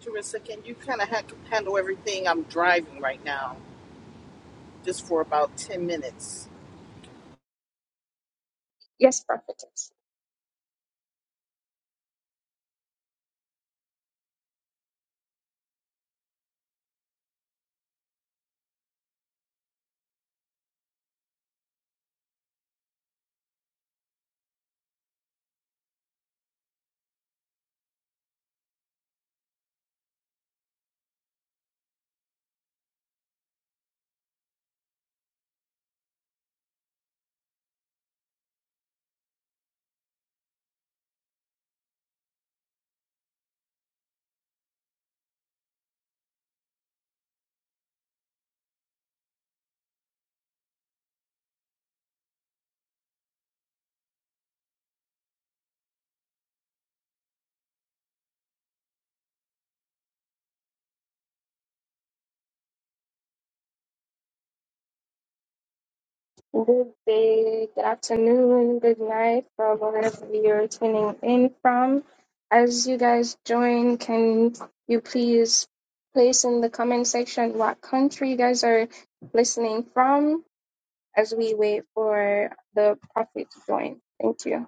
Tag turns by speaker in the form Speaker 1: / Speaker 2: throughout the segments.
Speaker 1: Teresa, can you kind of ha- handle everything? I'm driving right now, just for about 10 minutes.
Speaker 2: Yes, prophetess. Good day, good afternoon, good night from wherever you're tuning in from. As you guys join, can you please place in the comment section what country you guys are listening from as we wait for the prophet to join? Thank you.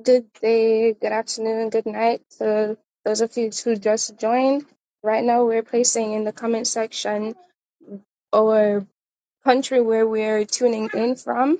Speaker 2: Good day, good afternoon, good night to those of you who just joined. Right now, we're placing in the comment section our country where we're tuning in from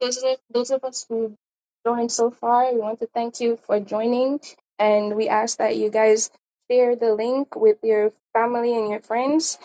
Speaker 2: those of, those of us who joined so far, we want to thank you for joining. And we ask that you guys share the link with your family and your friends.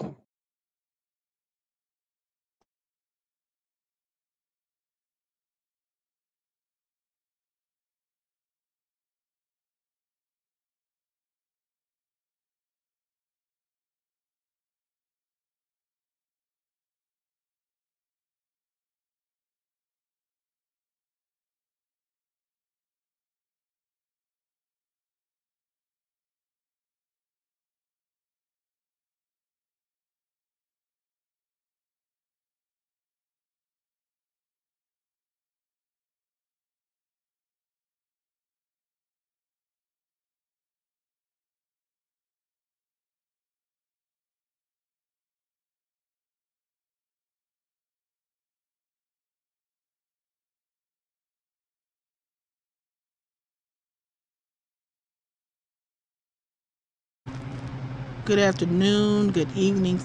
Speaker 1: Good afternoon, good evening,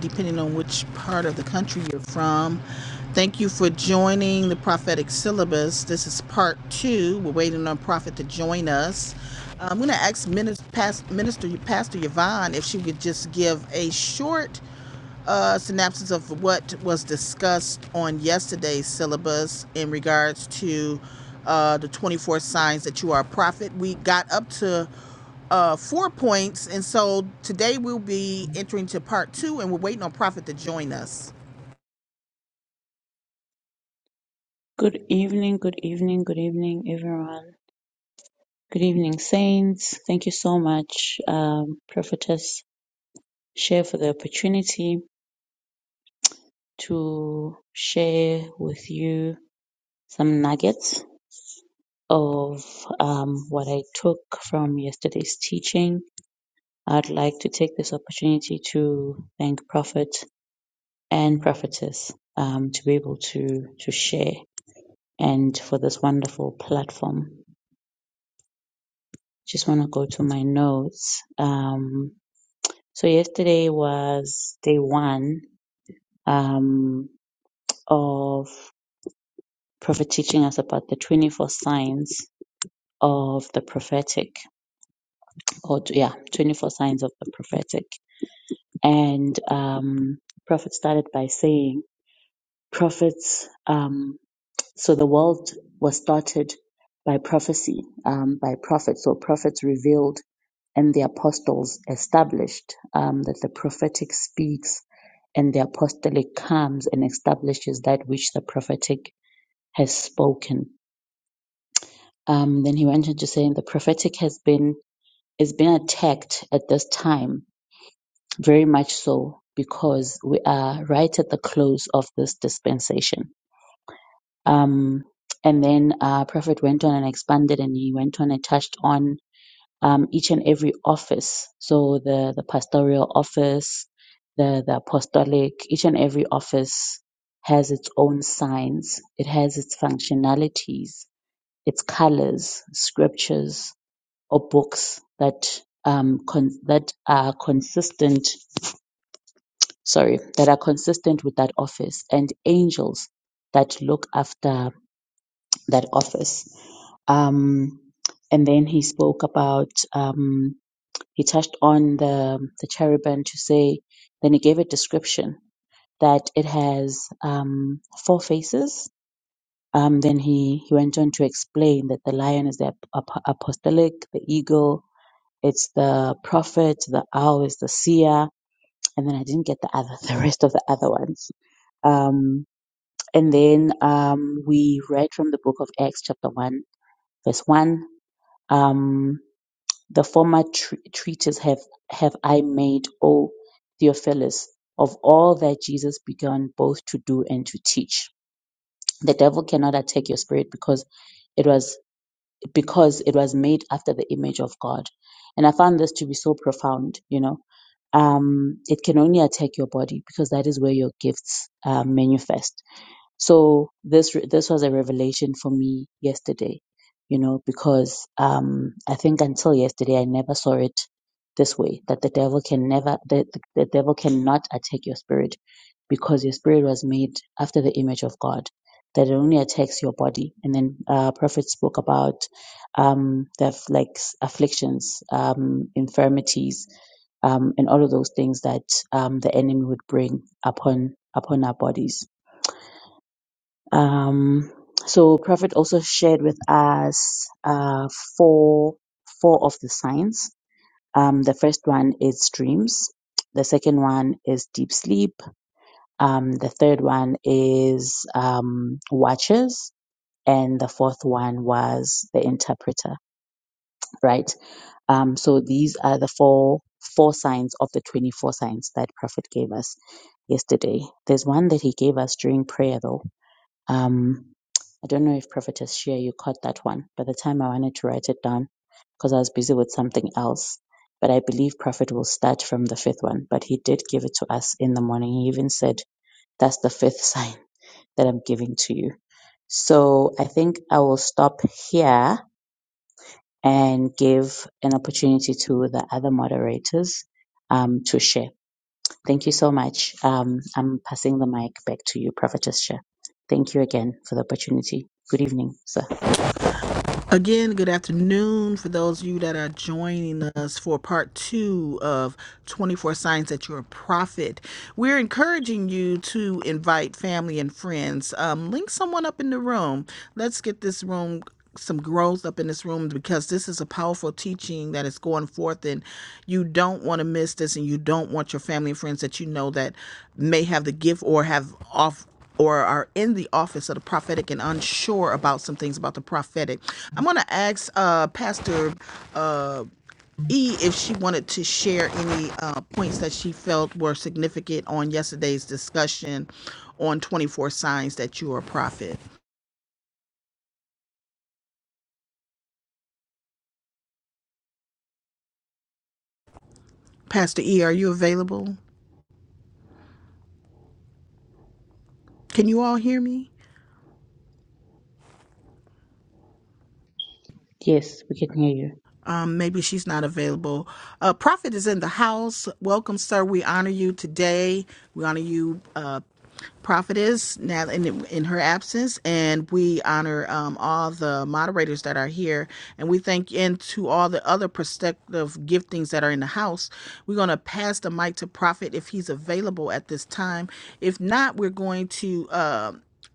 Speaker 1: depending on which part of the country you're from. Thank you for joining the prophetic syllabus. This is part two. We're waiting on Prophet to join us. I'm going to ask Minister, Pastor Yvonne if she could just give a short uh, synopsis of what was discussed on yesterday's syllabus in regards to uh, the 24 signs that you are a prophet. We got up to uh, four points, and so today we'll be entering to part two, and we're waiting on Prophet to join us.
Speaker 3: Good evening, good evening, good evening, everyone. Good evening, Saints. Thank you so much, um, Prophetess Share, for the opportunity to share with you some nuggets of um, what I took from yesterday's teaching. I'd like to take this opportunity to thank Prophet and Prophetess um, to be able to, to share and for this wonderful platform. Just want to go to my notes. Um, so, yesterday was day one um, of Prophet teaching us about the 24 signs of the prophetic, or yeah, 24 signs of the prophetic. And um, Prophet started by saying, Prophets. um, So the world was started by prophecy, um, by prophets, or prophets revealed, and the apostles established um, that the prophetic speaks, and the apostolic comes and establishes that which the prophetic has spoken. Um, then he went on to saying the prophetic has been is been attacked at this time, very much so because we are right at the close of this dispensation Um, and then uh, Prophet went on and expanded, and he went on and touched on um, each and every office. So the the pastoral office, the the apostolic, each and every office has its own signs. It has its functionalities, its colors, scriptures, or books that um con- that are consistent. Sorry, that are consistent with that office, and angels that look after that office. Um, and then he spoke about, um, he touched on the, the cherubim to say, then he gave a description that it has um, four faces. Um, then he, he went on to explain that the lion is the ap- ap- apostolic, the eagle, it's the prophet, the owl is the seer, and then I didn't get the other, the rest of the other ones. Um, and then um, we read from the book of Acts, chapter 1, verse 1 Um, the former tr- treatise have, have I made, O Theophilus, of all that Jesus began both to do and to teach. The devil cannot attack your spirit because it was because it was made after the image of God. And I found this to be so profound, you know. Um, it can only attack your body because that is where your gifts uh, manifest so this re- this was a revelation for me yesterday, you know, because um, I think until yesterday I never saw it this way that the devil can never the, the the devil cannot attack your spirit because your spirit was made after the image of God. That it only attacks your body, and then uh, Prophet spoke about um, the aff- like s- afflictions, um, infirmities, um, and all of those things that um, the enemy would bring upon upon our bodies um, so Prophet also shared with us uh, four four of the signs. Um, the first one is dreams. The second one is deep sleep. Um, the third one is um, watches. And the fourth one was the interpreter, right? Um, so these are the four four signs of the 24 signs that Prophet gave us yesterday. There's one that he gave us during prayer though um, I don't know if Prophetess Shea, you caught that one. By the time I wanted to write it down, because I was busy with something else. But I believe Prophet will start from the fifth one. But he did give it to us in the morning. He even said, That's the fifth sign that I'm giving to you. So I think I will stop here and give an opportunity to the other moderators um, to share. Thank you so much. Um, I'm passing the mic back to you, Prophetess Shah. Thank you again for the opportunity. Good evening, sir.
Speaker 1: Again, good afternoon for those of you that are joining us for part two of 24 Signs That You're a Prophet. We're encouraging you to invite family and friends. Um, link someone up in the room. Let's get this room some growth up in this room because this is a powerful teaching that is going forth and you don't want to miss this and you don't want your family and friends that you know that may have the gift or have off or are in the office of the prophetic and unsure about some things about the prophetic. I'm going to ask uh, Pastor uh, E if she wanted to share any uh, points that she felt were significant on yesterday's discussion on 24 signs that you are a prophet. Pastor E, are you available? Can you all hear me?
Speaker 3: Yes, we can hear you.
Speaker 1: Um, maybe she's not available. Uh, Prophet is in the house. Welcome, sir. We honor you today. We honor you, uh, Prophetess, now in, in her absence, and we honor um, all the moderators that are here. And we thank and to all the other prospective giftings that are in the house. We're going to pass the mic to Prophet if he's available at this time. If not, we're going to. Uh,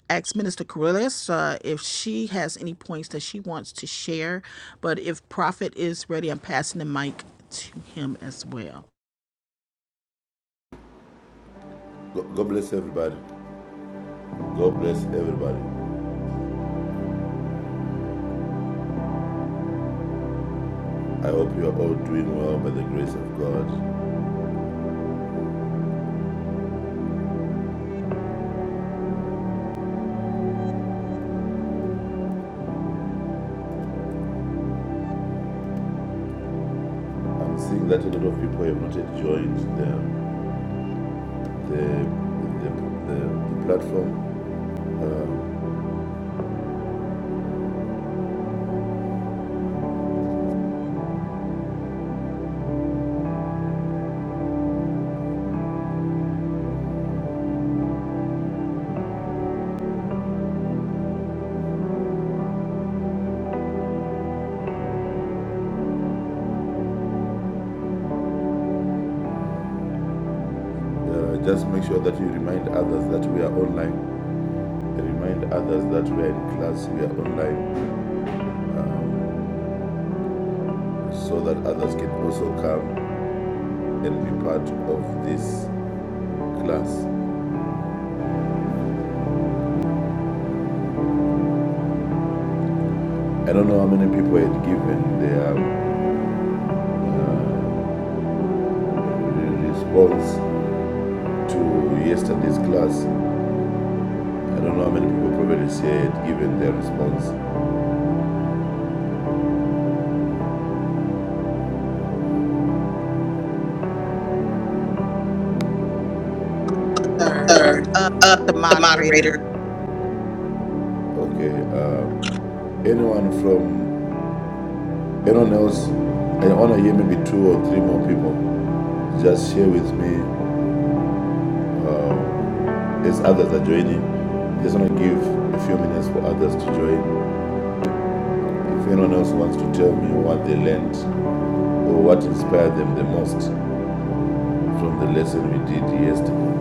Speaker 1: ask Minister Carrillis uh, if she has any points that she wants to share. But if Prophet is ready, I'm passing the mic to him as well.
Speaker 4: God bless everybody. God bless everybody. I hope you are all doing well by the grace of God. I'm seeing that a lot of people have not joined the the the, the, the platform. Uh, uh, just make sure that you remind others that we are online. Remind others that we are in class. We are online, so that others can also come and be part of this class. I don't know how many people had given their. Uh, response to yesterday's class. I don't know how many people probably said given their response.
Speaker 1: Third,
Speaker 4: Sir,
Speaker 1: uh,
Speaker 4: uh, the
Speaker 1: moderator,
Speaker 4: moderator. Okay. Uh, anyone from anyone else? I want to hear maybe two or three more people. Just share with me as others are joining. Just want to give a few minutes for others to join. If anyone else wants to tell me what they learned or what inspired them the most from the lesson we did yesterday.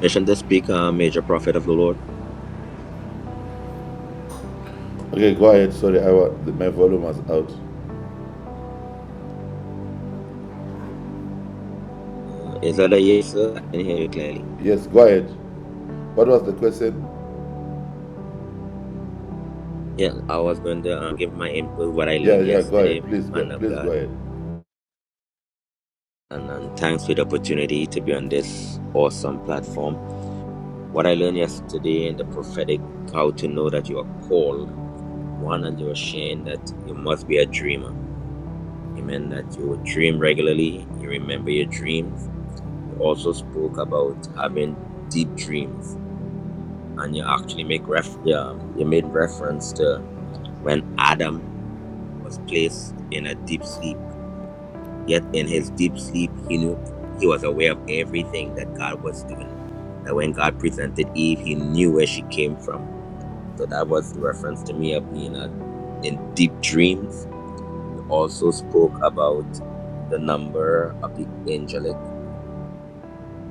Speaker 5: Permission to speak, uh, Major Prophet of the Lord.
Speaker 4: Okay, go ahead. Sorry, I wa- my volume was out.
Speaker 5: Uh, is that a yes, sir? I can hear you clearly.
Speaker 4: Yes, go ahead. What was the question?
Speaker 5: Yeah, I was going to um, give my input what I
Speaker 4: Yeah,
Speaker 5: learned
Speaker 4: yeah, go ahead.
Speaker 5: yesterday,
Speaker 4: Please go.
Speaker 5: man of
Speaker 4: Please go
Speaker 5: God,
Speaker 4: ahead.
Speaker 5: and um, thanks for the opportunity to be on this awesome platform. What I learned yesterday in the prophetic, how to know that you are called, one, and you are ashamed that you must be a dreamer. Amen. That you would dream regularly, you remember your dreams. You also spoke about having deep dreams and you actually make ref yeah, um, you made reference to when Adam was placed in a deep sleep. Yet in his deep sleep, he knew he was aware of everything that God was doing. That when God presented Eve, he knew where she came from. So that was the reference to me of being a, in deep dreams. You also spoke about the number of the angelic.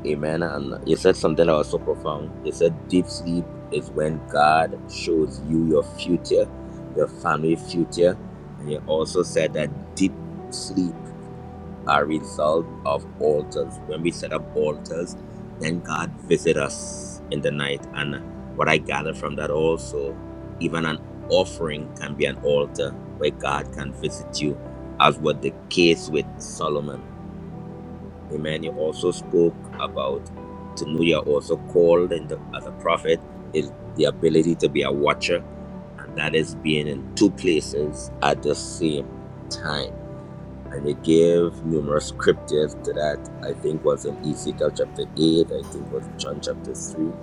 Speaker 5: Amen. And you said something that was so profound. You said deep sleep is when God shows you your future, your family future. And you also said that deep sleep are result of altars. When we set up altars, then God visit us in the night. And what I gather from that also, even an offering can be an altar where God can visit you, as was the case with Solomon Amen. You also spoke about to know you're also called in the, as a prophet is the ability to be a watcher, and that is being in two places at the same time. And you gave numerous scriptures to that. I think was in Ezekiel chapter eight. I think was John chapter three,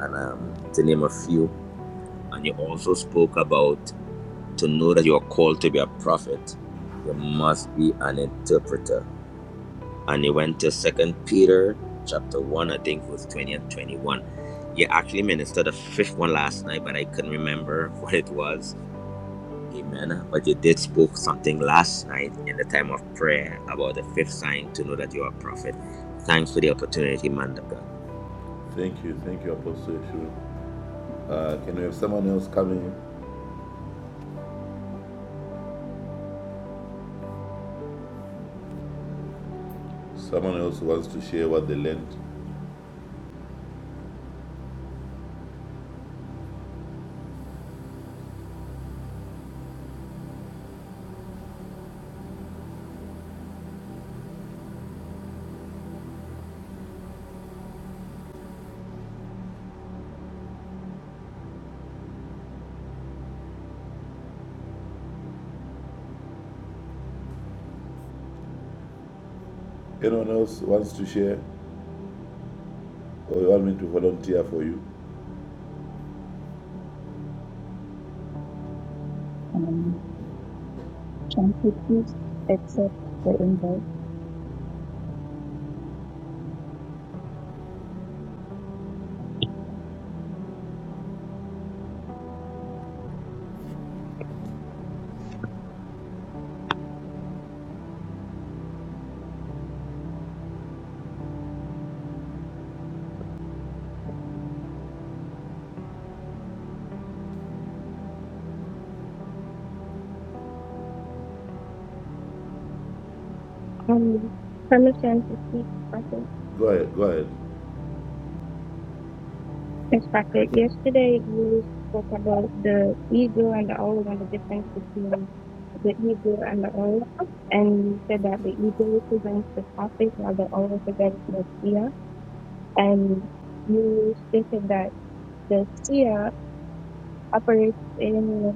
Speaker 5: and um, to name a few. And you also spoke about to know that you are called to be a prophet, you must be an interpreter and you went to second peter chapter 1 i think it was 20 and 21 you actually ministered a fifth one last night but i couldn't remember what it was amen but you did spoke something last night in the time of prayer about the fifth sign to know that you are a prophet thanks for the opportunity man of god
Speaker 4: Thank you. Thank you, Apostle Yeshua. Uh, can we have someone else coming? Someone else who wants to share what they learned. Anyone else wants to share? Or you want me to volunteer for you?
Speaker 3: Um, Thank you. Please accept the invite.
Speaker 2: Um, permission to speak, Prophet.
Speaker 4: Go ahead. Go ahead.
Speaker 2: Yes, Prophet. Yesterday you spoke about the eagle and the owl and the difference between the eagle and the owl. And you said that the eagle represents the prophet while the owl represents the seer. And you stated that the seer operates in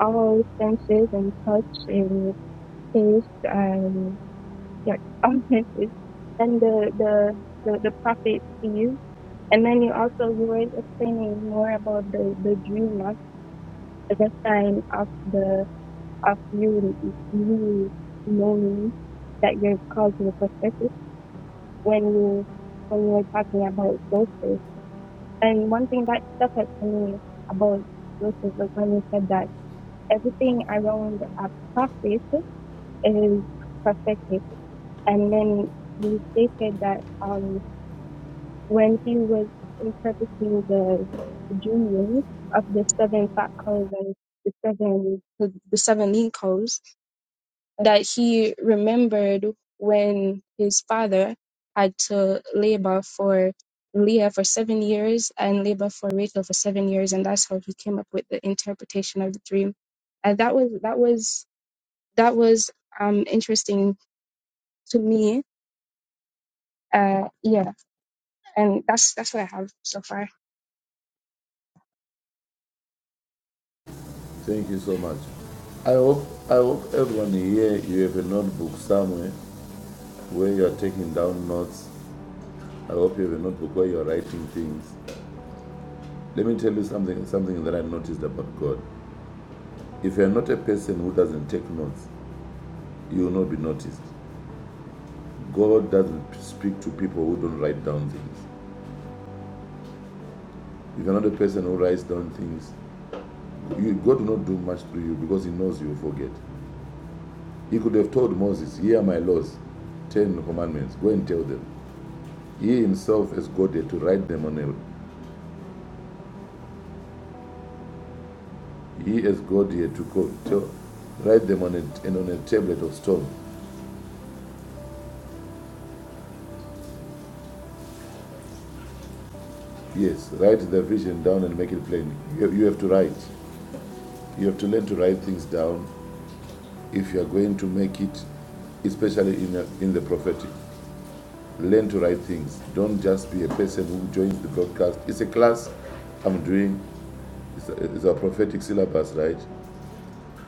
Speaker 2: all senses and touch and taste and yeah, all senses. And the the the, the prophet sees. And then you also you were explaining more about the the dreamer as a sign of the of you you knowing that you're called to the prophetic when you when you were talking about Joseph. And one thing that stuck out to me about Joseph was when you said that everything around a prophet is prophetic. And then he stated that um, when he was interpreting the dreams of the seven fat cows and the seven the, the seven lean cows, that he remembered when his father had to labor for Leah for seven years and labor for Rachel for seven years, and that's how he came up with the interpretation of the dream. And that was that was that was um interesting to me Uh, yeah, and that's that's what I have so far.
Speaker 4: Thank you so much. I hope I hope everyone here you have a notebook somewhere where you are taking down notes. I hope you have a notebook where you are writing things. Let me tell you something something that I noticed about God. If you are not a person who doesn't take notes, you will not be noticed. God doesn't speak to people who don't write down things. If you're not a person who writes down things, you, God will not do much to you because He knows you will forget. He could have told Moses, Here are my laws, 10 commandments, go and tell them. He himself, as God, had to write them on a. He, as God, he had to go, tell, write them on a, and on a tablet of stone. Yes, write the vision down and make it plain. You, have, you have to write. You have to learn to write things down if you are going to make it, especially in, a, in the prophetic. Learn to write things. Don't just be a person who joins the broadcast. It's a class I'm doing, it's a, it's a prophetic syllabus, right?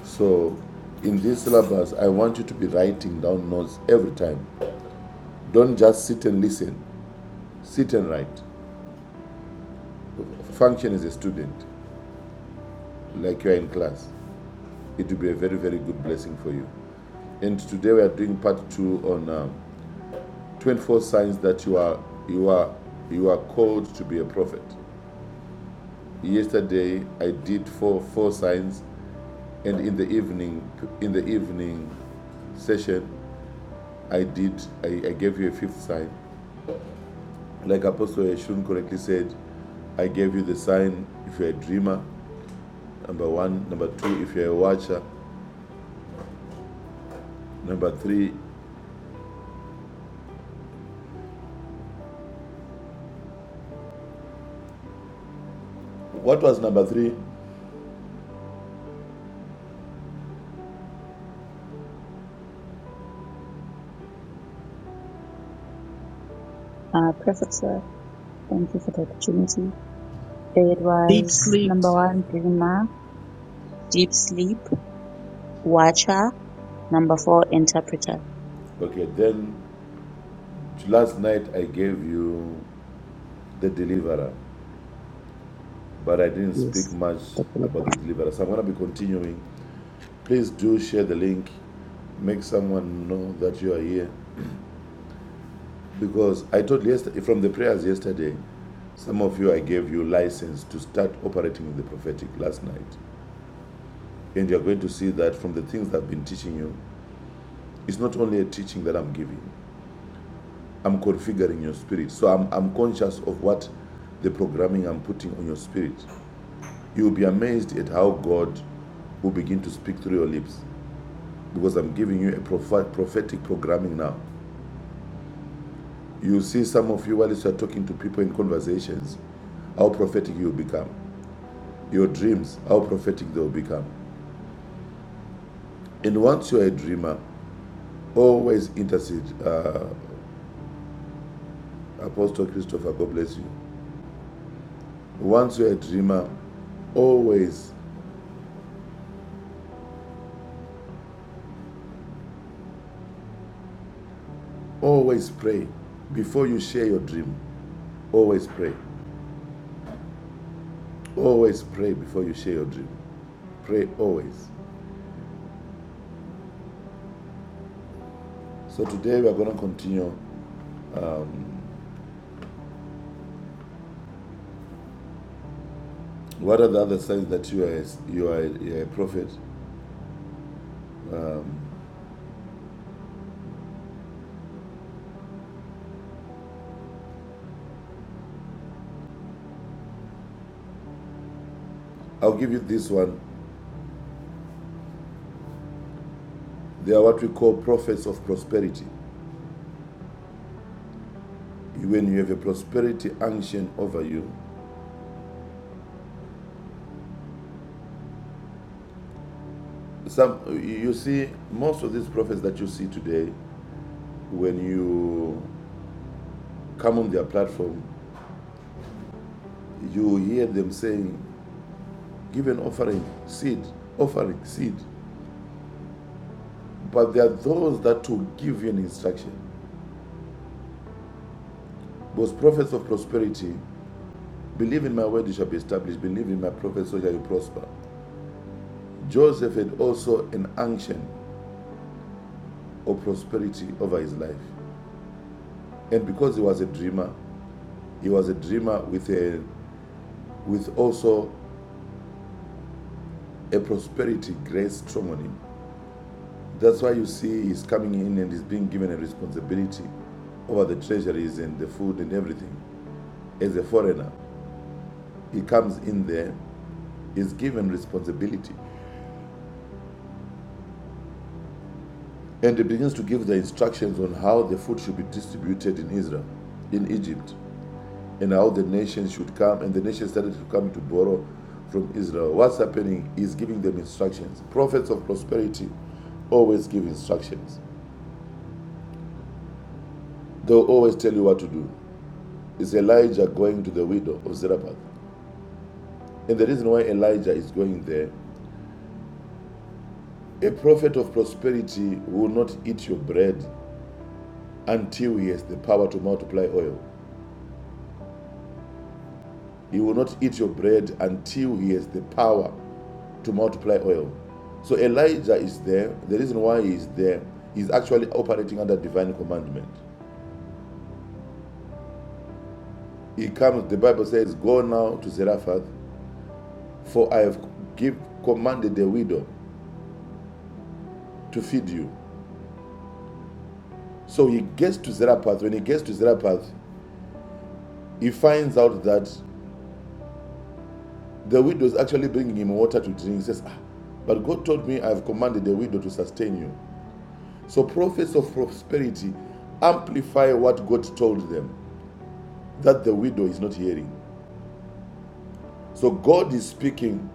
Speaker 4: So, in this syllabus, I want you to be writing down notes every time. Don't just sit and listen, sit and write. Function as a student, like you are in class. It will be a very, very good blessing for you. And today we are doing part two on um, 24 signs that you are you are you are called to be a prophet yesterday i did four four signs and in the evening in the evening session i did i, I gave you a fifth sign like apostle Yeshurun correctly said i gave you the sign if you're a dreamer number one number two if you're a watcher number three what was number three
Speaker 3: Uh, Prophet sir, thank you for the opportunity. It
Speaker 1: deep
Speaker 3: was
Speaker 1: sleep.
Speaker 3: number one, dreamer, deep sleep, watcher, number four, interpreter.
Speaker 4: okay then last night i gave you the deliverer but I didn't speak
Speaker 3: Yes,
Speaker 4: much
Speaker 3: thank you.
Speaker 4: about the deliverer. So I'm going to be continuing. Please do share the link. Make someone know that you are here. Because I told yesterday, from the prayers yesterday, some of you I gave you license to start operating in the prophetic last night. And you're going to see that from the things I've been teaching you, it's not only a teaching that I'm giving, I'm configuring your spirit. So I'm, I'm conscious of what the programming I'm putting on your spirit. You'll be amazed at how God will begin to speak through your lips. because I'm giving you a prophetic programming now. You see, some of you, while you are talking to people in conversations, how prophetic you'll become. Your dreams, how prophetic they'll become. And once you're a dreamer, always intercede. Uh, Apostle Christopher, God bless you. Once you're a dreamer, always, always pray before you share your dream. Always pray. Always pray before you share your dream. Pray always. So today we are going to continue What are the other signs that you are, you are a- you are a prophet? I'll give you this one. They are what we call prophets of prosperity. When you have a prosperity unction over you, some you see most of these prophets that you see today, when you come on their platform, you hear them saying, "Give an offering, seed, offering, seed." But there are those that will give you an instruction. Those prophets of prosperity, believe in my word, you shall be established. Believe in my prophets, so shall you prosper. Joseph had also an unction of prosperity over his life. And because he was a dreamer, he was a dreamer with a with also a prosperity grace strong on him. That's why you see he's coming in and he's being given a responsibility over the treasuries and the food and everything. As a foreigner, he comes in there, is given responsibility, and he begins to give the instructions on how the food should be distributed in Israel, in Egypt and how the nations should come. And the nations started to come to borrow from Israel. What's happening is giving them instructions. Prophets of prosperity always give instructions, they'll always tell you what to do. Is Elijah going to the widow of Zarephath? And the reason why Elijah is going there, a prophet of prosperity will not eat your bread until he has the power to multiply oil. He will not eat your bread until he has the power to multiply oil. So Elijah is there. The reason why he is there is actually operating under divine commandment. He comes, the Bible says, Go now to Zarephath, for I have give, commanded the widow to feed you. So he gets to Zarephath. When he gets to Zarephath, he finds out that the widow is actually bringing him water to drink. He says, ah, But God told me I have commanded the widow to sustain you. So prophets of prosperity amplify what God told them that the widow is not hearing. So God is speaking,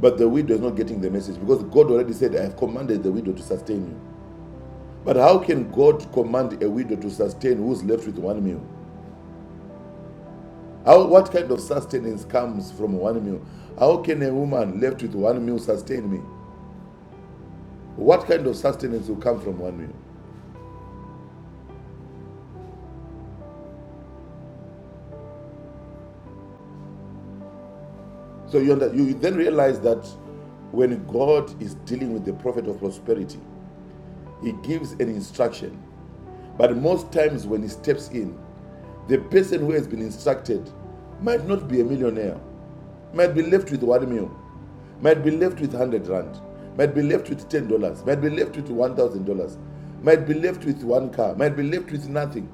Speaker 4: but the widow is not getting the message because God already said, I have commanded the widow to sustain you. But how can God command a widow to sustain who's left with one meal? How, what kind of sustenance comes from one meal? How can a woman left with one meal sustain me? What kind of sustenance will come from one meal? So you, under, you then realize that when God is dealing with the prophet of prosperity, he gives an instruction. But most times when he steps in, The person who has been instructed might not be a millionaire, might be left with one meal, might be left with 100 rand, might be left with $10, might be left with $1,000, might be left with one car, might be left with nothing.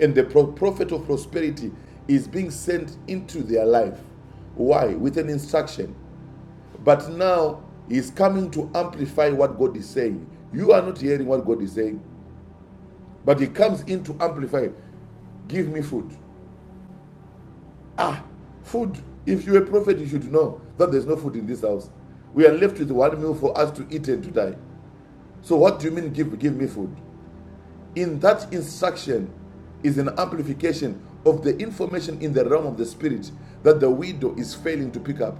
Speaker 4: And the prophet of prosperity is being sent into their life. Why? With an instruction. But now he's coming to amplify what God is saying. You are not hearing what God is saying, but he comes in to amplify. Give me food. Ah, food. If you're a prophet, you should know that there's no food in this house. We are left with one meal for us to eat and to die. So, what do you mean, give, give me food? In that instruction is an amplification of the information in the realm of the spirit that the widow is failing to pick up.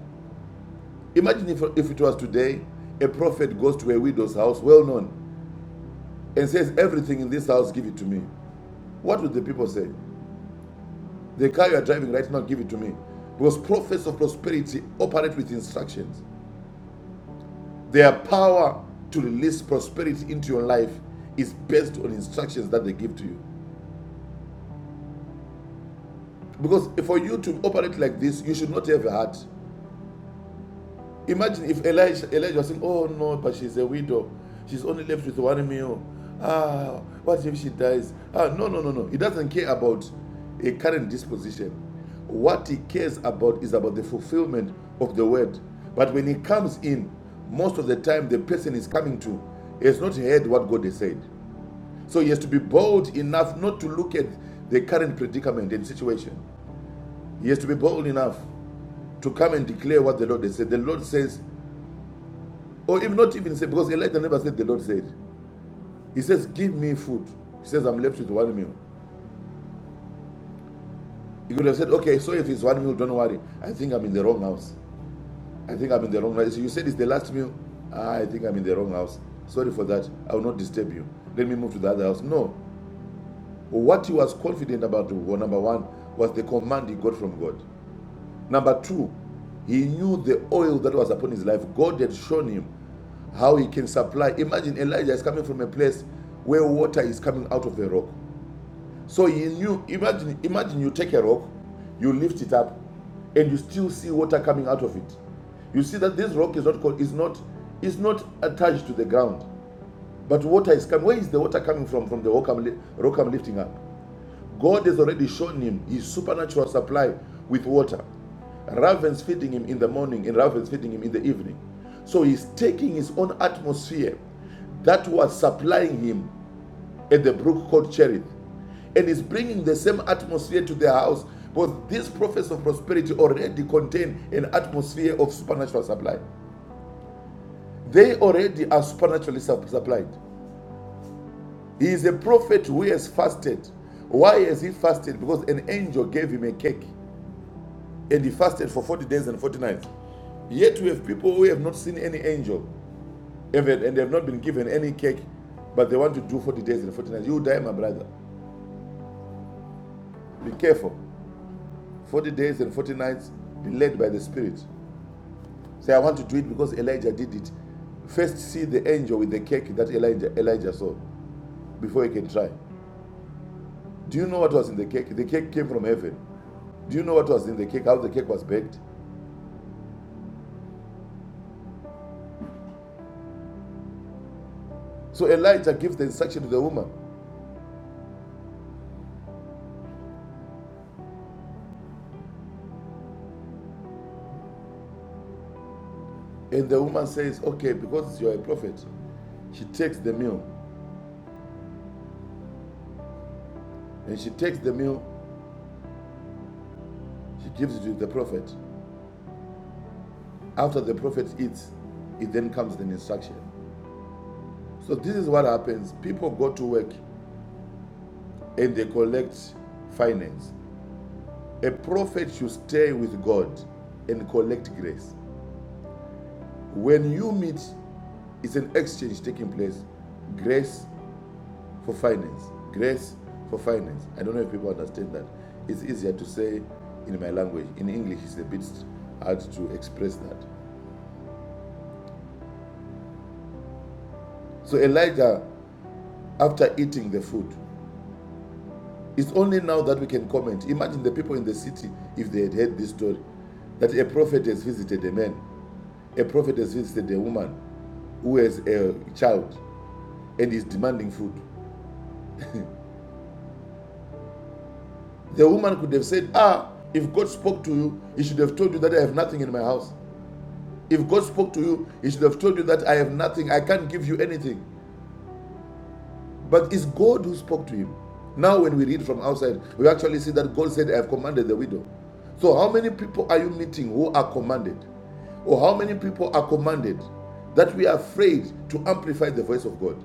Speaker 4: Imagine if, if it was today, a prophet goes to a widow's house, well known, and says, Everything in this house, give it to me. What would the people say? The car you are driving right now, give it to me. Because prophets of prosperity operate with instructions. Their power to release prosperity into your life is based on instructions that they give to you. Because for you to operate like this, you should not have a heart. Imagine if Elijah, Elijah was saying, Oh no, but she's a widow. She's only left with one meal. Ah, what if she dies? Ah, no, no, no, no. He doesn't care about a current disposition. What he cares about is about the fulfillment of the word. But when he comes in, most of the time the person is coming to has not heard what God has said. So he has to be bold enough not to look at the current predicament and situation. He has to be bold enough to come and declare what the Lord has said. The Lord says, or even not even say, because Elijah never said the Lord said. He says, Give me food. He says, I'm left with one meal. He could have said, Okay, so if it's one meal, don't worry. I think I'm in the wrong house. I think I'm in the wrong house. You said it's the last meal. Ah, I think I'm in the wrong house. Sorry for that. I will not disturb you. Let me move to the other house. No. What he was confident about, well, number one, was the command he got from God. Number two, he knew the oil that was upon his life. God had shown him how he can supply. Imagine Elijah is coming from a place where water is coming out of the rock. So he knew, imagine, imagine you take a rock, you lift it up, and you still see water coming out of it. You see that this rock is not co- is not is not attached to the ground, but water is coming. Where is the water coming from? From the rock I'm, rock I'm lifting up. God has already shown him his supernatural supply with water. Ravens feeding him in the morning and ravens feeding him in the evening. So he's taking his own atmosphere that was supplying him at the brook called Cherith and is bringing the same atmosphere to their house. But these prophets of prosperity already contain an atmosphere of supernatural supply. They already are supernaturally supplied. He is a prophet who has fasted. Why has he fasted? Because an angel gave him a cake. and he fasted for 40 days and 40 nights. Yet we have people who have not seen any angel and they and they have not been given any cake, but they want to do 40 days and 40 nights. You die, my brother. Be careful. 40 days and 40 nights, be led by the Spirit. Say, I want to do it because Elijah did it. First, see the angel with the cake that Elijah, Elijah saw before you can try. Do you know what was in the cake? The cake came from heaven. Do you know what was in the cake? How the cake was baked? So Elijah gives the instruction to the woman, and the woman says, Okay, because you are a prophet, She takes the meal and she takes the meal, she gives it to the prophet. After the prophet eats, it then comes an instruction. So this is what happens. People go to work and they collect finance. A prophet should stay with God and collect grace. When you meet, it's an exchange taking place. Grace for finance. Grace for finance. I don't know if people understand that. It's easier to say in my language. In English, it's a bit hard to express that. So Elijah, after eating the food, it's only now that we can comment. Imagine the people in the city if they had heard this story that a prophet has visited a man, a prophet has visited a woman who has a child and is demanding food. The woman could have said, Ah, if God spoke to you, he should have told you that I have nothing in my house. If God spoke to you, he should have told you that I have nothing, I can't give you anything. But it's God who spoke to him. Now, when we read from outside, we actually see that God said, I have commanded the widow. So, how many people are you meeting who are commanded? Or how many people are commanded that we are afraid to amplify the voice of God?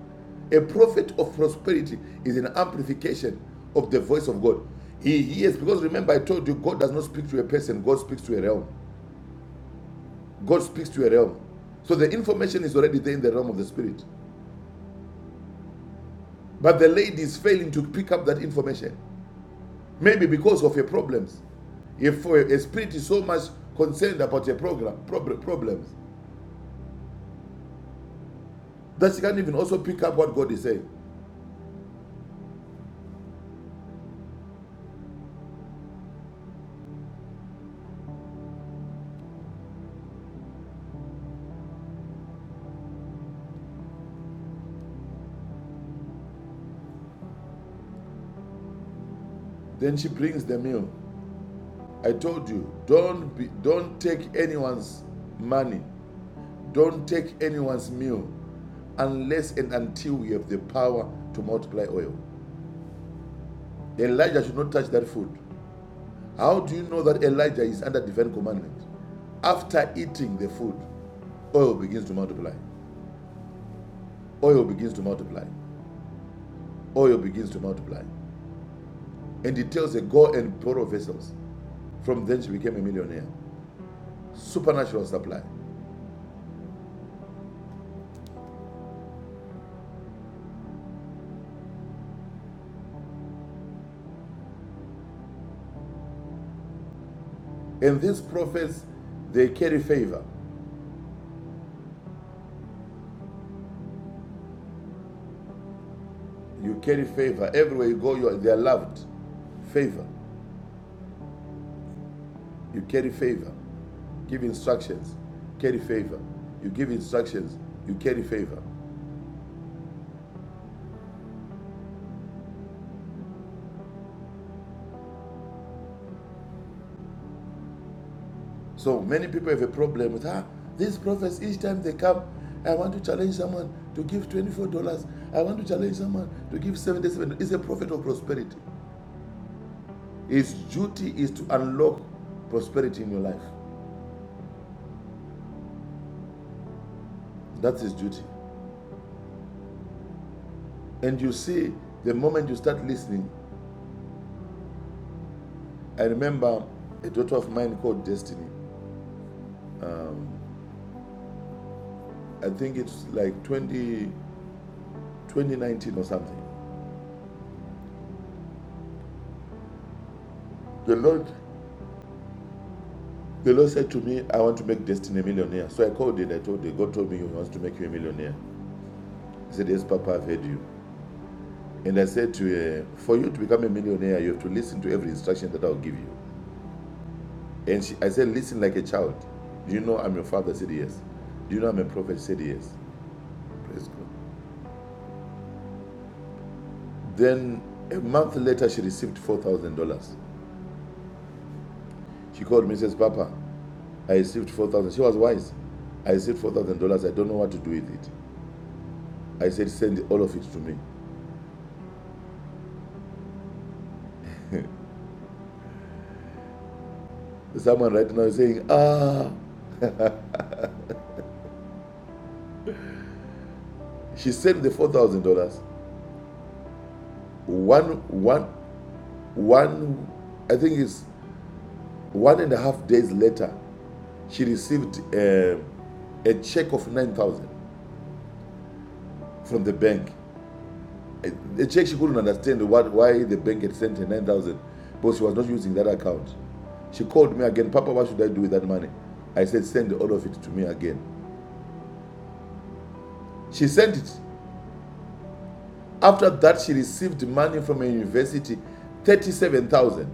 Speaker 4: A prophet of prosperity is an amplification of the voice of God. He hears, because remember, I told you, God does not speak to a person, God speaks to a realm. God speaks to a realm. So, the information is already there in the realm of the spirit. But the lady is failing to pick up that information. Maybe because of your problems. If uh, a spirit is so much concerned about your program problems that she can't even also pick up what God is saying, then she brings the meal. I told you, don't be, don't take anyone's money, don't take anyone's meal, unless and until you have the power to multiply oil. Elijah should not touch that food. How do you know that Elijah is under divine commandment? After eating the food, oil begins to multiply. Oil begins to multiply. oil begins to multiply. And he tells her, Go and borrow vessels. From then she became a millionaire. Supernatural supply. And these prophets, they carry favor. You carry favor. Everywhere you go, you are, they are loved. Favor. You carry favor. Give instructions. Carry favor. You give instructions. You carry favor. So many people have a problem with, ah, these prophets, each time they come, I want to challenge someone to give $24. I want to challenge someone to give $77. It's a prophet of prosperity. His duty is to unlock prosperity in your life. That's his duty. And you see, the moment you start listening, I remember a daughter of mine called Destiny. Um, I think it's like 20, 2019 or something. The Lord, the Lord said to me, I want to make Destiny a millionaire. So I called her. I told her, God told me he wants to make you a millionaire. He said, Yes, Papa, I've heard you. And I said to her, For you to become a millionaire, you have to listen to every instruction that I'll give you. And she, I said, listen like a child. Do you know I'm your father? She said, yes. Do you know I'm a prophet? She said, yes. Praise God. Then a month later, she received $4,000. She called me and says, Papa, I received 4000 She was wise. I received $4,000. I don't know what to do with it. I said, send all of it to me. Someone right now is saying, ah, she sent the $4,000. One, one, one, I think it's one and a half days later, she received um a check of 9000 from the bank. Uh, The check she couldn't understand what, why the bank had sent her 9,000 because she was not using that account. She called me again, Papa, what should I do with that money? I said, send all of it to me again. She sent it. After that, she received money from a university, 37,000.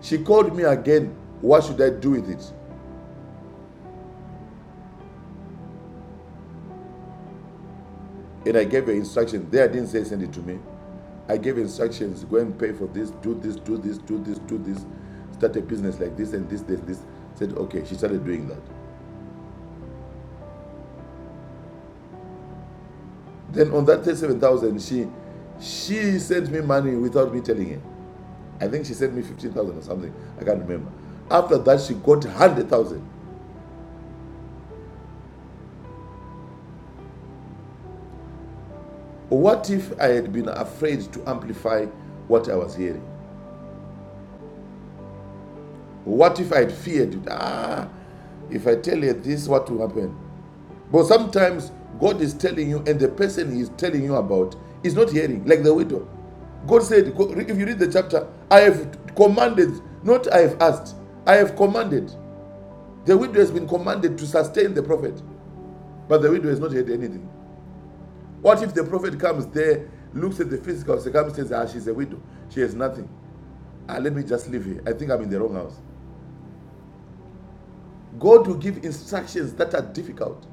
Speaker 4: She called me again, what should I do with it? And I gave her instructions. There, I didn't say send it to me. I gave instructions, go and pay for this, do this, do this, do this, do this, start a business like this and this, this, this. Said, okay, she started doing that. Then on that 37,000, she she sent me money without me telling her. I think she sent me 15,000 or something. I can't remember. After that, she got 100,000. What if I had been afraid to amplify what I was hearing? What if I had feared, ah, if I tell her this, what will happen? But sometimes God is telling you, and the person He is telling you about is not hearing, like the widow. God said, if you read the chapter, I have commanded, not I have asked, I have commanded. The widow has been commanded to sustain the prophet, but the widow has not had anything. What if the prophet comes there, looks at the physical circumstances, ah, she's a widow, she has nothing. Ah, let me just leave here. I think I'm in the wrong house. God will give instructions that are difficult.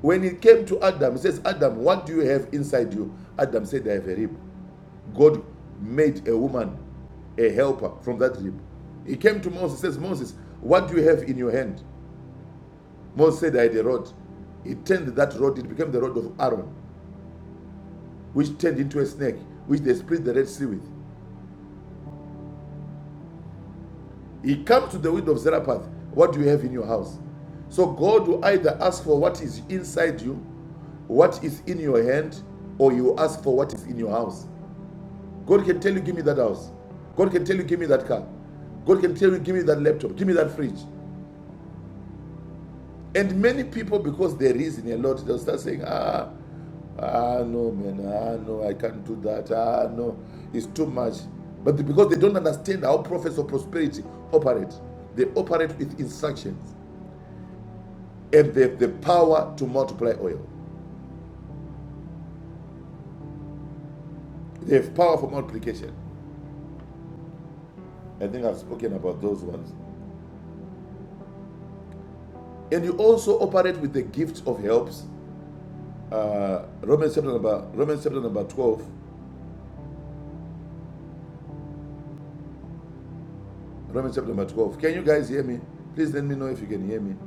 Speaker 4: When it came to Adam, he says, Adam, what do you have inside you? Adam said, I have a rib. God made a woman a helper from that rib. He came to Moses, says, Moses, what do you have in your hand? Moses said, I had a rod. He turned that rod, it became the rod of Aaron. which turned into a snake, which they split the Red Sea with. He comes to the widow of Zarephath. What do you have in your house? So God will either ask for what is inside you, what is in your hand, or you ask for what is in your house. God can tell you, give me that house. God can tell you, give me that car. God can tell you, give me that laptop, give me that fridge. And many people, because they reason a lot, they'll start saying, ah, ah, no, man, ah, no, I can't do that, ah, no, it's too much. But because they don't understand how prophets of prosperity operate, they operate with instructions and they have the power to multiply oil. They have power for multiplication. I think I've spoken about those ones. And you also operate with the gift of helps. Uh, Romans chapter number Romans chapter number twelve. Romans chapter number twelve. Can you guys hear me? Please let me know if you can hear me.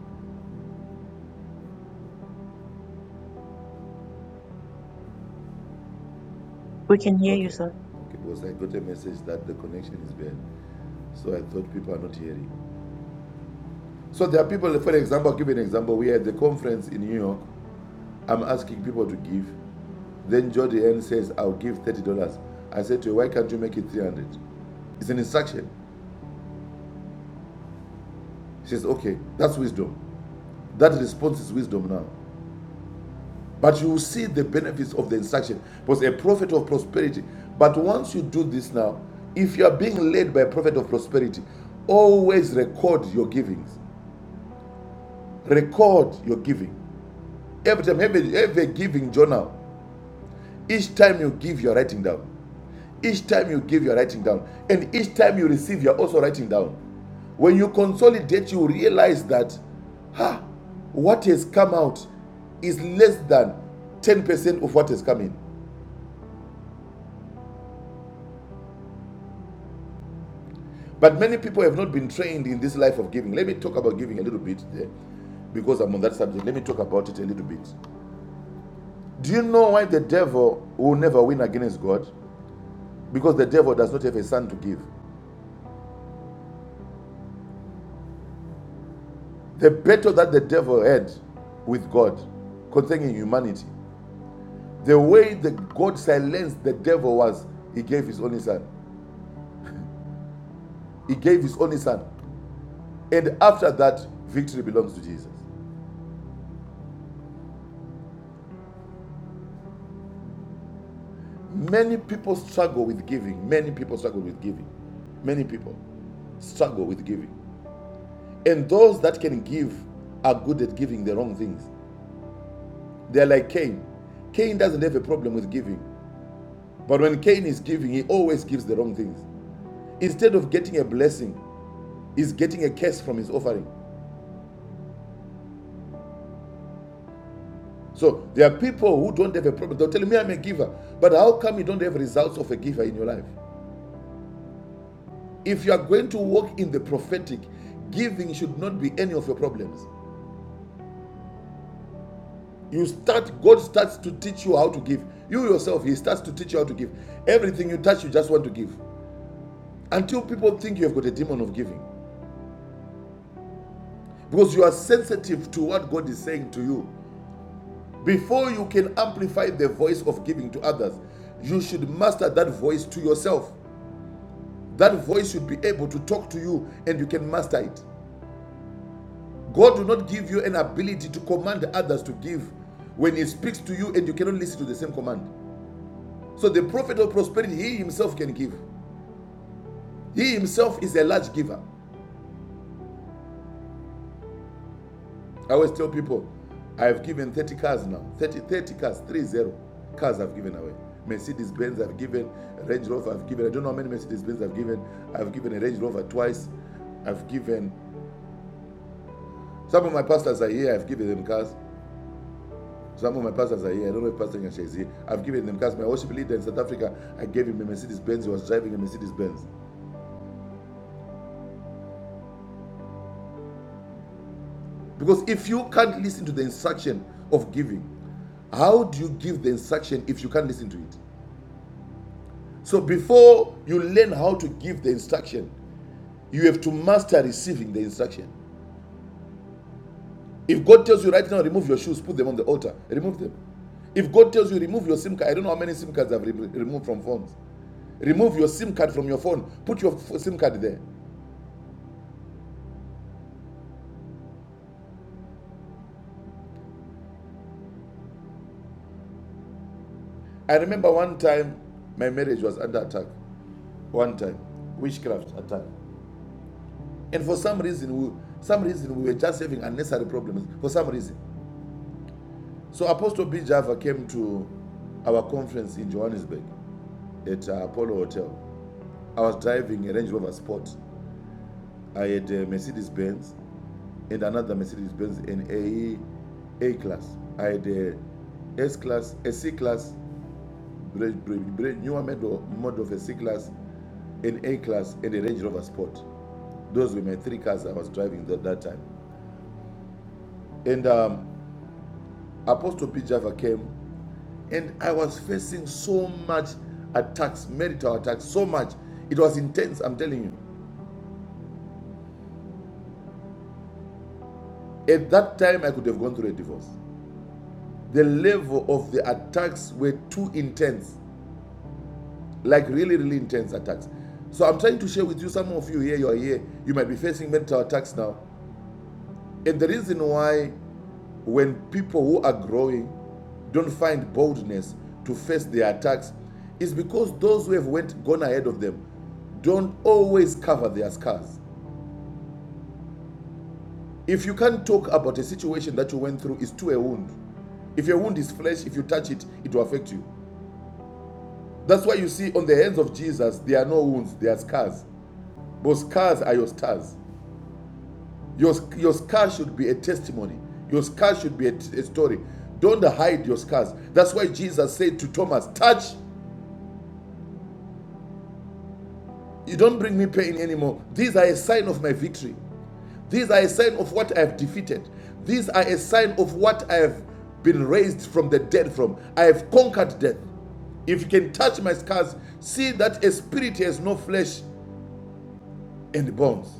Speaker 3: We can hear you,
Speaker 4: Okay.
Speaker 3: sir.
Speaker 4: Okay. Because I got a message that the connection is bad. So I thought people are not hearing. So there are people, for example, I'll give you an example. We had the conference in New York. I'm asking people to give. Then Jody N says, I'll give $30. I said to her, why can't you make it 300 It's an instruction. She says, okay, that's wisdom. That response is wisdom now. But you will see the benefits of the instruction. Because a prophet of prosperity. But once you do this now, if you are being led by a prophet of prosperity, always record your givings. Record your giving. Every time, every a, giving journal. Each time you give, you're writing down. Each time you give, you're writing down. And each time you receive, you're also writing down. When you consolidate, you realize that, ha, what has come out is less than 10% of what has come in. But many people have not been trained in this life of giving. Let me talk about giving a little bit there because I'm on that subject. Let me talk about it a little bit. Do you know why the devil will never win against God? because the devil does not have a son to give. The battle that the devil had with God concerning humanity, the way that God silenced the devil was he gave his only son. He gave his only son. And after that, victory belongs to Jesus. Many people struggle with giving. Many people struggle with giving. Many people struggle with giving. And those that can give are good at giving the wrong things. They're like Cain. Cain doesn't have a problem with giving But when Cain is giving, he always gives the wrong things. Instead of getting a blessing, he's getting a curse from his offering. So there are people who don't have a problem. They'll tell me I'm a giver, but how come you don't have results of a giver in your life? If you are going to walk in the prophetic, giving should not be any of your problems. You start, God starts to teach you how to give. You yourself, He starts to teach you how to give. Everything you touch, you just want to give. Until people think you have got a demon of giving. Because you are sensitive to what God is saying to you. Before you can amplify the voice of giving to others, you should master that voice to yourself. That voice should be able to talk to you and you can master it. God will not give you an ability to command others to give when He speaks to you and you cannot listen to the same command. So, the prophet of prosperity, he himself can give. He himself is a large giver. I always tell people, I've given 30 cars now, 30, 30 cars, 30 cars I've given away. Mercedes Benz I've given, Range Rover I've given. I don't know how many Mercedes Benz I've given. I've given a Range Rover twice. I've given, some of my pastors are here, I've given them cars. Some of my pastors are here. I don't know if Pastor Nyansha is here. I've given them cars. My worship leader in South Africa, I gave him a Mercedes Benz. He was driving a Mercedes Benz. Because if you can't listen to the instruction of giving, how do you give the instruction if you can't listen to it? So before you learn how to give the instruction, you have to master receiving the instruction. If God tells you right now, remove your shoes, put them on the altar, remove them. If God tells you remove your SIM card, I don't know how many SIM cards I've re- removed from phones. Remove your SIM card from your phone, put your f- SIM card there. I remember one time my marriage was under attack. One time, witchcraft attack. And for some reason, we, some reason we were just having unnecessary problems. For some reason, so Apostle B Java came to our conference in Johannesburg. at uh, Apollo Hotel. I was driving a Range Rover Sport. I had a Mercedes Benz and another Mercedes Benz in a A class. I had a S class, a C class, bra- newer model, model of a C class, an A class, and a Range Rover Sport. Those were my three cars I was driving at that time. And um, Apostle P. Java came, and I was facing so much attacks, marital attacks, so much. It was intense, I'm telling you. At that time, I could have gone through a divorce. the level of the attacks were too intense like really really intense attacks so i'm trying to share with you some of you here you are here you might be facing mental attacks now and the reason why when people who are growing don't find boldness to face their attacks is because those who have went gone ahead of them don't always cover their scars if you can't talk about a situation that you went through it's to a wound if your wound is flesh if you touch it it will affect you That's why you see on the hands of Jesus, there are no wounds, there are scars. But scars are your stars. Your, your scar should be a testimony. Your scar should be a a story. Don't hide your scars. That's why Jesus said to Thomas, Touch, you don't bring me pain anymore. These are a sign of my victory. These are a sign of what I have defeated. These are a sign of what I have been raised from the dead from. I have conquered death. If you can touch my scars, see that a spirit has no flesh and bones.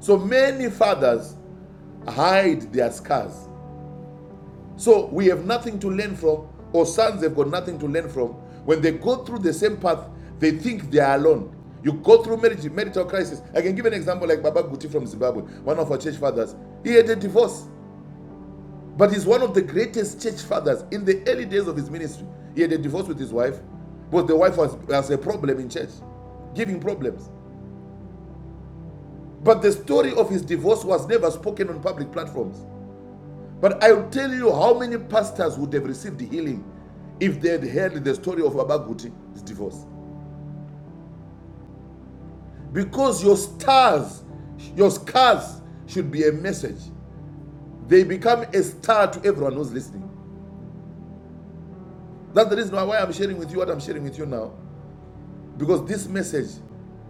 Speaker 4: So many fathers hide their scars. So we have nothing to learn from, or sons have got nothing to learn from. When they go through the same path, they think they are alone. You go through marriage, marital crisis. I can give an example like Baba Guti from Zimbabwe, one of our church fathers. He had a divorce, but he's one of the greatest church fathers in the early days of his ministry. He had a divorce with his wife, but the wife was, was a problem in church, giving problems. But the story of his divorce was never spoken on public platforms. But I'll tell you how many pastors would have received healing if they had heard the story of Abaguti's divorce. Because your stars, your scars should be a message. They become a star to everyone who's listening. That's the reason why I'm sharing with you what I'm sharing with you now. Because this message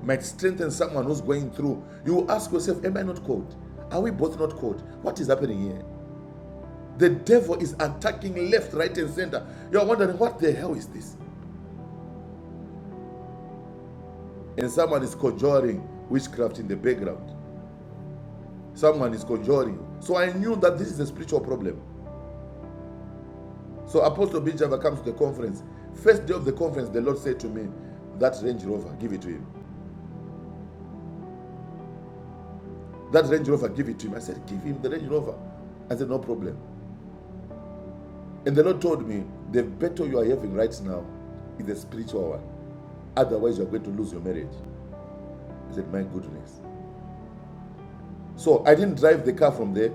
Speaker 4: might strengthen someone who's going through. You ask yourself, Am I not called? Are we both not called? What is happening here? The devil is attacking left, right, and center. You're wondering, What the hell is this? and someone is conjuring witchcraft in the background. Someone is conjuring. So I knew that this is a spiritual problem. So Apostle Bijava comes to the conference. First day of the conference, the Lord said to me, That Range Rover, give it to him. That Range Rover, give it to him. I said, Give him the Range Rover. I said, No problem. And the Lord told me, The battle you are having right now is a spiritual one. Otherwise, you're going to lose your marriage. I said, My goodness. So I didn't drive the car from there.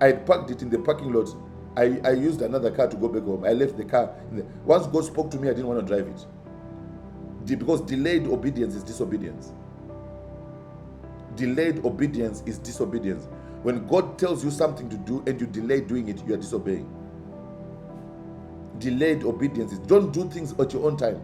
Speaker 4: I had parked it in the parking lot. I, I used another car to go back home. I left the car. Once God spoke to me, I didn't want to drive it. Because delayed obedience is disobedience. Delayed obedience is disobedience. When God tells you something to do and you delay doing it, you are disobeying. Delayed obedience is don't do things at your own time.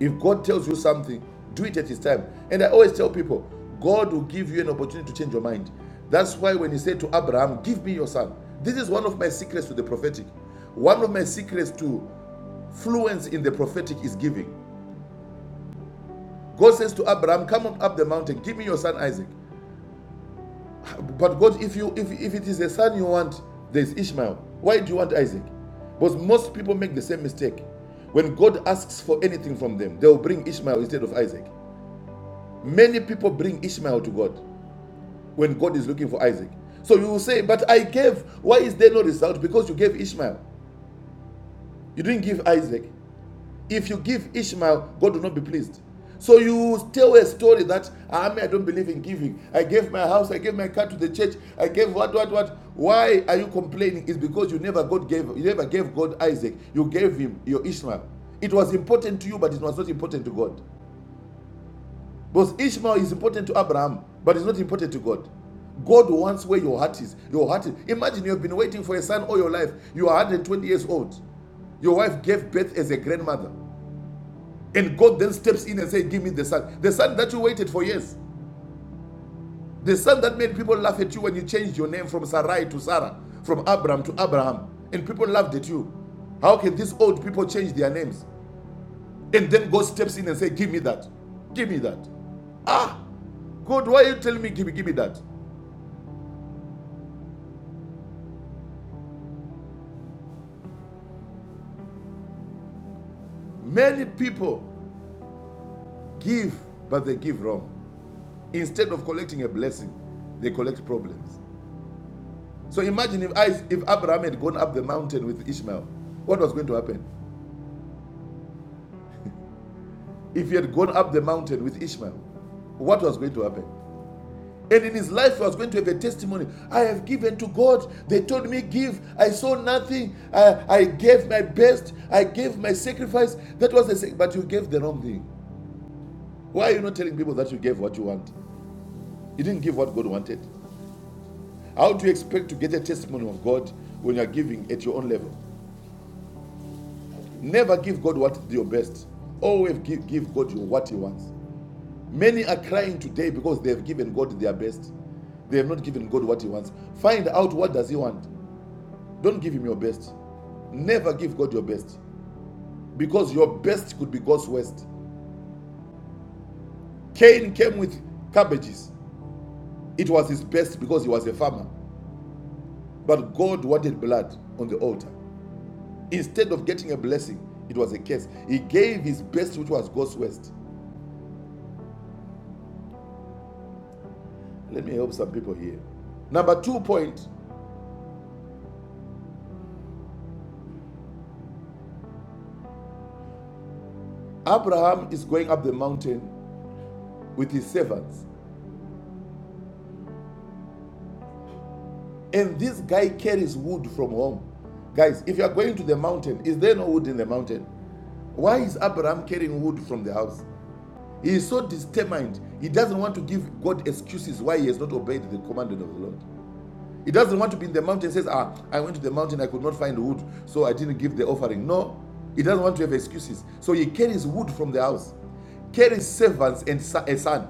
Speaker 4: If God tells you something, do it at His time. And I always tell people, God will give you an opportunity to change your mind. That's why when He said to Abraham, Give me your son, this is one of my secrets to the prophetic. One of my secrets to fluence in the prophetic is giving. God says to Abraham, Come on up the mountain, give me your son Isaac. But God, if you if, if it is a son you want, there's Ishmael. Why do you want Isaac? Because most people make the same mistake. When God asks for anything from them, they'll bring Ishmael instead of Isaac. Many people bring Ishmael to God when God is looking for Isaac. So you will say, But I gave. Why is there no result? Because you gave Ishmael. You didn't give Isaac. If you give Ishmael, God will not be pleased. So you tell a story that I mean I don't believe in giving. I gave my house, I gave my car to the church, I gave what, what, what. Why are you complaining? It's because you never God gave you never gave God Isaac. You gave him your Ishmael. It was important to you, but it was not important to God. Because Ishmael is important to Abraham, but it's not important to God. God wants where your heart is. Your heart is. Imagine you've been waiting for a son all your life. You are 120 years old. Your wife gave birth as a grandmother. And God then steps in and says, Give me the son. The son that you waited for years. The son that made people laugh at you when you changed your name from Sarai to Sarah, from Abram to Abraham. And people laughed at you. How can these old people change their names? And then God steps in and say, Give me that. Give me that. Ah, God, why are you telling me, give me, give me that? Many people give, but they give wrong. Instead of collecting a blessing, they collect problems. So imagine if, I, if Abraham had gone up the mountain with Ishmael, what was going to happen? If he had gone up the mountain with Ishmael, what was going to happen? And in his life, he was going to have a testimony. I have given to God. They told me, Give. I saw nothing. I, I gave my best. I gave my sacrifice. That was the sac- But you gave the wrong thing. Why are you not telling people that you gave what you want? You didn't give what God wanted. How do you expect to get a testimony of God when you are giving at your own level? Never give God what is your best. Always give, give God what He wants. Many are crying today because they have given God their best. They have not given God what He wants. Find out what does He want. Don't give him your best. Never give God your best because your best could be God's worst. Cain came with cabbages. It was his best because he was a farmer. But God wanted blood on the altar. Instead of getting a blessing, it was a curse. He gave his best, which was God's worst. Let me help some people here. Number two point Abraham is going up the mountain with his servants, and this guy carries wood from home. Guys, if you are going to the mountain, is there no wood in the mountain? Why is Abraham carrying wood from the house? He is so determined. He doesn't want to give God excuses why he has not obeyed the commandment of the Lord. He doesn't want to be in the mountain. and Says, "Ah, I went to the mountain. I could not find wood, so I didn't give the offering." No, he doesn't want to have excuses. So he carries wood from the house, carries servants and a son.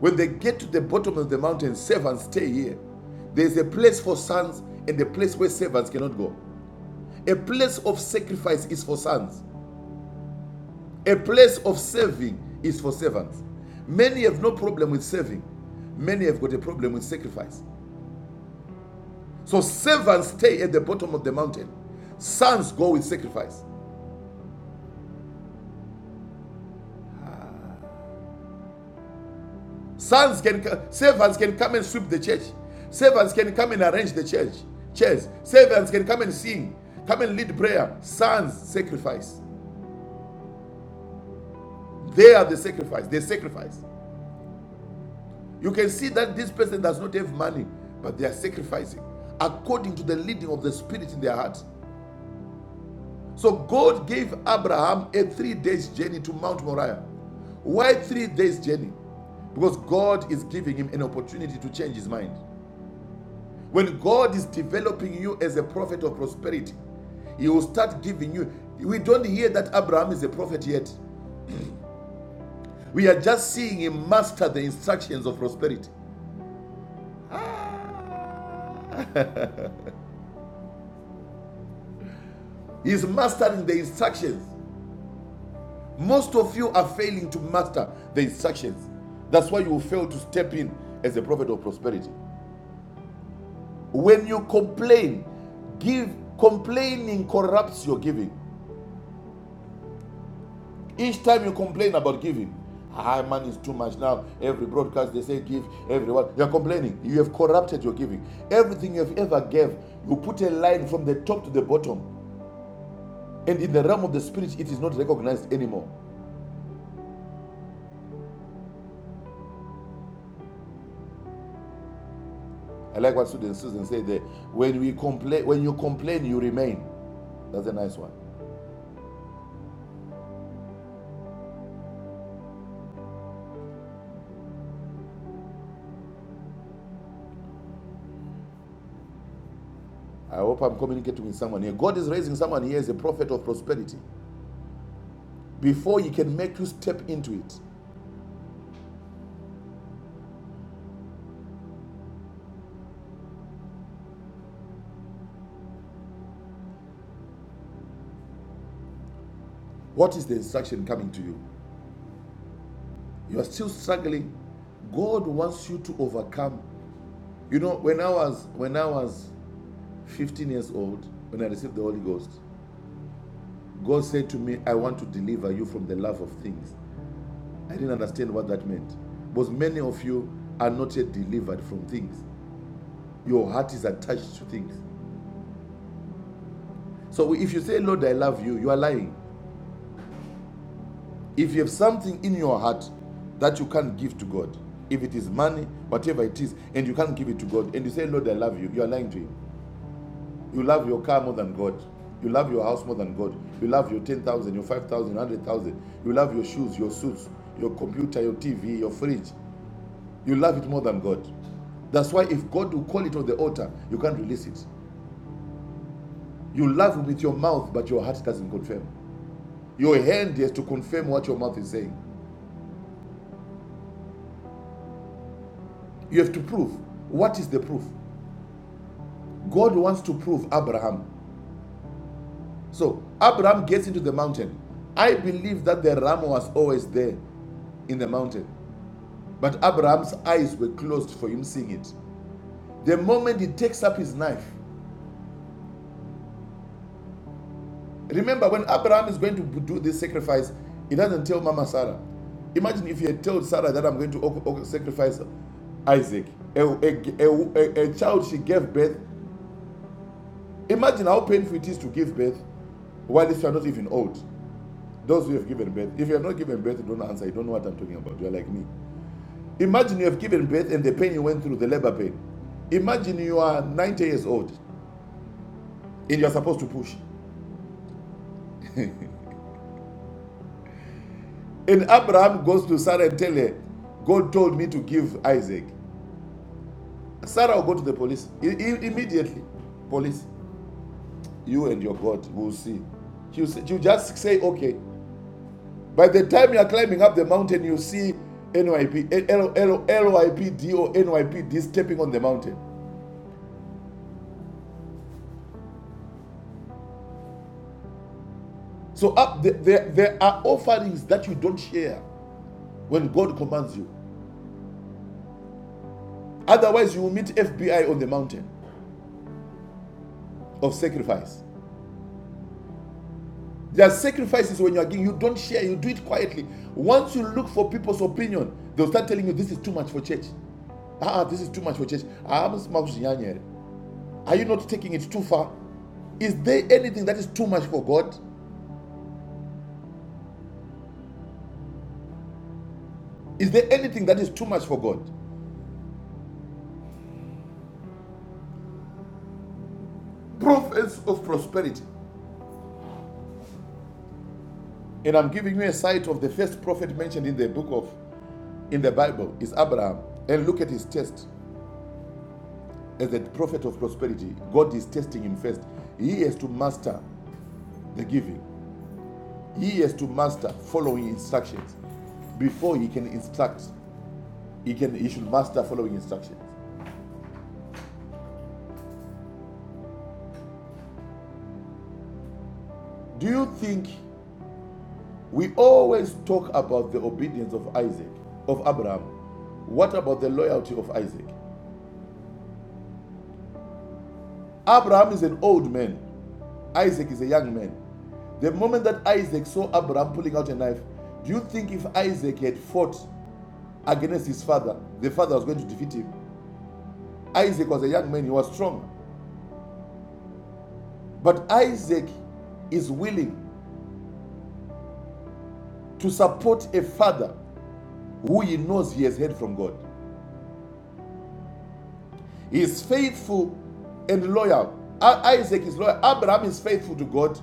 Speaker 4: When they get to the bottom of the mountain, servants stay here. There is a place for sons and a place where servants cannot go. A place of sacrifice is for sons. A place of saving is for servants. Many have no problem with saving, many have got a problem with sacrifice. So servants stay at the bottom of the mountain, sons go with sacrifice. Sons can servants can come and sweep the church. Servants can come and arrange the church. Chairs. Servants can come and sing, come and lead prayer. Sons sacrifice. They are the sacrifice. They sacrifice. You can see that this person does not have money, but they are sacrificing according to the leading of the Spirit in their hearts. So God gave Abraham a three days journey to Mount Moriah. Why three days journey? Because God is giving him an opportunity to change his mind. When God is developing you as a prophet of prosperity, he will start giving you. We don't hear that Abraham is a prophet yet. We are just seeing him master the instructions of prosperity. Ah. He's mastering the instructions. Most of you are failing to master the instructions. That's why you fail to step in as a prophet of prosperity. When you complain, give complaining corrupts your giving. Each time you complain about giving, ah man is too much now. Every broadcast they say give, everyone. You're complaining. You have corrupted your giving. Everything you have ever gave, you put a line from the top to the bottom. And in the realm of the spirit, it is not recognized anymore. I like what Susan, Susan said there. When we complain, when you complain, you remain. That's a nice one. I hope I'm communicating with someone here. God is raising someone here as a prophet of prosperity. Before he can make you step into it, what is the instruction coming to you? You are still struggling. God wants you to overcome. You know, when I was when I was 15 years old, when I received the Holy Ghost, God said to me, I want to deliver you from the love of things. I didn't understand what that meant. Because many of you are not yet delivered from things. Your heart is attached to things. So if you say, Lord, I love you, you are lying. If you have something in your heart that you can't give to God, if it is money, whatever it is, and you can't give it to God, and you say, Lord, I love you, you are lying to Him. You love your car more than God. You love your house more than God. You love your 10,000, your 5,000, You love your shoes, your suits, your computer, your TV, your fridge. You love it more than God. That's why if God will call it on the altar, you can't release it. You love with your mouth, but your heart doesn't confirm. Your hand has to confirm what your mouth is saying. You have to prove. What is the proof? God wants to prove Abraham. So Abraham gets into the mountain. I believe that the ram was always there in the mountain. But Abraham's eyes were closed for him seeing it. The moment he takes up his knife, Remember, when Abraham is going to do this sacrifice, he doesn't tell Mama Sarah. Imagine if he had told Sarah that I'm going to sacrifice Isaac, a, a, a, a child she gave birth. Imagine how painful it is to give birth while you are not even old. Those who have given birth, if you have not given birth, don't answer. You don't know what I'm talking about. You're like me. Imagine you have given birth and the pain you went through, the labor pain. Imagine you are 90 years old and you're supposed to push. And Abraham goes to Sarah and tell her, God told me to give Isaac. Sarah will go to the police I- I- immediately. Police, you and your God will see. She'll, she'll just say, okay. By the time you are climbing up the mountain, you see NYP, eh, or NYPD stepping on the mountain. So up the, there, there are offerings that you don't share when God commands you. Otherwise, you will meet FBI on the mountain of sacrifice. There are sacrifices when you are giving, you don't share, you do it quietly. Once you look for people's opinion, they'll start telling you this is too much for church. Ah, ah, this is too much for church. Ah, Are you not taking it too far? Is there anything that is too much for God? Is there anything that is too much for God? Prophets of prosperity. And I'm giving you a sight of the first prophet mentioned in the book of in the Bible is Abraham. And look at his test as the prophet of prosperity. God is testing him first. He has to master the giving. He has to master following instructions before he can instruct. He can he should master following instructions. Do you think we always talk about the obedience of Isaac, of Abraham? What about the loyalty of Isaac? Abraham is an old man, Isaac is a young man. The moment that Isaac saw Abraham pulling out a knife, do you think if Isaac had fought against his father, the father was going to defeat him? Isaac was a young man, he was strong. But Isaac is willing to support a father who he knows he has heard from God. He is faithful and loyal. Isaac is loyal. Abraham is faithful to God,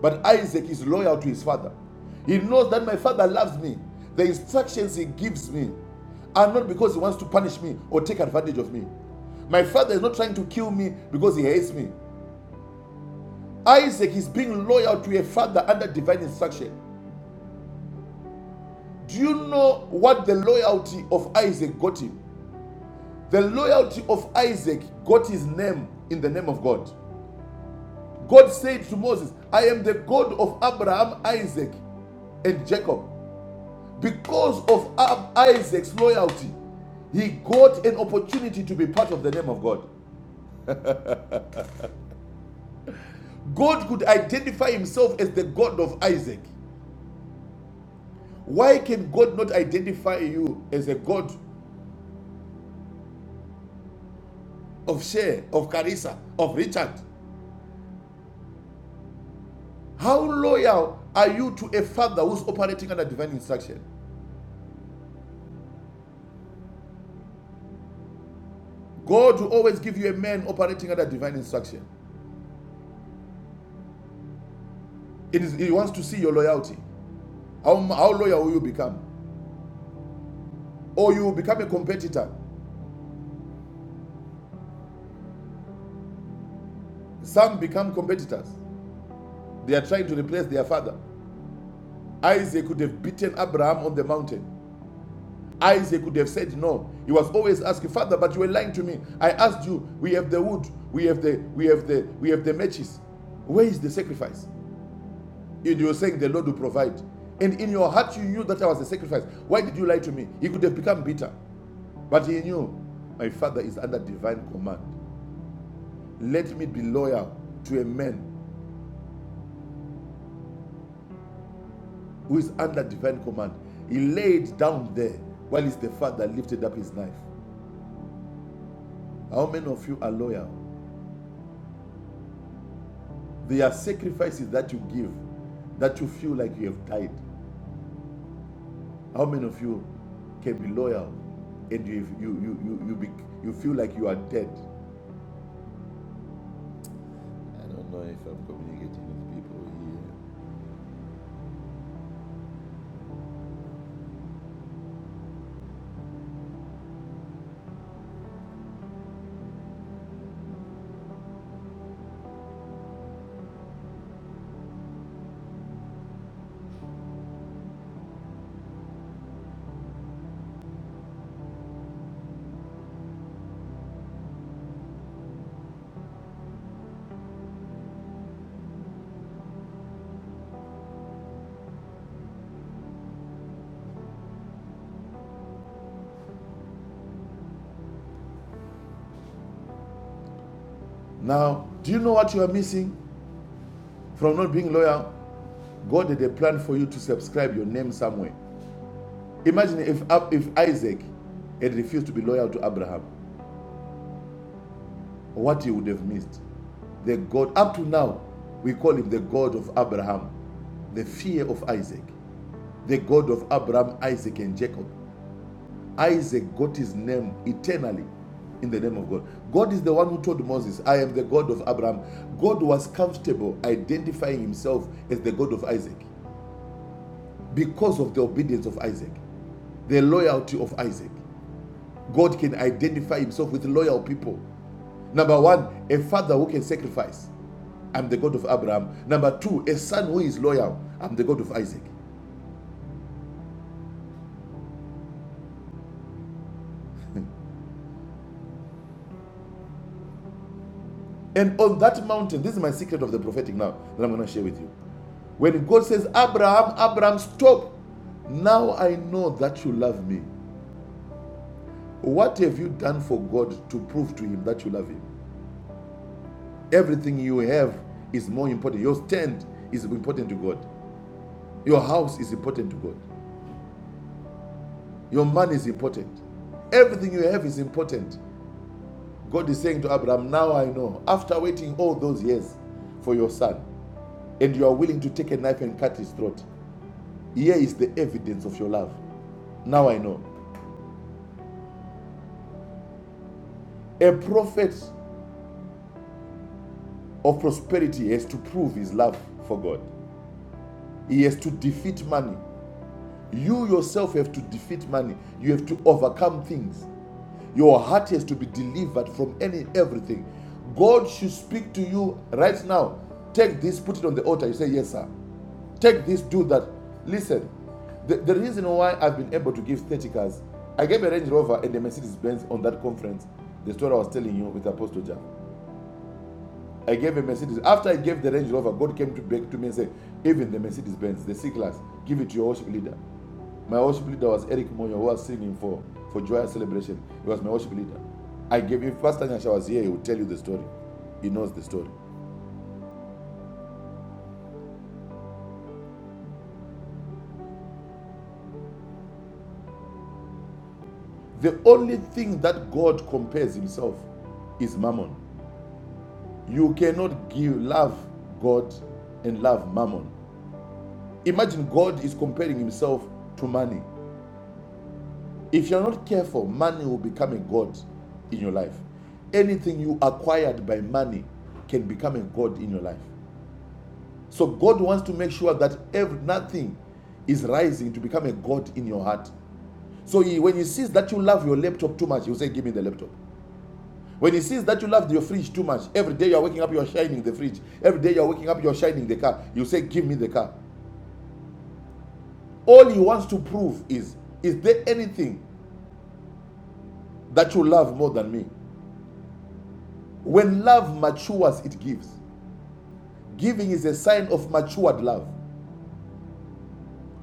Speaker 4: but Isaac is loyal to his father. He knows that my father loves me. The instructions he gives me are not because he wants to punish me or take advantage of me. My father is not trying to kill me because he hates me. Isaac is being loyal to a father under divine instruction. Do you know what the loyalty of Isaac got him? The loyalty of Isaac got his name in the name of God. God said to Moses, I am the God of Abraham, Isaac, and Jacob. Because of Isaac's loyalty, he got an opportunity to be part of the name of God. God could identify himself as the God of Isaac. Why can God not identify you as a God of Share, of Carissa, of Richard? How loyal are you to a father who's operating under divine instruction? God will always give you a man operating under divine instruction. It is, he wants to see your loyalty. How, how loyal will you become? Or you will become a competitor. Some become competitors. They are trying to replace their father. Isaac could have beaten Abraham on the mountain. Isaac could have said no. He was always asking, Father, but you were lying to me. I asked you, we have the wood, we have the we have the we have the matches. Where is the sacrifice? And you were saying the Lord will provide. And in your heart you knew that I was a sacrifice. Why did you lie to me? He could have become bitter. But he knew my father is under divine command. Let me be loyal to a man who is under divine command. He laid down there while his the father lifted up his knife. How many of you are loyal? There are sacrifices that you give that you feel like you have died. How many of you can be loyal and you you you you you, be, you feel like you are dead? I don't know if I'm communicating with people here. Now, do you know what you are missing from not being loyal? God had a plan for you to subscribe your name somewhere. Imagine if, if Isaac had refused to be loyal to Abraham, what he would have missed. The God, up to now, we call him the God of Abraham, the fear of Isaac, the God of Abraham, Isaac, and Jacob. Isaac got his name eternally in the name of God. God is the one who told Moses, I am the God of Abraham. God was comfortable identifying himself as the God of Isaac because of the obedience of Isaac. the loyalty of Isaac. God can identify himself with loyal people. Number one, a father who can sacrifice. I'm the God of Abraham. Number two, a son who is loyal. I'm the God of Isaac. And on that mountain, this is my secret of the prophetic now that I'm going to share with you. When God says, Abraham, Abraham, stop. Now I know that you love me. What have you done for God to prove to him that you love him? Everything you have is more important. Your tent is important to God. Your house is important to God. Your man is important. Everything you have is important. God is saying to Abraham, Now I know, after waiting all those years for your son, and you are willing to take a knife and cut his throat, here is the evidence of your love. Now I know. A prophet of prosperity has to prove his love for God, he has to defeat money. You yourself have to defeat money, you have to overcome things. Your heart has to be delivered from any everything. God should speak to you right now. Take this, put it on the altar. You say, Yes, sir. Take this, do that. Listen, the, the reason why I've been able to give 30 cars, I gave a Range Rover and a Mercedes Benz on that conference, the story I was telling you with Apostle John. I gave a Mercedes. After I gave the Range Rover, God came to back to me and said, even the Mercedes Benz, the C class, give it to your worship leader. My worship leader was Eric Moyo, who was singing for, for Joyous Celebration. He was my worship leader. I gave him, Pastor Nyasha was here, he will tell you the story. He knows the story. The only thing that God compares himself is mammon. You cannot give love God and love mammon. Imagine God is comparing himself to money. If you're not careful, money will become a God in your life. Anything you acquired by money can become a God in your life. So God wants to make sure that every nothing is rising to become a God in your heart. So he, when he sees that you love your laptop too much, he'll say, Give me the laptop. When he sees that you love your fridge too much, every day you're waking up, you're shining the fridge. Every day you're waking up, you're shining the car. You say, Give me the car. All he wants to prove is, Is there anything that you love more than me? When love matures, it gives. Giving is a sign of matured love.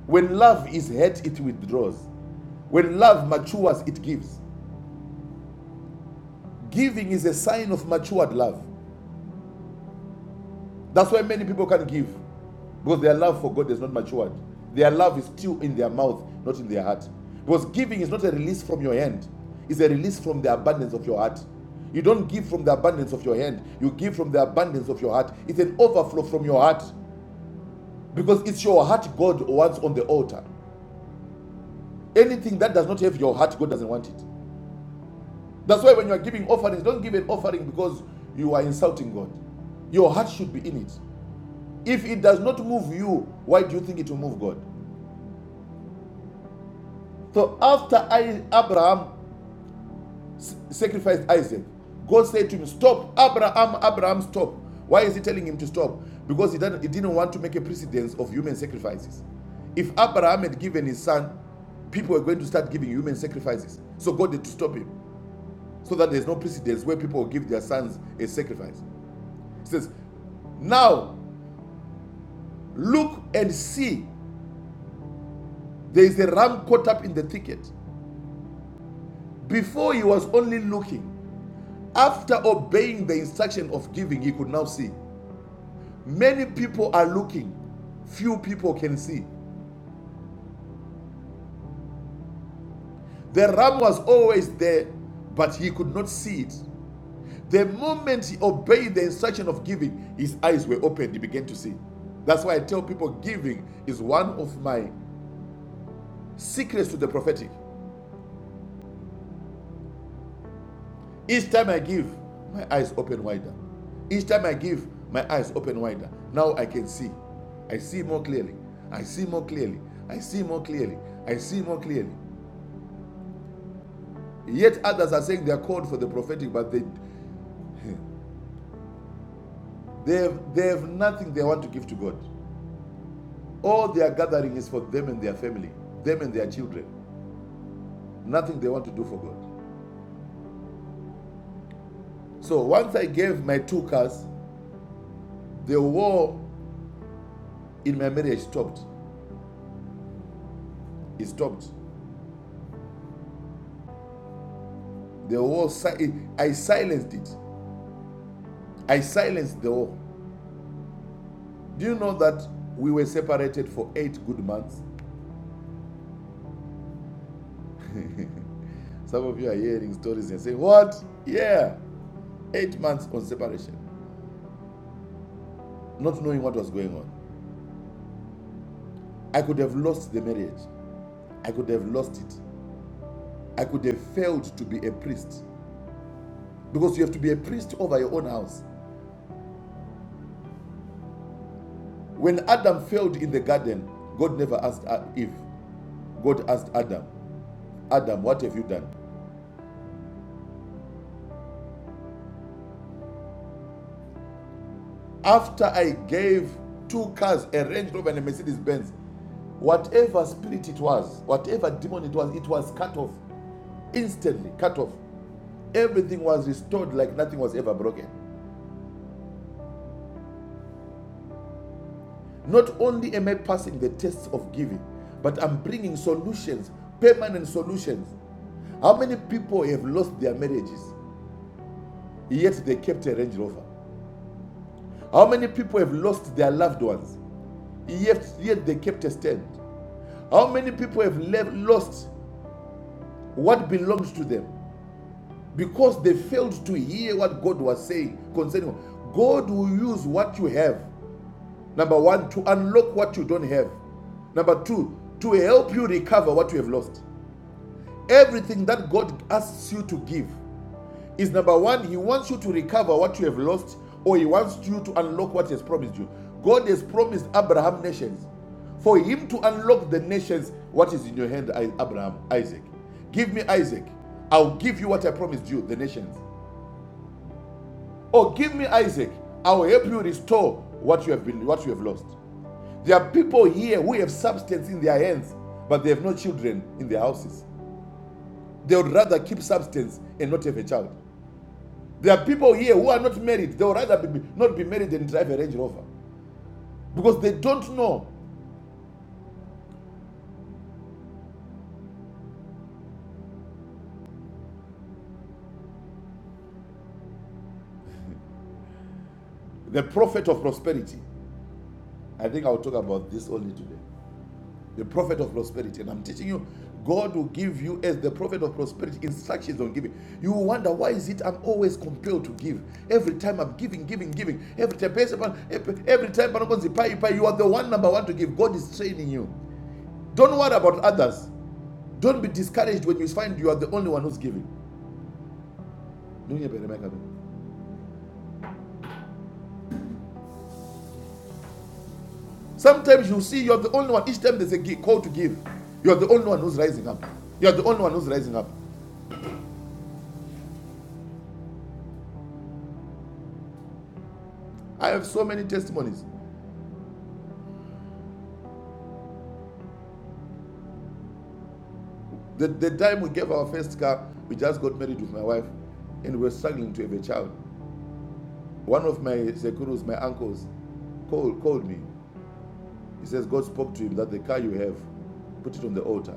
Speaker 4: When love is hurt, it withdraws. When love matures, it gives. Giving is a sign of matured love. That's why many people can give, because their love for God is not matured. Their love is still in their mouth, not in their heart. Because giving is not a release from your hand, it's a release from the abundance of your heart. You don't give from the abundance of your hand, you give from the abundance of your heart. It's an overflow from your heart. Because it's your heart God wants on the altar. Anything that does not have your heart, God doesn't want it. That's why when you are giving offerings, don't give an offering because you are insulting God. Your heart should be in it. If it does not move you, why do you think it will move God? So after I, Abraham sacrificed Isaac. God said to him, Stop, Abraham, Abraham, stop. Why is he telling him to stop? Because he didn't, he didn't want to make a precedence of human sacrifices. If Abraham had given his son, people were going to start giving human sacrifices. So God had to stop him so that there's no precedence where people will give their sons a sacrifice. He says, Now look and see, there is a ram caught up in the thicket. Before he was only looking, after obeying the instruction of giving, he could now see. Many people are looking, few people can see. The ram was always there, but he could not see it. The moment he obeyed the instruction of giving, his eyes were opened, he began to see. That's why I tell people giving is one of my secrets to the prophetic. Each time I give, my eyes open wider. Each time I give, my eyes open wider. Now I can see. I see more clearly. I see more clearly. I see more clearly. I see more clearly. Yet others are saying they are called for the prophetic, but they, they, have, they have nothing they want to give to God. All they are gathering is for them and their family, them and their children. Nothing they want to do for God. So once I gave my two cars, the war in my marriage stopped. It stopped. The war, si- I silenced it. I silenced the war. Do you know that we were separated for eight good months? Some of you are hearing stories and saying, What? Yeah, eight months on separation, not knowing what was going on. I could have lost the marriage. I could have lost it. I could have failed to be a priest because you have to be a priest over your own house. When Adam failed in the garden, God never asked uh, Eve. God asked Adam, Adam, what have you done? After I gave two cars, a Range Rover and a Mercedes Benz, whatever spirit it was, whatever demon it was, it was cut off instantly, cut off. Everything was restored like nothing was ever broken. Not only am I passing the tests of giving, but I'm bringing solutions, permanent solutions. How many people have lost their marriages, yet they kept a Range Rover? How many people have lost their loved ones, yet, yet they kept a stand? How many people have left, lost what belongs to them because they failed to hear what God was saying concerning? them? God will use what you have, number one, to unlock what you don't have. Number two, to help you recover what you have lost. Everything that God asks you to give is number one, He wants you to recover what you have lost, or He wants you to unlock what He has promised you. God has promised Abraham nations. For Him to unlock the nations, what is in your hand, Abraham? Isaac. Give me Isaac. I'll give you what I promised you, the nations. Or give me Isaac. I'll help you restore what you have been, what you have lost. There are people here who have substance in their hands, but they have no children in their houses. They would rather keep substance and not have a child. There are people here who are not married. They would rather be, not be married than drive a Range Rover because they don't know the prophet of prosperity. I think I will talk about this only today. The prophet of prosperity. And I'm teaching you, God will give you, as the prophet of prosperity, instructions on giving. You will wonder, why is it I'm always compelled to give? Every time I'm giving, giving, giving. Every time, every time, you are the one number one to give. God is training you. Don't worry about others. Don't be discouraged when you find you are the only one who's giving. Sometimes you see you're the only one. Each time there's a call to give, you're the only one who's rising up. You're the only one who's rising up. I have so many testimonies. The, the time we gave our first car, we just got married with my wife and we were struggling to have a child. One of my sekurus, my uncles, called, called me. He says, God spoke to him that the car you have, put it on the altar.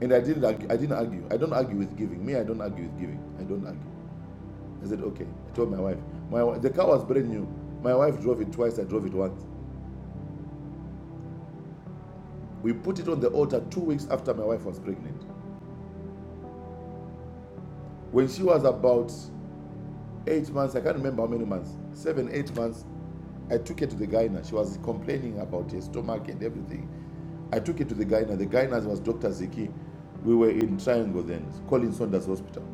Speaker 4: And I didn't, I didn't argue. I don't argue with giving. Me, I don't argue with giving. I don't argue. I said, okay. I told my wife. My, the car was brand new. My wife drove it twice, I drove it once. We put it on the altar two weeks after my wife was pregnant. When she was about eight months, I can't remember how many months, seven, eight months, I took her to the gyna. She was complaining about her stomach and everything. I took her to the gyna. The gyna was Dr. Ziki. We were in Triangle then, Colin Saunders Hospital.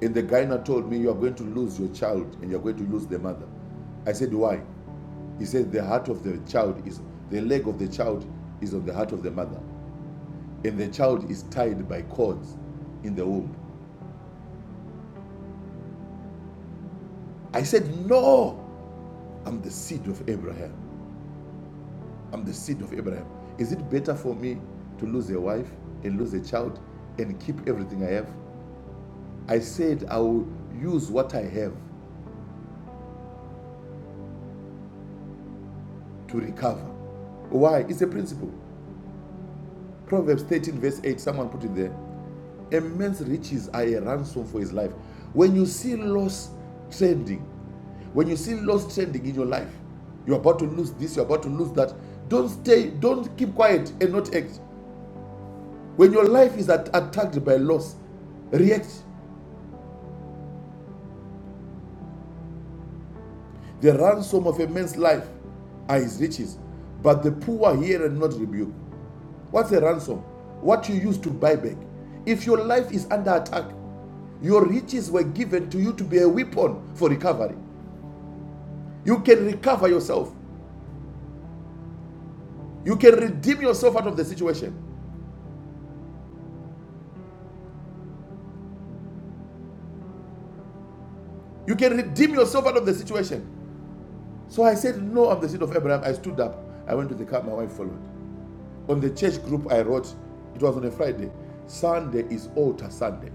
Speaker 4: And the gyna told me, You are going to lose your child and you're going to lose the mother. I said, Why? He said the heart of the child is the leg of the child is on the heart of the mother, and the child is tied by cords in the womb. I said, No, I'm the seed of Abraham. I'm the seed of Abraham. Is it better for me to lose a wife and lose a child and keep everything I have? I said I will use what I have to recover. Why? It's a principle. Proverbs 13, verse 8, someone put it there. Immense riches are a ransom for his life. When you see loss trending, when you see loss trending in your life, you're about to lose this, you're about to lose that. Don't stay, don't keep quiet and not act. When your life is at- attacked by loss, react. The ransom of a man's life are his riches, but the poor hear and not rebuke. What's a ransom? What you use to buy back. If your life is under attack, your riches were given to you to be a weapon for recovery. You can recover yourself. You can redeem yourself out of the situation. You can redeem yourself out of the situation. So I said, No, I'm the seed of Abraham. I stood up. I went to the car. My wife followed. On the church group, I wrote, it was on a Friday. Sunday is altar Sunday.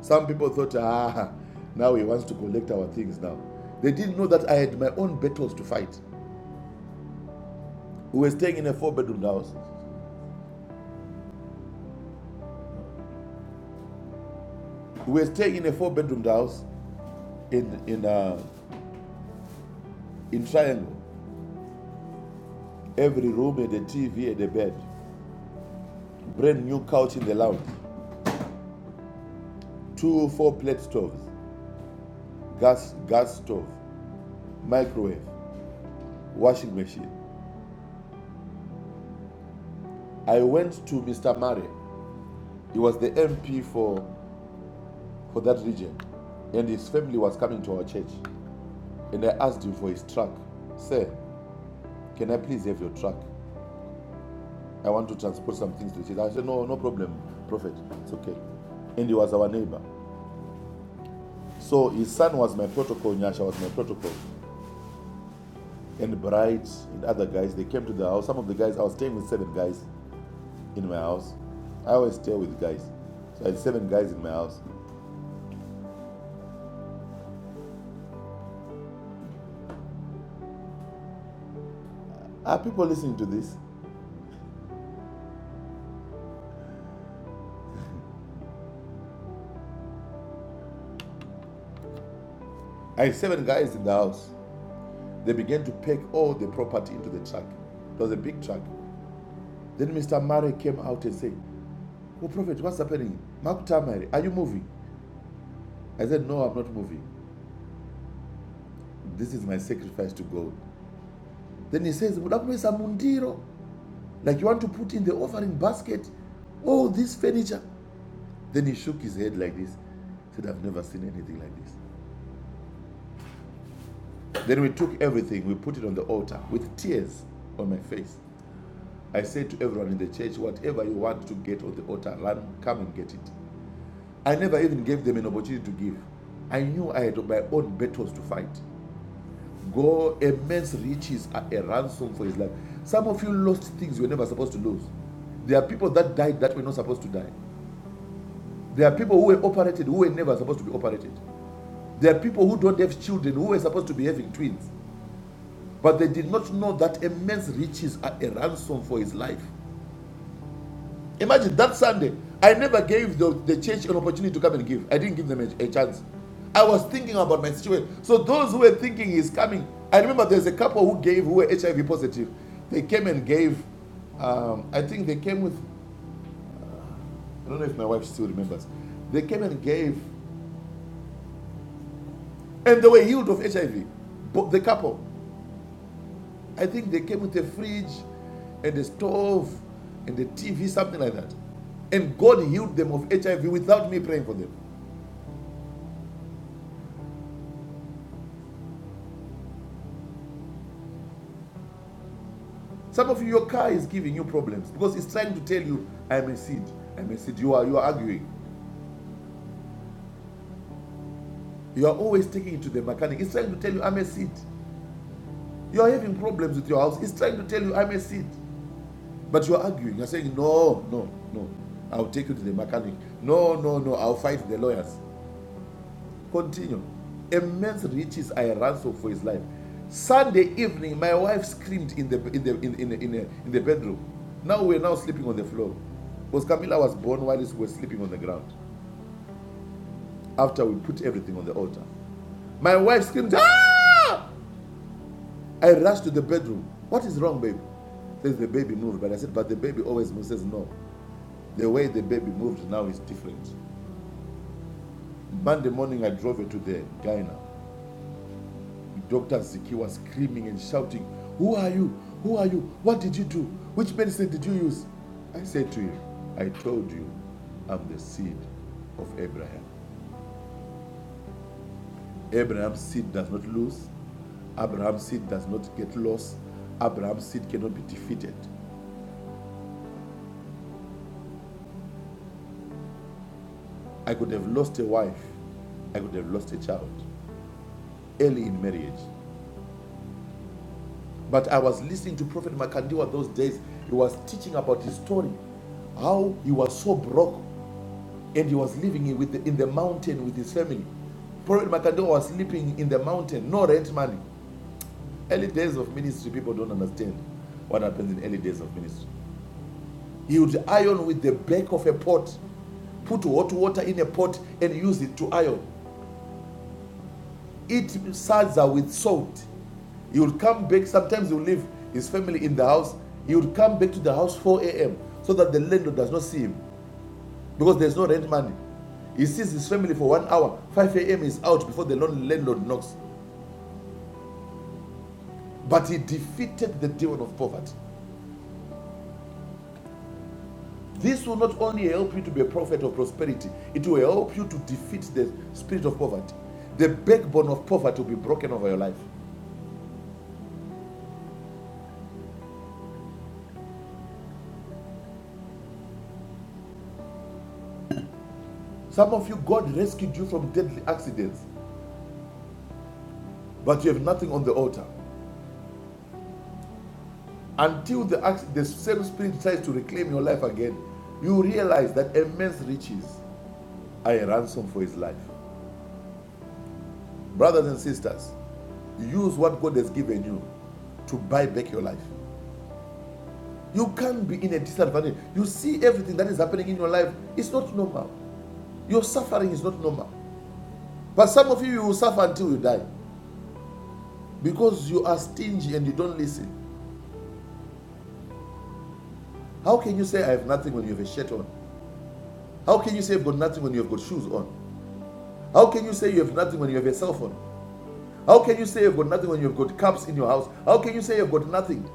Speaker 4: Some people thought, ah, now he wants to collect our things now. They didn't know that I had my own battles to fight. We were staying in a four bedroom house. We were staying in a four bedroom house in, in, uh, in Triangle. Every room had a TV and a bed. brand new couch in the lounge, two four plate stoves, gas gas stove, microwave, washing machine. I went to Mr. Murray. He was the MP for for that region, and his family was coming to our church. And I asked him for his truck. Sir, can I please have your truck? I want to transport some things to the church. I said, No, no problem, Prophet. It's okay. And he was our neighbor. So his son was my protocol, Nyasha was my protocol. and Bright and other guys. They came to the house. Some of the guys, I was staying with seven guys in my house. I always stay with guys. So I had seven guys in my house. Are people listening to this? I had seven guys in the house. They began to pack all the property into the truck. It was a big truck. Then Mr. Murray came out and said, Oh, Prophet, what's happening? Makutamari, are you moving? I said, No, I'm not moving. This is my sacrifice to God. Then he says, "Mudakumisa mundiro," Like you want to put in the offering basket all this furniture. Then he shook his head like this, said, I've never seen anything like this. Then we took everything, we put it on the altar with tears on my face. I said to everyone in the church, whatever you want to get on the altar, come and get it. I never even gave them an opportunity to give. I knew I had my own battles to fight. God, immense riches are a ransom for his life. Some of you lost things you were never supposed to lose. There are people that died that were not supposed to die. There are people who were operated who were never supposed to be operated. There are people who don't have children who were supposed to be having twins, but they did not know that immense riches are a ransom for his life. Imagine that Sunday, I never gave the, the church an opportunity to come and give. I didn't give them a, a chance. I was thinking about my situation. So those who were thinking he's coming, I remember there's a couple who gave who were HIV positive. They came and gave. Um, I think they came with. I don't know if my wife still remembers. They came and gave, and they were healed of HIV. But the couple. I think they came with a fridge and a stove and a TV, something like that. And God healed them of HIV without me praying for them. Some of you, your car is giving you problems because it's trying to tell you, I'm a seed. I'm a seed. You are, you are arguing. You are always taking it to the mechanic. It's trying to tell you, I'm a seed. You are having problems with your house. It's trying to tell you, I'm a seed. But you are arguing. You're saying, no, no, no. I'll take you to the mechanic. No, no, no. I'll fight the lawyers. Continue. Immense riches I ransom for his life. Sunday evening, my wife screamed in the in the in, in, in, in the bedroom. Now we're now sleeping on the floor. Because Camilla was born while we were sleeping on the ground. After we put everything on the altar. My wife screamed, ah! I rushed to the bedroom. What is wrong, baby? Says the baby moved. But I said, but the baby always moves. Says no. The way the baby moved now is different. Monday morning I drove her to the gyna. Dr. Ziki was screaming and shouting, Who are you? Who are you? What did you do? Which medicine did you use? I said to him, I told you, I'm the seed of Abraham. Abraham's seed does not lose. Abraham's seed does not get lost. Abraham's seed cannot be defeated. I could have lost a wife. I could have lost a child early in marriage. But I was listening to Prophet Makandiwa those days. He was teaching about his story, how he was so broke and he was living in, with the, in the mountain with his family. Prophet Makando was sleeping in the mountain, no rent money. Early days of ministry, people don't understand what happens in early days of ministry. He would iron with the back of a pot, put hot water in a pot, and use it to iron. Eat salsa with salt. He would come back, sometimes he would leave his family in the house. He would come back to the house 4 a.m. so that the landlord does not see him. because there's no rent money. He sees his family for one hour. 5 a.m. is out before the lon- landlord knocks. But he defeated the demon of poverty. This will not only help you to be a prophet of prosperity, it will help you to defeat the spirit of poverty. The backbone of poverty will be broken over your life. Some of you, God rescued you from deadly accidents, but you have nothing on the altar. Until the, the same spirit tries to reclaim your life again, you realize that immense riches are a ransom for his life. Brothers and sisters, Use what God has given you to buy back your life. You can't be in a disadvantage. You see everything that is happening in your life. It's not normal. Your suffering is not normal. But some of you, you will suffer until you die because you are stingy and you don't listen. How can you say, I have nothing when you have a shirt on? How can you say, you have got nothing when you have got shoes on? How can you say, you have nothing when you have a cell phone? How can you say, you've got nothing when you've got cups in your house? How can you say, you've got nothing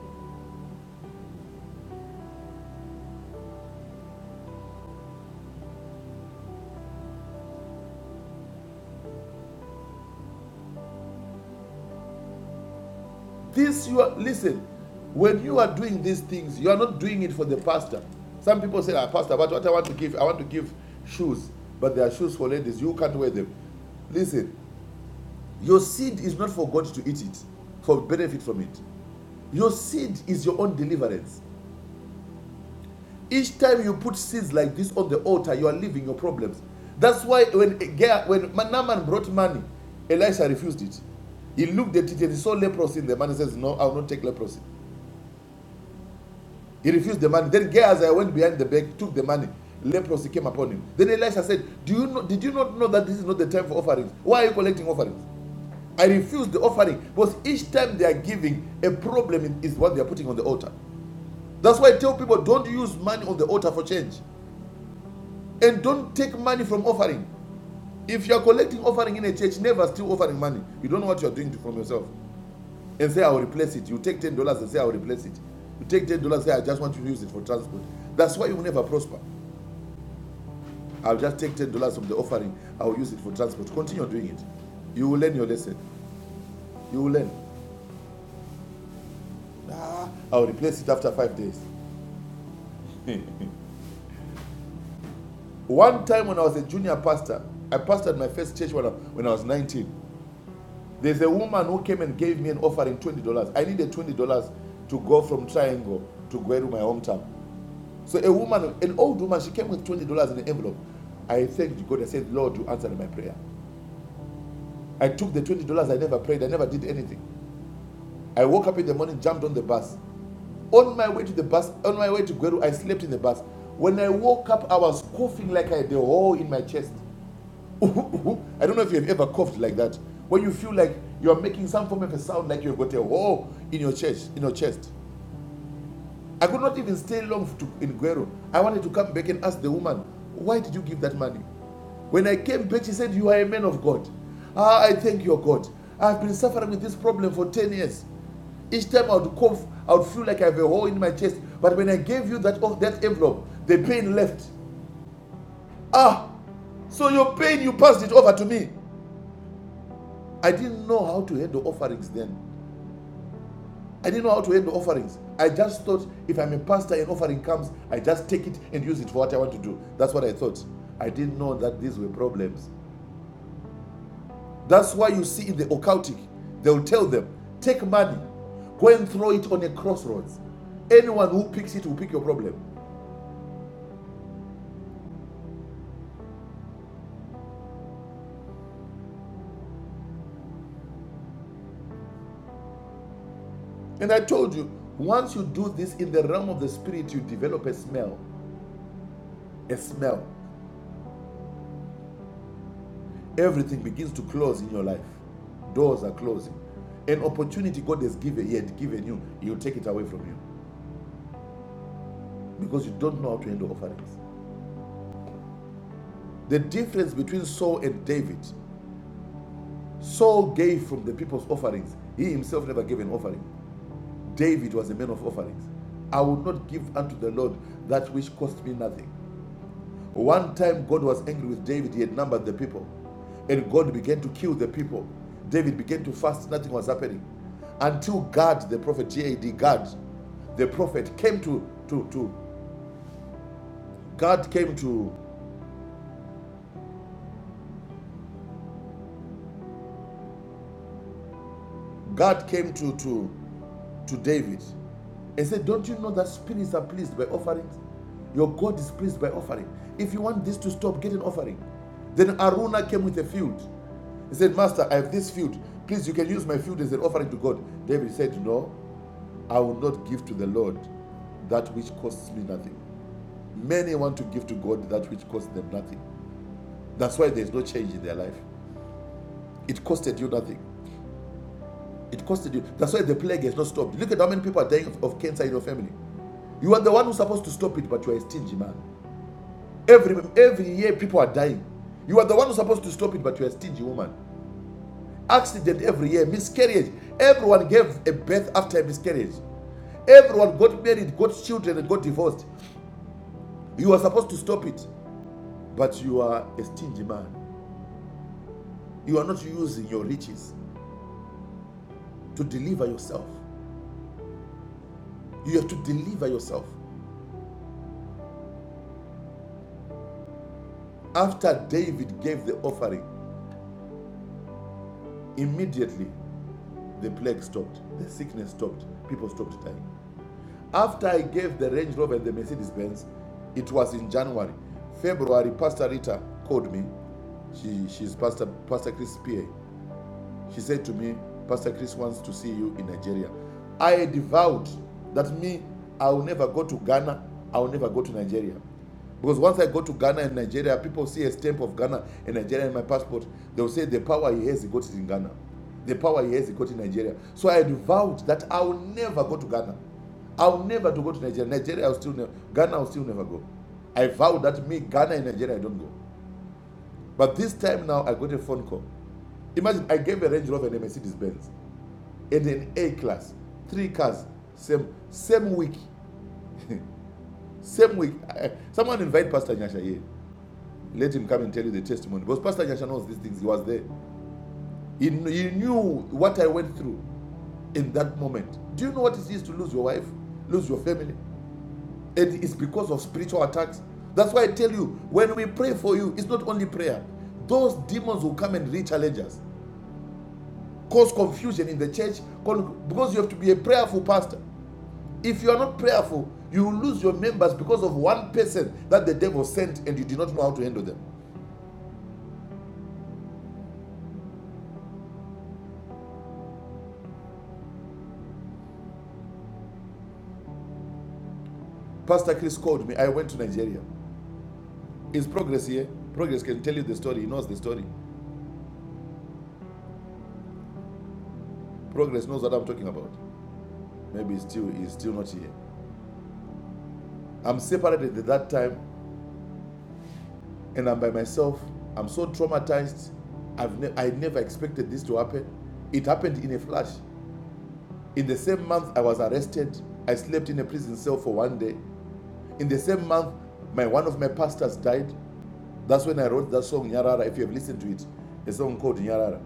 Speaker 4: This you are listen, when you are doing these things, you are not doing it for the pastor. Some people say, ah, Pastor, but what I want to give, I want to give shoes, but they are shoes for ladies, you can't wear them. Listen, your seed is not for God to eat it, for benefit from it. Your seed is your own deliverance. Each time you put seeds like this on the altar, you are leaving your problems. That's why when when Naaman brought money, Elisha refused it. He looked at it and he saw leprosy in the man and says, No, I will not take leprosy. He refused the money. Then Gehazi went behind the back, took the money. Leprosy came upon him. Then Elisha said, Do you know, Did you not know that this is not the time for offerings? Why are you collecting offerings? I refuse the offering because each time they are giving, a problem is what they are putting on the altar. That's why I tell people don't use money on the altar for change. And don't take money from offering. If you are collecting offering in a church, never steal offering money. You don't know what you are doing to- from yourself. And say, I'll replace it. You take $10 and say, I'll replace it. You take $10 and say, I just want you to use it for transport. That's why you will never prosper. I'll just take ten dollars from the offering. I'll use it for transport. Continue doing it. You will learn your lesson. You will learn. Ah, I'll replace it after five days. One time when I was a junior pastor, I pastored my first church when I, when I was 19. There's a woman who came and gave me an offering twenty dollars. I needed twenty dollars to go from Triangle to go to my hometown. So a woman, an old woman, she came with twenty dollars in an envelope. I thanked God. I said, Lord, you answered my prayer. I took the twenty dollars. I never prayed. I never did anything. I woke up in the morning, jumped on the bus, On my way to the bus, on my way to Gweru, I slept in the bus. When I woke up, I was coughing like I had a hole in my chest. I don't know if you've ever coughed like that. When you feel like you're making some form of a sound like you've got a hole in your chest, in your chest. I could not even stay long to, in Guero. I wanted to come back and ask the woman, why did you give that money? When I came back, she said, You are a man of God. Ah, I thank your God. I've been suffering with this problem for 10 years. Each time I would cough, I would feel like I have a hole in my chest. But when I gave you that, of that envelope, the pain left. Ah, so your pain, you passed it over to me. I didn't know how to handle offerings then. I didn't know how to handle offerings. I just thought if I'm a pastor and offering comes, I just take it and use it for what I want to do. That's what I thought. I didn't know that these were problems. That's why you see in the occultic, they'll tell them, take money, go and throw it on a crossroads. Anyone who picks it will pick your problem. And I told you, once you do this in the realm of the spirit, you develop a smell. A smell. everything begins to close in your life. Doors are closing. An opportunity God has given, He had given you, He'll take it away from you because you don't know how to handle offerings. The difference between Saul and David Saul gave from the people's offerings, he himself never gave an offering. David was a man of offerings. I will not give unto the Lord that which cost me nothing. One time God was angry with David, he had numbered the people. And God began to kill the people. David began to fast, nothing was happening. Until Gad, the prophet, G A D, G-A-D, God, the prophet came to to to God came to God came to to to David and said, Don't you know that spirits are pleased by offerings? Your God is pleased by offering. If you want this to stop, get an offering. Then Aruna came with a field. He said, Master, I have this field. Please, you can use my field as an offering to God. David said, No, I will not give to the Lord that which costs me nothing. Many want to give to God that which costs them nothing. That's why there's no change in their life. It costed you nothing. It costed you. That's why the plague has not stopped. Look at how many people are dying of of cancer in your family. You are the one who's supposed to stop it, but you are a stingy man. Every every year people are dying. You are the one who's supposed to stop it, but you are a stingy woman. Accident every year, miscarriage. Everyone gave a birth after a miscarriage. Everyone got married, got children, and got divorced. You are supposed to stop it, but you are a stingy man. You are not using your riches to deliver yourself. You have to deliver yourself. After David gave the offering, immediately the plague stopped, the sickness stopped, people stopped dying. After I gave the Range Rover and the Mercedes Benz, it was in January. February, Pastor Rita called me. She, she's Pastor, Pastor Chris PA. She said to me, Pastor Chris wants to see you in Nigeria. I devowed that me, I will never go to Ghana, I will never go to Nigeria. Because once I go to Ghana and Nigeria, people see a stamp of Ghana and Nigeria in my passport, they'll say the power he has, he got it in Ghana. The power he has, he got it in Nigeria. So I vowed that I will never go to Ghana. I will never to go to Nigeria. Nigeria, I will still never, Ghana, I will still never go. I vowed that me, Ghana and Nigeria, I don't go. But this time now, I got a phone call. Imagine I gave a Range Rover and a Mercedes Benz and an A class, three cars, same same week, same week. I- someone invite Pastor Nyasha here. Let him come and tell you the testimony because Pastor Nyasha knows these things. He was there. He, he knew what I went through in that moment. Do you know what it is to lose your wife, lose your family? And it's because of spiritual attacks. That's why I tell you, when we pray for you, it's not only prayer. Those demons will come and re-challenge us, cause confusion in the church, because you have to be a prayerful pastor. If you are not prayerful, you will lose your members because of one person that the devil sent and you did not know how to handle them. Pastor Chris called me. I went to Nigeria. Is Progress here? Progress can tell you the story. He knows the story. Progress knows what I'm talking about. Maybe he's still, he's still not here. I'm separated at that time and I'm by myself. I'm so traumatized. I've ne- I never expected this to happen. It happened in a flash. In the same month, I was arrested. I slept in a prison cell for one day. In the same month, my one of my pastors died. That's when I wrote that song Nyarara. If you have listened to it, a song called Nyarara.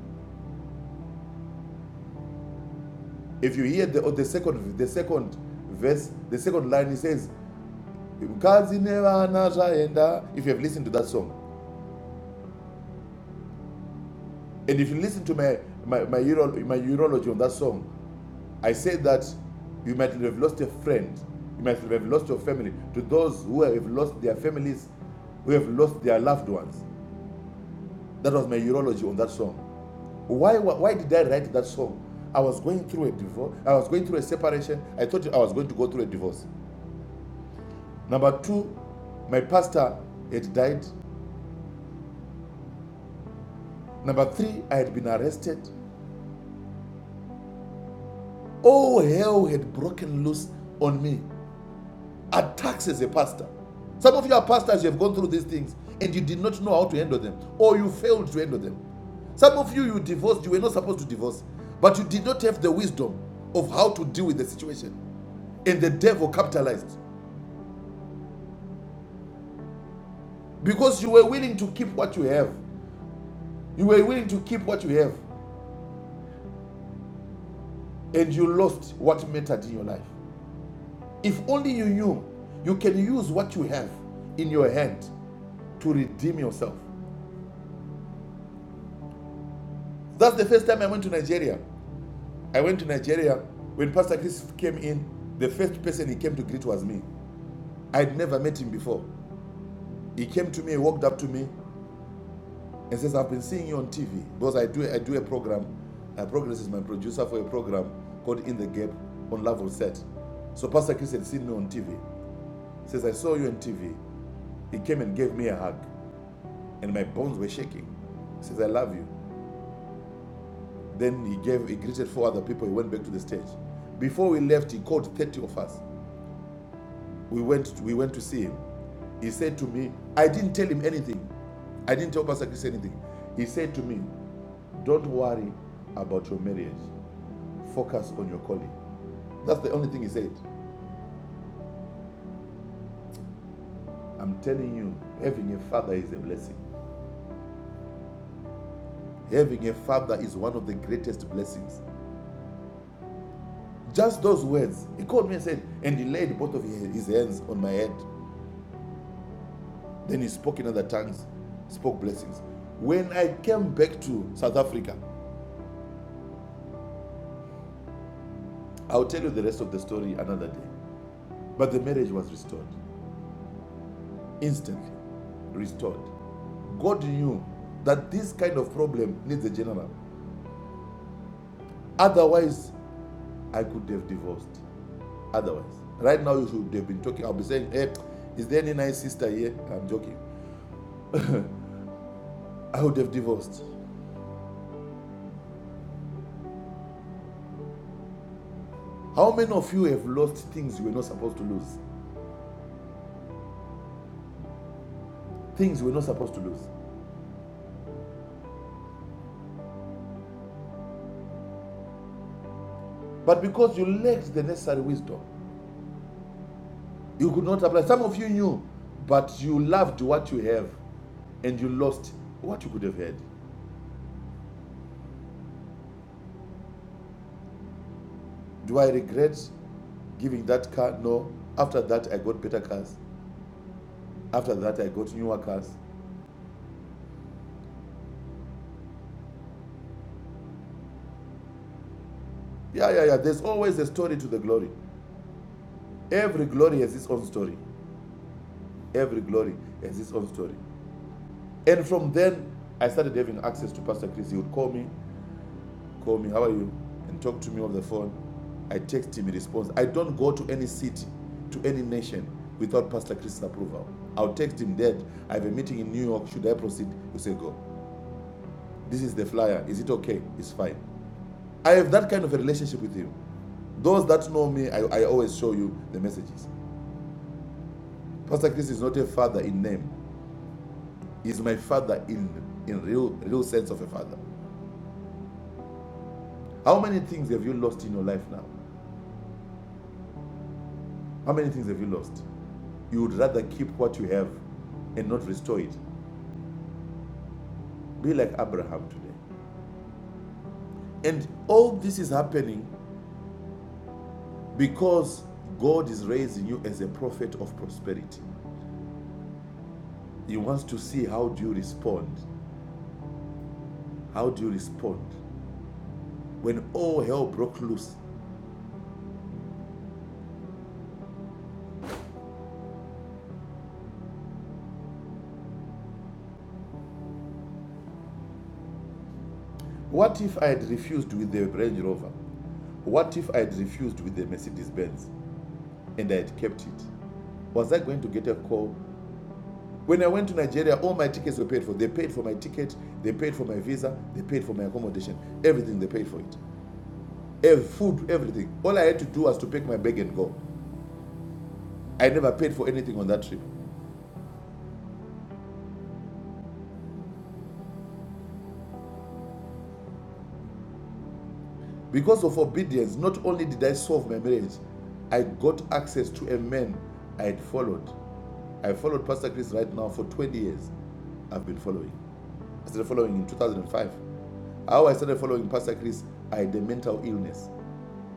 Speaker 4: If you hear the, or the second the second verse, the second line, it says, "Mkazi nevana zvaenda." If you have listened to that song, and if you listen to my my my, uro, my urology on that song, I said that you might have lost a friend, you might have lost your family. To those who have lost their families, who have lost their loved ones, that was my urology on that song. Why, why, did I write that song? I was going through a divorce. I was going through a separation. I thought I was going to go through a divorce. Number two, my pastor had died. Number three, I had been arrested. All hell had broken loose on me. Attacks as a pastor. Some of you are pastors, you have gone through these things and you did not know how to handle them, or you failed to handle them. Some of you, you divorced, you were not supposed to divorce, but you did not have the wisdom of how to deal with the situation. And the devil capitalized. Because you were willing to keep what you have. You were willing to keep what you have. And you lost what mattered in your life. If only you knew you can use what you have in your hand to redeem yourself. That's the first time I went to Nigeria. I went to Nigeria when Pastor Chris came in. The first person he came to greet was me. I'd never met him before. He came to me, he walked up to me, and says, I've been seeing you on TV because I do I do a program. Uh, Progress is my producer for a program called In the Gap on Level Set. So Pastor Chris had seen me on TV. Says, I saw you on TV. He came and gave me a hug, and my bones were shaking. He Says, I love you. Then he gave he greeted four other people. He went back to the stage. Before we left, he called 30 of us We went, we went to see him. He said to me, I didn't tell him anything. I didn't tell Pastor Chris anything. He said to me, Don't worry about your marriage. Focus on your calling. That's the only thing he said. I'm telling you, having a father is a blessing. Having a father is one of the greatest blessings. Just those words. He called me and said, and he laid both of his hands on my head. Then he spoke in other tongues, spoke blessings. When I came back to South Africa, I'll tell you the rest of the story another day. But the marriage was restored instantly. Restored. God knew that this kind of problem needs a general. Otherwise, I could have divorced. Otherwise, right now you should have been talking. I'll be saying, "Hey, is there any nice sister here?" I'm joking. I would have divorced. How many of you have lost things you were not supposed to lose? Things you were not supposed to lose. But because you lacked the necessary wisdom, you could not apply. Some of you knew, but you loved what you have and you lost what you could have had. Do I regret giving that car? No. After that, I got better cars. After that, I got newer cars. Yeah, yeah, yeah. There's always a story to the glory. Every glory has its own story. Every glory has its own story. And from then, I started having access to Pastor Chris. He would call me, call me, how are you? And talk to me on the phone. I text him, he responds. I don't go to any city, to any nation without Pastor Chris' approval. I'll text him that I have a meeting in New York. Should I proceed? He say go. This is the flyer. Is it okay? It's fine. I have that kind of a relationship with him. Those that know me, I, I always show you the messages. Pastor Chris is not a father in name. He's my father in in real real sense of a father. How many things have you lost in your life now? How many things have you lost? You would rather keep what you have and not restore it. Be like Abraham today. And all this is happening because God is raising you as a prophet of prosperity. He wants to see how do you respond How do you respond when all hell broke loose? What if I had refused with the Range Rover? What if I had refused with the Mercedes Benz and I had kept it? Was I going to get a call? When I went to Nigeria, all my tickets were paid for. They paid for my ticket, they paid for my visa, they paid for my accommodation, everything they paid for it. Ev- food, everything. All I had to do was to pack my bag and go. I never paid for anything on that trip. Because of obedience, not only did I solve my marriage, I got access to a man I had followed I followed Pastor Chris right now for 20 years. I've been following. I started following in 2005. How I started following Pastor Chris, I had a mental illness.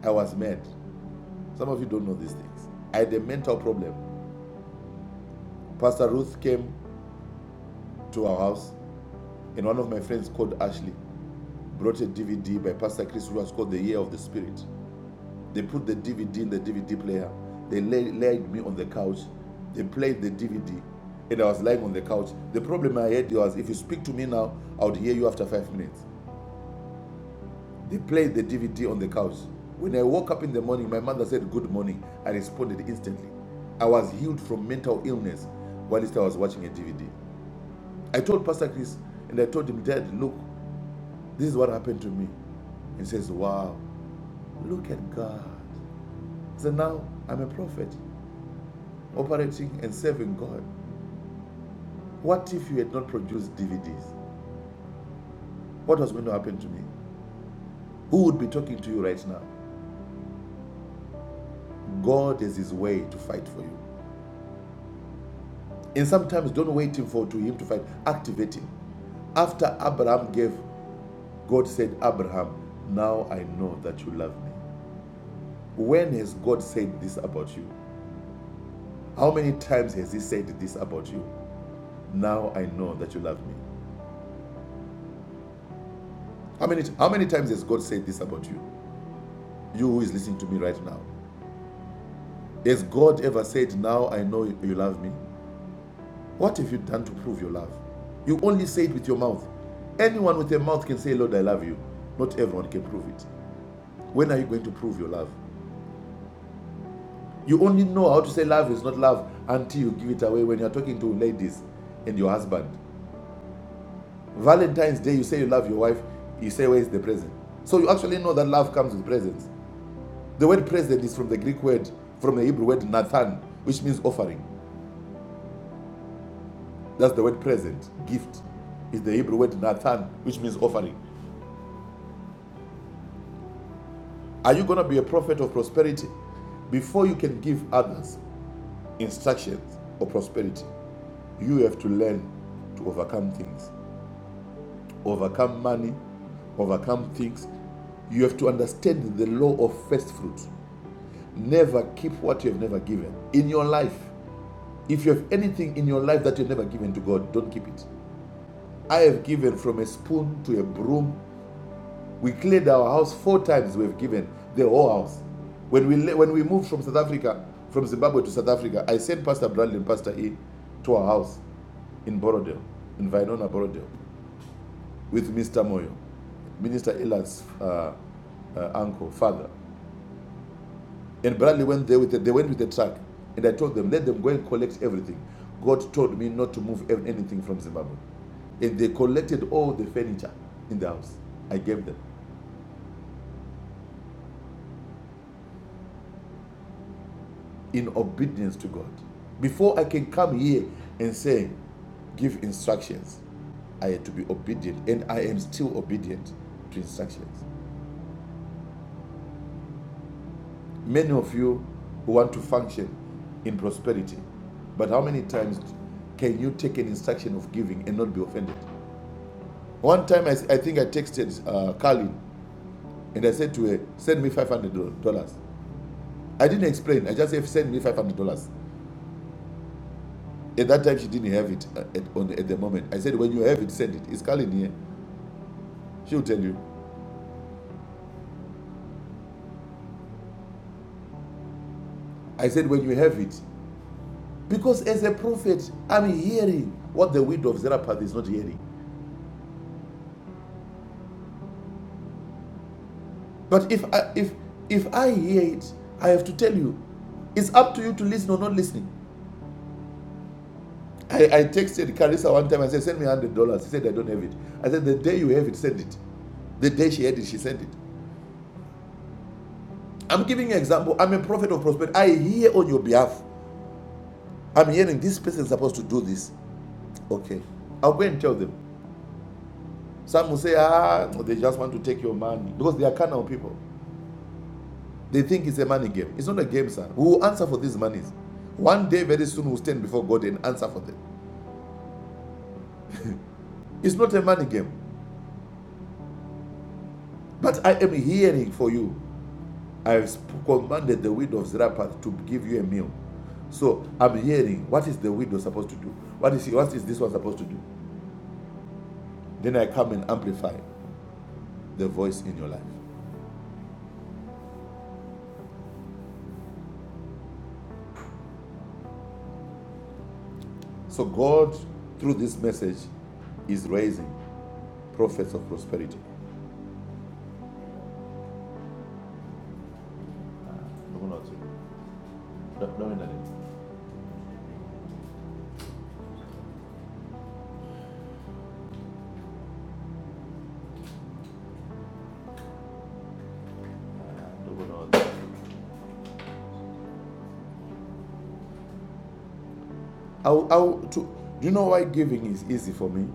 Speaker 4: I was mad. Some of you don't know these things. I had a mental problem. Pastor Ruth came to our house, and one of my friends called Ashley brought a DVD by Pastor Chris, who was called The Year of the Spirit. They put the DVD in the DVD player. They lay, laid me on the couch. They played the DVD, and I was lying on the couch. The problem I had was if you speak to me now, I would hear you after five minutes. They played the DVD on the couch. When I woke up in the morning, my mother said, Good morning. I responded instantly. I was healed from mental illness whilst I was watching a DVD. I told Pastor Chris and I told him, Dad, look, this is what happened to me. He says, Wow, look at God. So now I'm a prophet. operating and serving God. What if you had not produced DVDs? What was going to happen to me? Who would be talking to you right now? God has his way to fight for you. And sometimes don't wait for to him to fight. Activate him. After Abraham gave, God said, Abraham, now I know that you love me. When has God said this about you? How many times has he said this about you? Now I know that you love me. How many, how many times has God said this about you? You who is listening to me right now. Has God ever said, Now I know you love me? What have you done to prove your love? You only say it with your mouth. Anyone with a mouth can say, Lord, I love you. Not everyone can prove it. When are you going to prove your love? You only know how to say love is not love until you give it away when you're talking to ladies and your husband. Valentine's Day, you say you love your wife, you say, Where is the present? So you actually know that love comes with presents. The word present is from the Greek word, from the Hebrew word nathan, which means offering. That's the word present. Gift is the Hebrew word Nathan, which means offering. Are you going to be a prophet of prosperity? Before you can give others instructions of prosperity, you have to learn to overcome things, overcome money, overcome things. You have to understand the law of first fruit. Never keep what you have never given in your life. If you have anything in your life that you've never given to God, don't keep it. I have given from a spoon to a broom We cleared our house four times. We've given the whole house. When we when we moved from South Africa, from Zimbabwe to South Africa, I sent Pastor Bradley and Pastor E to our house in Borodale, in Vinona Borodale, with Mr. Moyo, Minister Elan's uh, uh, uncle, father. And Bradley went there with the, they went with the truck, and I told them let them go and collect everything. God told me not to move anything from Zimbabwe, and they collected all the furniture in the house. I gave them. in obedience to God. Before I can come here and say, give instructions, I had to be obedient, and I am still obedient to instructions. Many of you who want to function in prosperity, but how many times can you take an instruction of giving and not be offended? One time, I, I think I texted uh, Carlin and I said to her, Send me $500. I didn't explain, I just said, Send me $500. At that time, she didn't have it uh, at, on, at the moment. I said, when you have it, send it. It's Colin here. She'll tell you. I said, when you have it. Because as a prophet, I'm hearing what the widow of Zarephath is not hearing. But if I, if, if I hear it, I have to tell you. It's up to you to listen or not listening. I, I texted Carissa one time. I said, send me $100. She said, I don't have it. I said, the day you have it, send it. The day she had it, she sent it. I'm giving you an example. I'm a prophet of prosperity. I hear on your behalf. I'm hearing this person is supposed to do this. Okay. I'll go and tell them. Some will say, ah, no, they just want to take your money because they are carnal people. They think it's a money game. It's not a game, sir. We will answer for these monies. One day, very soon, we'll stand before God and answer for them. It's not a money game. But I am hearing for you. I've commanded the widow of Zarephath to give you a meal. So I'm hearing what is the widow supposed to do? What is, what is this one supposed to do? Then I come and amplify the voice in your life. So God, through this message, is raising prophets of prosperity No, no, no, no. Dogonauts. I'll, I'll, to, do you know why giving is easy for me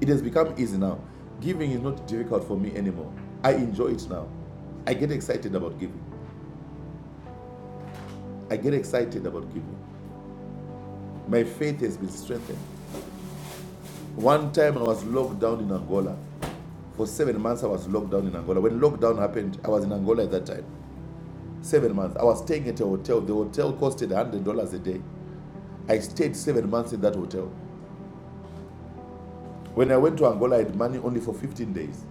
Speaker 4: it has become easy now giving is not difficult for me anymore i enjoy it now i get excited about giving i get excited about giving my faith has been strengthened one time i was locked down in angola for seven months i was locked down in angola when lockdown happened i was in angola at that time seven months i was staying at a hotel the hotel costed $100 a day I stayed seven months in that hotel. When I went to Angola, I had money only for 15 days.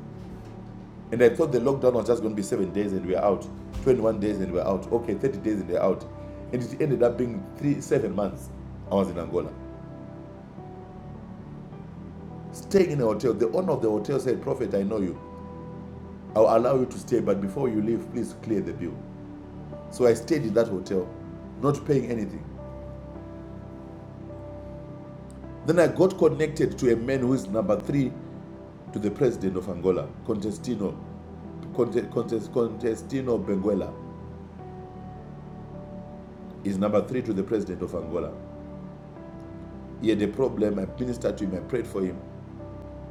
Speaker 4: And I thought the lockdown was just going to be seven days and we're out, 21 days and we're out, okay, 30 days and we're out. And it ended up being three, seven months I was in Angola. Staying in a hotel, the owner of the hotel said, Prophet, I know you. I'll allow you to stay, but before you leave, please clear the bill. So I stayed in that hotel, not paying anything. Then I got connected to a man who is number three to the president of Angola, Contestino Conte- Contestino Benguela is number three to the president of Angola. He had a problem. I ministered to him. I prayed for him.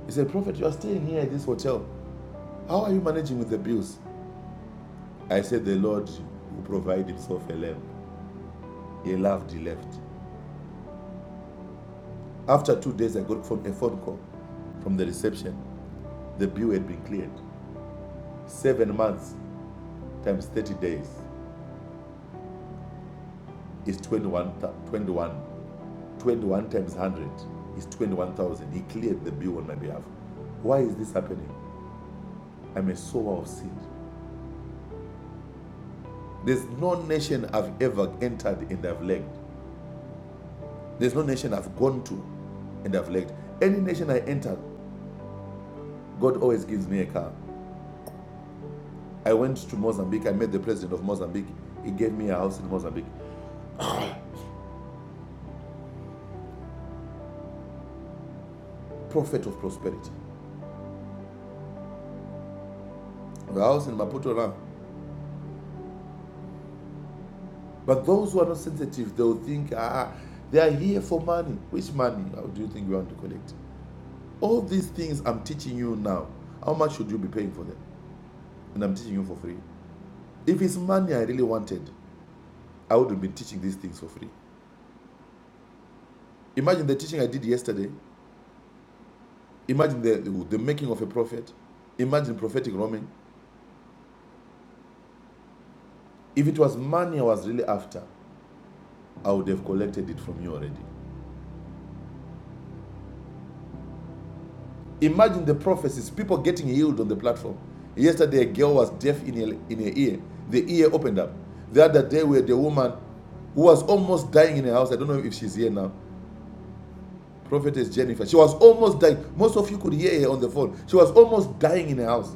Speaker 4: He said, Prophet, you are staying here at this hotel. How are you managing with the bills? I said, The Lord will provide himself a lamb. He laughed, he left. After two days, I got phone, a phone call from the reception. The bill had been cleared. Seven months times 30 days is 21, 21 21 times 100 is 21,000. He cleared the bill on my behalf. Why is this happening? I'm a sower of seed. There's no nation I've ever entered and I've lagged. There's no nation I've gone to and I've lagged. Any nation I enter, God always gives me a car. I went to Mozambique. I met the president of Mozambique. He gave me a house in Mozambique. Prophet of prosperity. The house in Maputo now. But those who are not sensitive, they'll think, ah, they are here for money. Which money? How do you think we want to collect? All these things I'm teaching you now, how much should you be paying for them? And I'm teaching you for free. If it's money I really wanted, I would have been teaching these things for free. Imagine the teaching I did yesterday. Imagine the, the making of a prophet. Imagine prophetic roaming. If it was money I was really after, I would have collected it from you already. Imagine the prophecies, people getting healed on the platform. Yesterday, a girl was deaf in her, in her ear. The ear opened up. The other day, we had a woman who was almost dying in her house. I don't know if she's here now. Prophetess Jennifer. She was almost dying. Most of you could hear her on the phone. She was almost dying in her house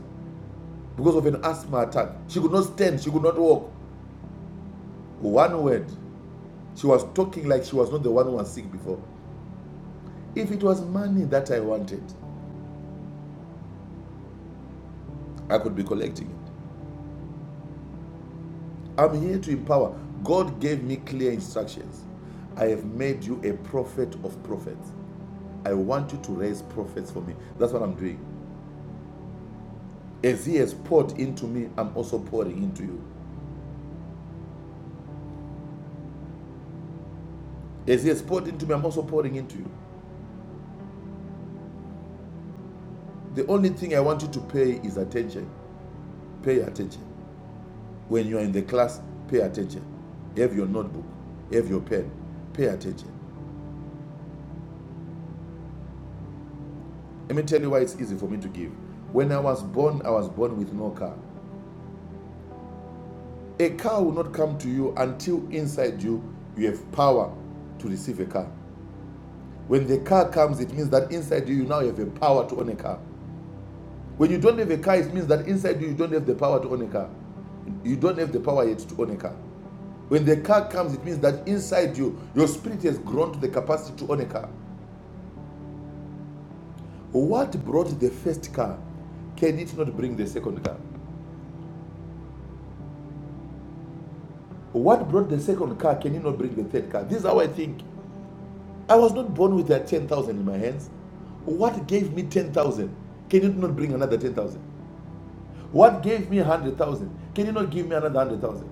Speaker 4: because of an asthma attack. She could not stand. She could not walk. One word. She was talking like she was not the one who was sick before. If it was money that I wanted, I could be collecting it. I'm here to empower. God gave me clear instructions. I have made you a prophet of prophets. I want you to raise prophets for me. That's what I'm doing. As He has poured into me, I'm also pouring into you. As He has poured into me, I'm also pouring into you. The only thing I want you to pay is attention. Pay attention. When you are in the class, pay attention. You Have your notebook, you have your pen, pay attention. Let me tell you why it's easy for me to give. When I was born, I was born with no car. A car will not come to you until inside you you have power to receive a car. When the car comes, it means that inside you you now have a power to own a car. When you don't have a car, it means that inside you you don't have the power to own a car. You don't have the power yet to own a car. When the car comes, it means that inside you, your spirit has grown to the capacity to own a car. What brought the first car? Can it not bring the second car? What brought the second car? Can it not bring the third car? This is how I think. I was not born with that 10,000 in my hands. What gave me 10,000? Can it not bring another 10,000? What gave me 100,000? Can you not give me another 100,000?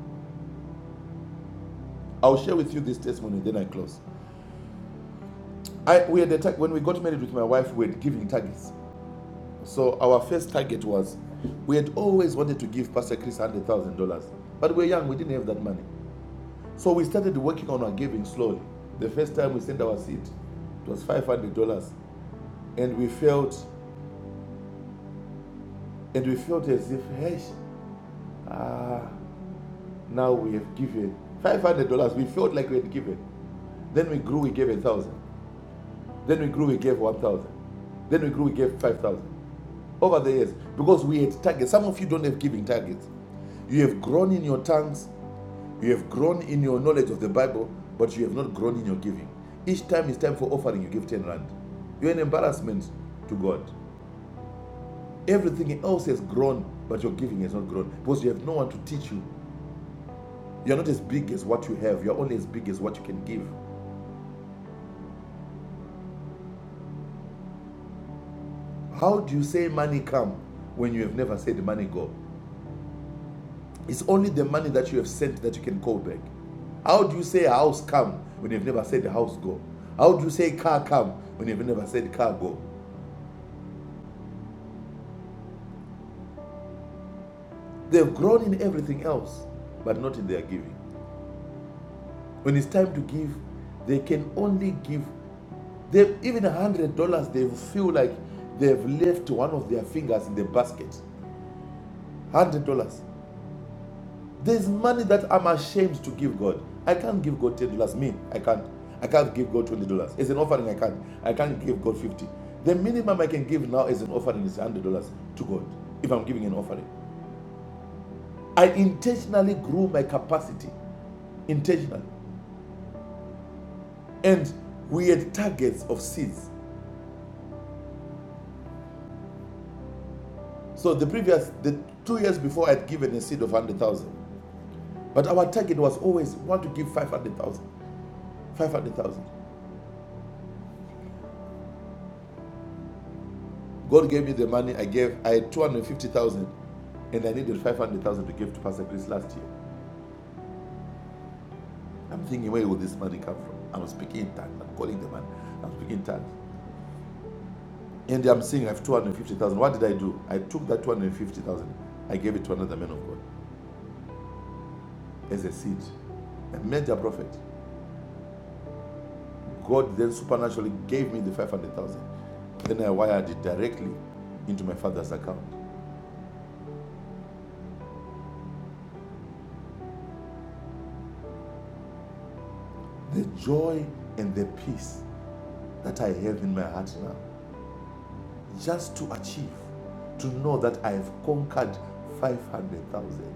Speaker 4: I'll share with you this testimony, then I close. I, we had a when we got married with my wife, we were giving targets. So our first target was we had always wanted to give Pastor Chris one hundred thousand dollars, but we were young, we didn't have that money. So we started working on our giving slowly. The first time we sent our seed, it was five hundred dollars, and we felt, and we felt as if, hey, ah, now we have given five hundred dollars. We felt like we had given. Then we grew, we gave a thousand. Then we grew, we gave one thousand. Then we grew, we gave five thousand over the years because we had targets. Some of you don't have giving targets. You have grown in your tongues You have grown in your knowledge of the Bible, but you have not grown in your giving. Each time it's time for offering, you give 10 rand. You're an embarrassment to God. Everything else has grown, but your giving has not grown because you have no one to teach you. You're not as big as what you have, you're only as big as what you can give. How do you say money come when you have never said money go? It's only the money that you have sent that you can call back. How do you say house come when you've never said house go? How do you say car come when you've never said car go? They've grown in everything else, but not in their giving. When it's time to give, they can only give. They have even a hundred dollars. They feel like they've left one of their fingers in the basket. one Hundred dollars. There's money that I'm ashamed to give God. I can't give God ten dollars. Me, I can't. I can't give God twenty dollars. It's an offering. I can't. I can't give God fifty. dollars. The minimum I can give now as an offering is one hundred dollars to God. If I'm giving an offering, I intentionally grew my capacity intentionally. And we had targets of seeds. So the previous, the two years before, I had given a seed of 100,000. But our target was always, want to give 500,000. 500,000. God gave me the money I gave. I had 250,000 and I needed 500,000 to give to Pastor Chris last year. I'm thinking, where will this money come from? I'm speaking in tongues. I'm calling the man. I'm speaking in tongues. And I'm saying, I have 250,000. What did I do? I took that 250,000. I gave it to another man of God as a seed, a major prophet. God then supernaturally gave me the 500,000. Then I wired it directly into my father's account. The joy and the peace that I have in my heart now, just to achieve, to know that I have conquered 500,000,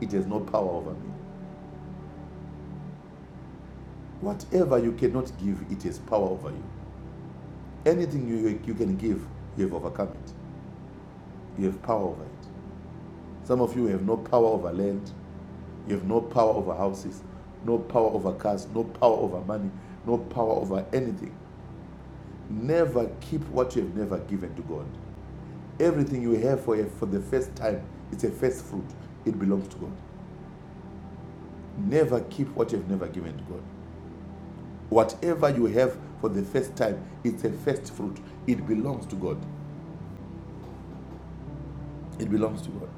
Speaker 4: it has no power over me. Whatever you cannot give, it has power over you. Anything you, you can give, you have overcome it. You have power over it. Some of you have no power over land, You have no power over houses, no power over cars, no power over money, no power over anything. Never keep what you have never given to God. Everything you have for, for the first time, it's a first fruit. It belongs to God. Never keep what you have never given to God. Whatever you have for the first time, it's a first fruit. It belongs to God. It belongs to God.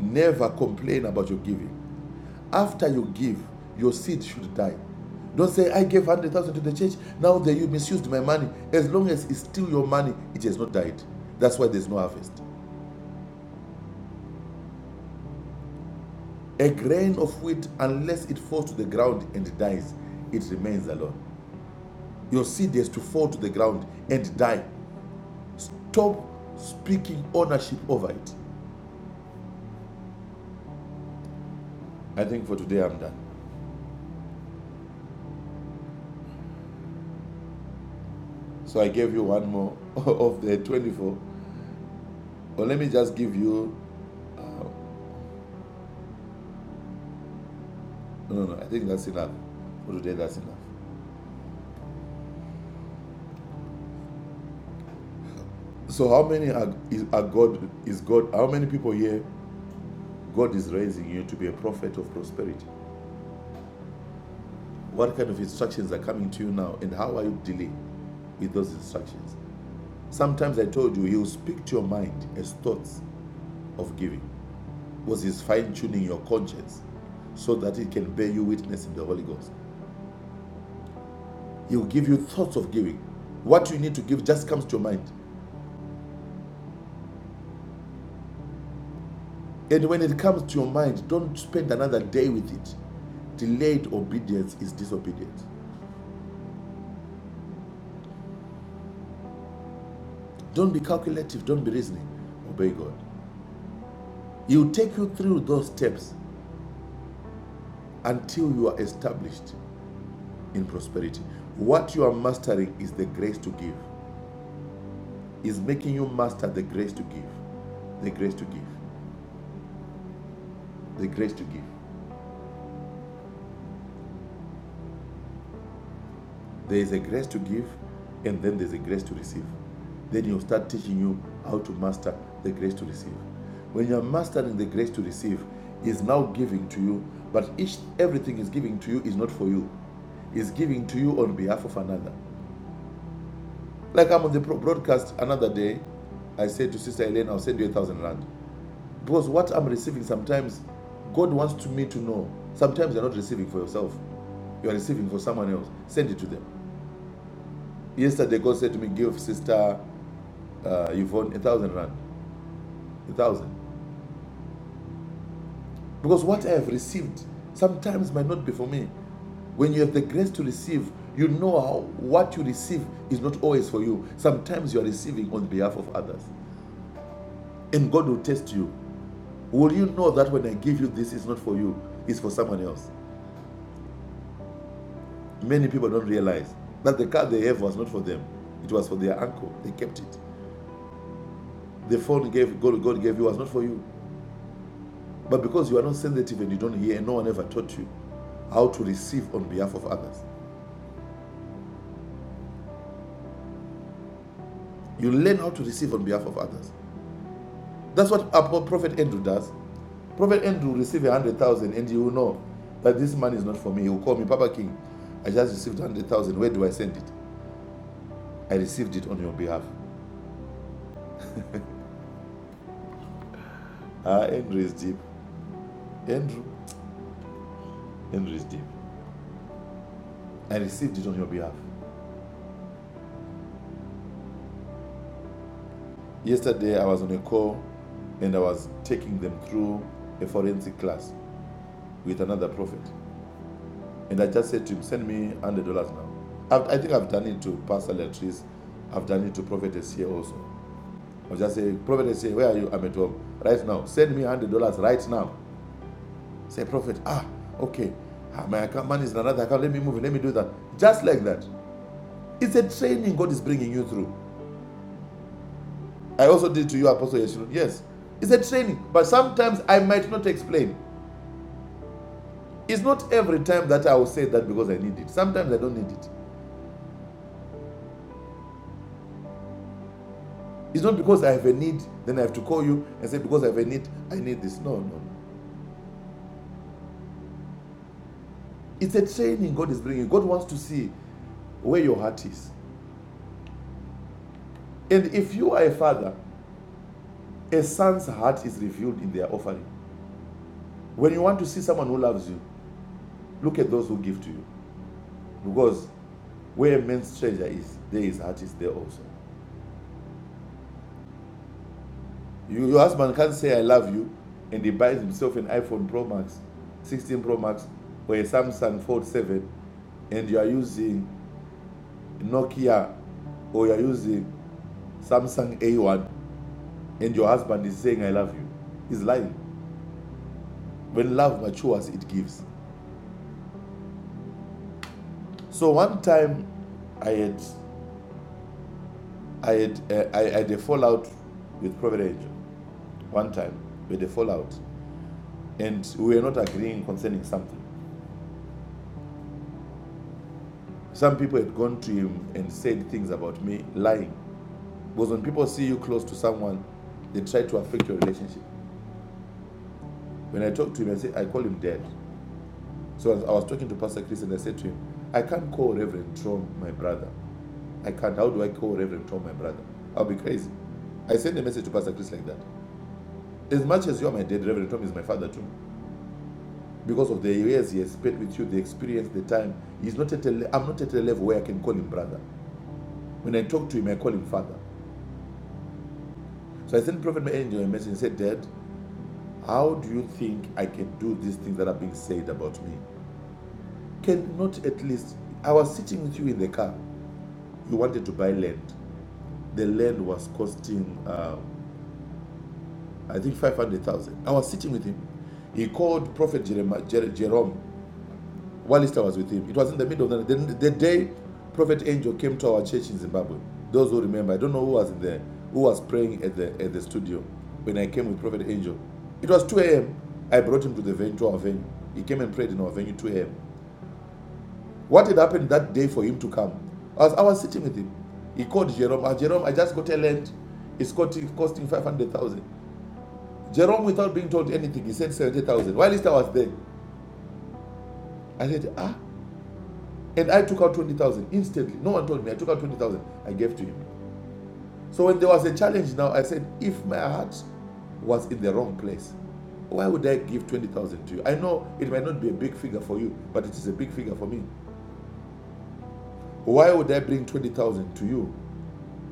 Speaker 4: Never complain about your giving. After you give, your seed should die. Don't say, I gave 100,000 to the church, now that you misused my money. As long as it's still your money, it has not died. That's why there's no harvest. A grain of wheat, unless it falls to the ground and dies, it remains alone. Your seed has to fall to the ground and die. Stop speaking ownership over it. I think for today I'm done. So I gave you one more of the 24. But let me just give you. No, no, no. I think that's enough. For today, that's enough. So how many are, is, are God is God? How many people here God is raising you to be a prophet of prosperity? What kind of instructions are coming to you now, and how are you dealing with those instructions? Sometimes I told you He will speak to your mind as thoughts of giving. Was His fine tuning your conscience so that it can bear you witness in the Holy Ghost? He will give you thoughts of giving. What you need to give just comes to your mind, and when it comes to your mind, don't spend another day with it. Delayed obedience is disobedience. Don't be calculative, don't be reasoning. Obey God. He'll take you through those steps until you are established in prosperity. What you are mastering is the grace to give, is making you master the grace to give, the grace to give, the grace to give. There is a grace to give, and then there's a grace to receive. Then he'll start teaching you how to master the grace to receive. When you're mastering the grace to receive, is now giving to you, but each everything is giving to you is not for you. Is giving to you on behalf of another. Like I'm on the broadcast another day, I said to Sister Elaine, I'll send you a thousand rand. Because what I'm receiving sometimes, God wants to me to know. Sometimes you're not receiving for yourself. You are receiving for someone else. Send it to them. Yesterday, God said to me, Give Sister uh, Yvonne a thousand rand. A thousand. Because what I have received sometimes might not be for me. When you have the grace to receive, you know how what you receive is not always for you. Sometimes you are receiving on behalf of others. And God will test you. Will you know that when I give you this, it's not for you, it's for someone else? Many people don't realize that the car they have was not for them, it was for their uncle. They kept it. The phone gave God, God gave you was not for you. But because you are not sensitive and you don't hear, and no one ever taught you how to receive on behalf of others, you learn how to receive on behalf of others. That's what Prophet Andrew does. Prophet Andrew receive a hundred thousand, and he will know that this money is not for me. He will call me, Papa King. I just received one hundred thousand. Where do I send it? I received it on your behalf. Ah, Andrew is deep. Andrew, Andrew is deep. I received it on your behalf. Yesterday, I was on a call, and I was taking them through a forensic class with another prophet. And I just said to him, send me $100 now. I've, I think I've done it to Pastor Latrice. I've done it to Prophetess here also. I just say, Prophetess here, where are you? I'm at home. Right now. Send me $100 right now. Say, Prophet, ah, okay. Ah, my account money is in another account. Let me move it. Let me do that. Just like that. It's a training God is bringing you through. I also did to you, Apostle Yeshua. Yes. It's a training. But sometimes I might not explain. It's not every time that I will say that because I need it. Sometimes I don't need it. It's not because I have a need, then I have to call you and say, because I have a need, I need this. No, no. It's a training God is bringing. God wants to see where your heart is. And if you are a father, a son's heart is revealed in their offering. When you want to see someone who loves you, look at those who give to you. Because where a man's treasure is, there his heart is there also. You, your husband can't say, I love you, and he buys himself an iPhone Pro Max, 16 Pro Max, or a Samsung Fold 7, and you are using Nokia or you're using Samsung A1 and your husband is saying, I love you, he's lying. When love matures, it gives. So one time I had, I had, uh, I had a fallout with Prophet Angel. One time we had a fallout and we were not agreeing concerning something. Some people had gone to him and said things about me, lying. Because when people see you close to someone, they try to affect your relationship. When I talk to him, I say, I call him dad. So I was talking to Pastor Chris and I said to him, I can't call Reverend Tom my brother. I can't. How do I call Reverend Tom my brother? I'll be crazy. I sent a message to Pastor Chris like that. As much as you're my dad, Reverend Tom is my father too. Because of the years he has spent with you, the experience, the time, he's not at a le- I'm not at a level where I can call him brother. When I talk to him, I call him father. So I sent Prophet Angel a message and said, Dad, how do you think I can do these things that are being said about me? Can not at least I was sitting with you in the car. You wanted to buy land. the land was costing, uh, I think, 500,000. I was sitting with him. He called Prophet Jeremiah, Jer- Jerome whilst I was with him. It was in the middle of the night. The, the day Prophet Angel came to our church in Zimbabwe. Those who remember, I don't know who was in there, who was praying at the at the studio when I came with Prophet Angel. It was 2 a.m. I brought him to the venue, to our venue. He came and prayed in our venue 2 a.m. What had happened that day for him to come? I was, I was sitting with him. He called Jerome. "Ah, Jerome, I just got a land. It's costing, costing 500,000. Jerome, without being told anything, he said 70,000. While Esther was there, I said, ah. And I took out 20,000 instantly. No one told me. I took out 20,000. I gave to him. So when there was a challenge now, I said, if my heart was in the wrong place, why would I give 20,000 to you? I know it might not be a big figure for you, but it is a big figure for me. Why would I bring 20,000 to you?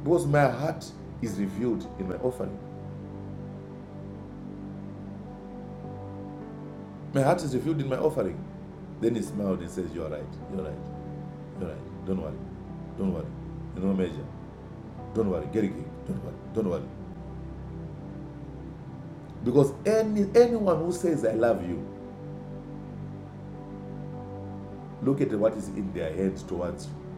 Speaker 4: Because my heart is revealed in my offering. My heart is revealed in my offering. Then he smiled and says, You're right. You're right. All right, don't worry. Don't worry. You know, Major. Don't worry. Get it. Don't worry. Don't worry. Because any anyone who says I love you, look at what is in their heads towards you.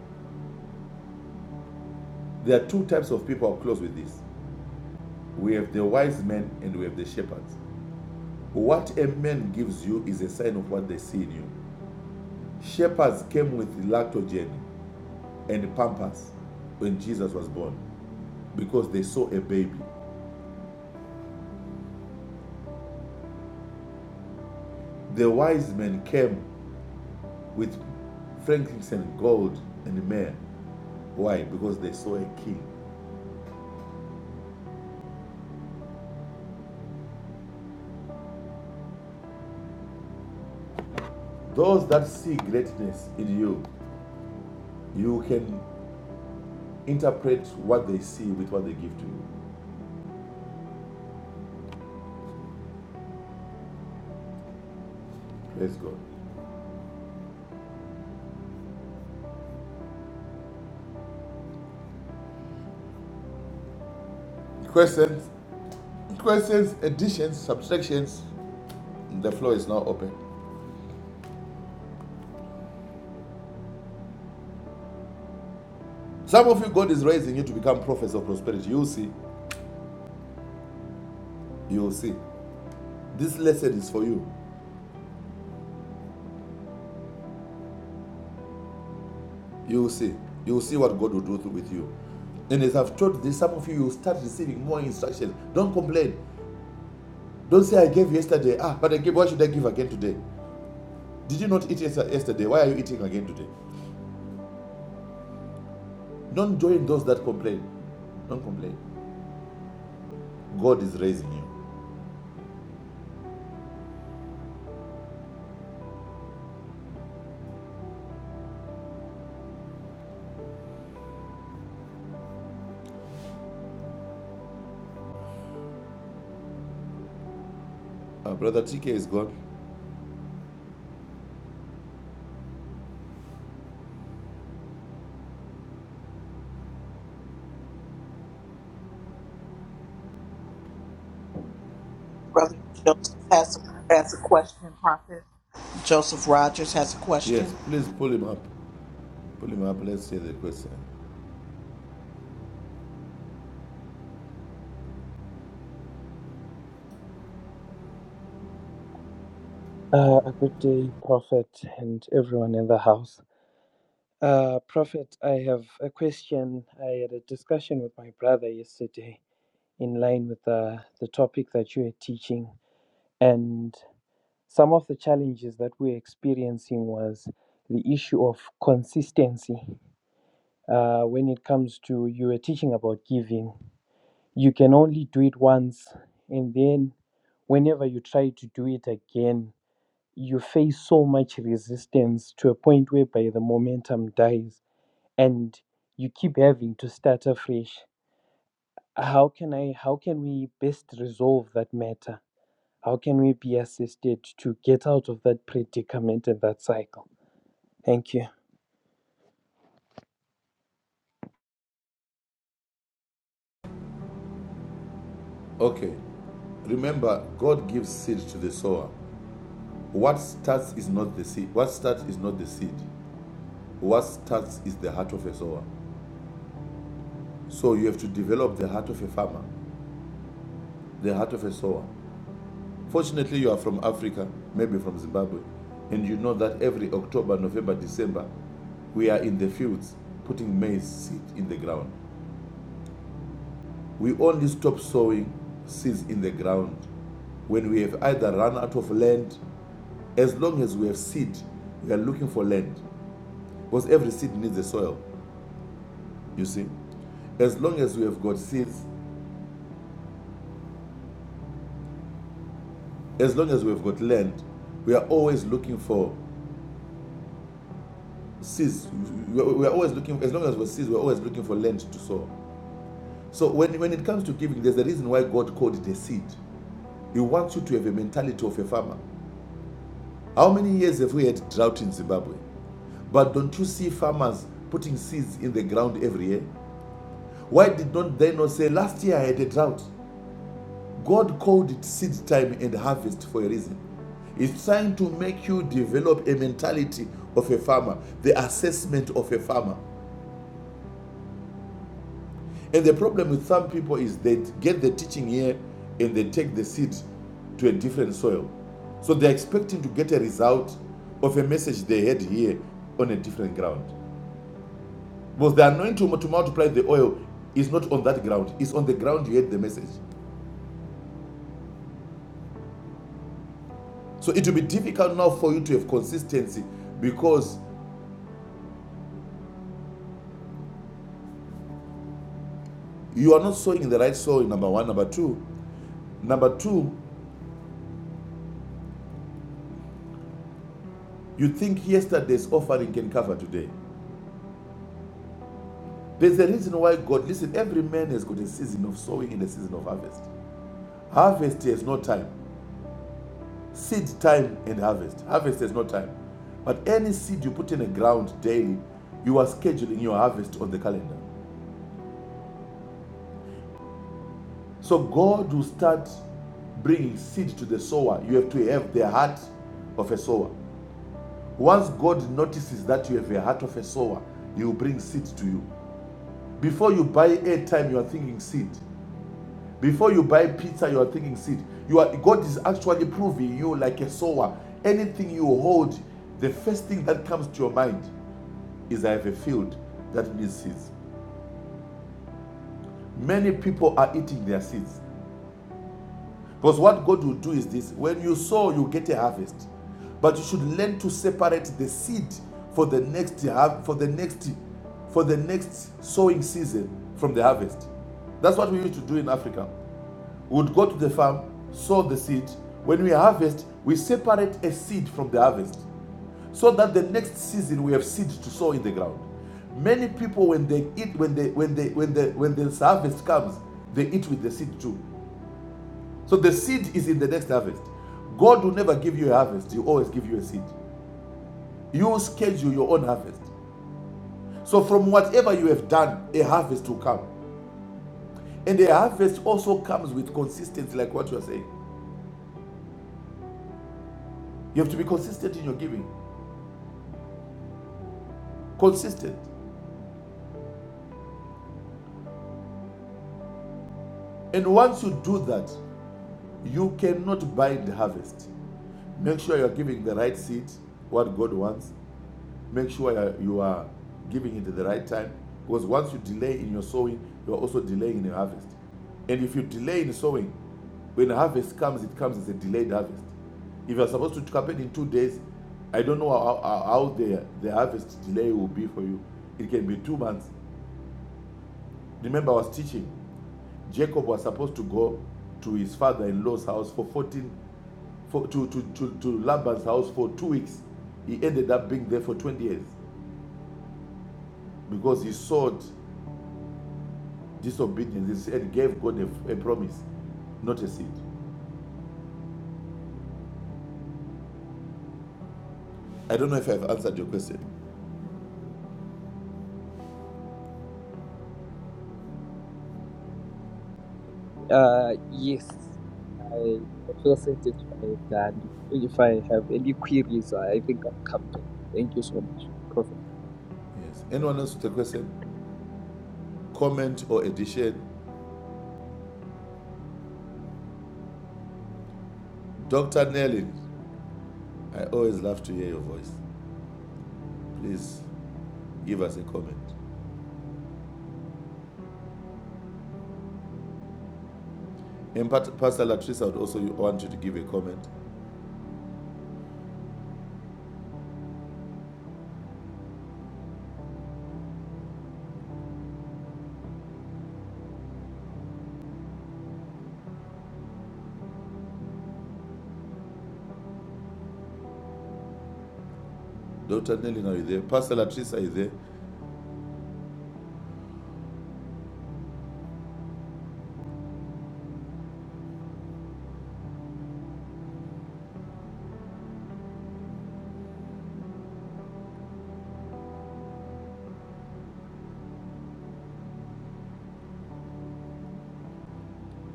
Speaker 4: There are two types of people. I'll close with this. We have the wise men and we have the shepherds. What a man gives you is a sign of what they see in you. Shepherds came with lactogen and pampers when Jesus was born because they saw a baby. The wise men came with frankincense, gold, and myrrh Why? Because they saw a king. Those that see greatness in you, you can interpret what they see with what they give to you. Praise God. Questions, questions, additions, subtractions. The floor is now open. Some of you, God is raising you to become prophets of prosperity. You will see. You will see. This lesson is for you. You will see. You will see what God will do with you. And as I've taught this, some of you will start receiving more instructions. Don't complain. Don't say I gave yesterday. Ah, but I gave. Why should I give again today? Did you not eat yes- yesterday? Why are you eating again today? Don't join those that complain. Don't complain. God is raising you. Uh, Brother TK is gone.
Speaker 1: Brother Joseph has a, has a question, Prophet. Joseph Rogers has a question.
Speaker 4: Yes, please pull him up. Pull him up. Let's hear the question.
Speaker 6: Uh, a good day, Prophet, and everyone in the house. Uh, Prophet, I have a question. I had a discussion with my brother yesterday in line with the, the topic that you were teaching, and some of the challenges that we're experiencing was the issue of consistency. Uh, when it comes to you were teaching about giving, you can only do it once, and then whenever you try to do it again, you face so much resistance to a point whereby the momentum dies and you keep having to start afresh how can i how can we best resolve that matter how can we be assisted to get out of that predicament and that cycle thank you
Speaker 4: Okay. Remember, God gives seed to the sower. What starts is not the seed. What starts is not the seed. What starts is the heart of a sower. So you have to develop the heart of a farmer, the heart of a sower. Fortunately, you are from Africa, maybe from Zimbabwe, and you know that every October, November, December, we are in the fields putting maize seed in the ground. We only stop sowing seeds in the ground when we have either run out of land. As long as we have seed, we are looking for land because every seed needs a soil, you see. As long as we have got seeds, as long as we have got land, we are always looking for seeds. We are always looking, as long as we have seeds, we're always looking for land to sow. So when, when it comes to giving, there's a reason why God called it a seed. He wants you to have a mentality of a farmer. How many years have we had drought in Zimbabwe? But don't you see farmers putting seeds in the ground every year? Why did not they not say last year I had a drought? God called it seed time and harvest for a reason. It's trying to make you develop a mentality of a farmer, the assessment of a farmer. And the problem with some people is they get the teaching here and they take the seed to a different soil. So they're expecting to get a result of a message they had here on a different ground. Because the anointing to multiply the oil is not on that ground, it's on the ground you had the message. So it will be difficult now for you to have consistency because you are not sowing in the right soil, number one. Number two, number two, you think yesterday's offering can cover today. There's a reason why God, listen, every man has got a season of sowing and a season of harvest. Harvest has no time. Seed time and harvest. Harvest has no time. But any seed you put in the ground daily, you are scheduling your harvest on the calendar. So God will start bringing seed to the sower. You have to have the heart of a sower. Once God notices that you have a heart of a sower, He will bring seed to you. Before you buy airtime, you are thinking seed. Before you buy pizza, you are thinking seed. You are God is actually proving you like a sower. Anything you hold, the first thing that comes to your mind is I have a field that needs seeds. Many people are eating their seeds. Because what God will do is this when you sow, you get a harvest. But you should learn to separate the seed for the next for the next for the next sowing season from the harvest. That's what we used to do in Africa. would go to the farm, sow the seed. When we harvest, we separate a seed from the harvest so that the next season we have seed to sow in the ground. Many people, when they eat, when they when they when the when the harvest comes, they eat with the seed too. So the seed is in the next harvest. God will never give you a harvest; He will always give you a seed. You will schedule your own harvest. So from whatever you have done, a harvest will come, and a harvest also comes with consistency, like what you are saying. You have to be consistent in your giving. consistent. And once you do that, you cannot bind harvest. Make sure you are giving the right seed, what God wants. Make sure you are- giving it at the right time. Because once you delay in your sowing, you are also delaying in your harvest. And if you delay in sowing, when harvest comes, it comes as a delayed harvest. If you're supposed to happen in two days, I don't know how, how, how the, the harvest delay will be for you. It can be two months. Remember, I was teaching Jacob was supposed to go to his father-in-law's house for 14, for, to, to, to, to Laban's house for two weeks. He ended up being there for 20 years because he sought disobedience and gave God a, a promise, not a seed. I don't know if I've answered your question.
Speaker 6: uh yes i i feel satisfied and if i have any queries i think i'll come back thank you so much Prof.
Speaker 4: Yes. Anyone else with a question, comment, or addition? Dr. Nellin, I always love to hear your voice. Please give us a comment. And Pastor Latrice, I would also want you to give a comment. Dr. Nellin, are you there? Pastor Latrice, are you there?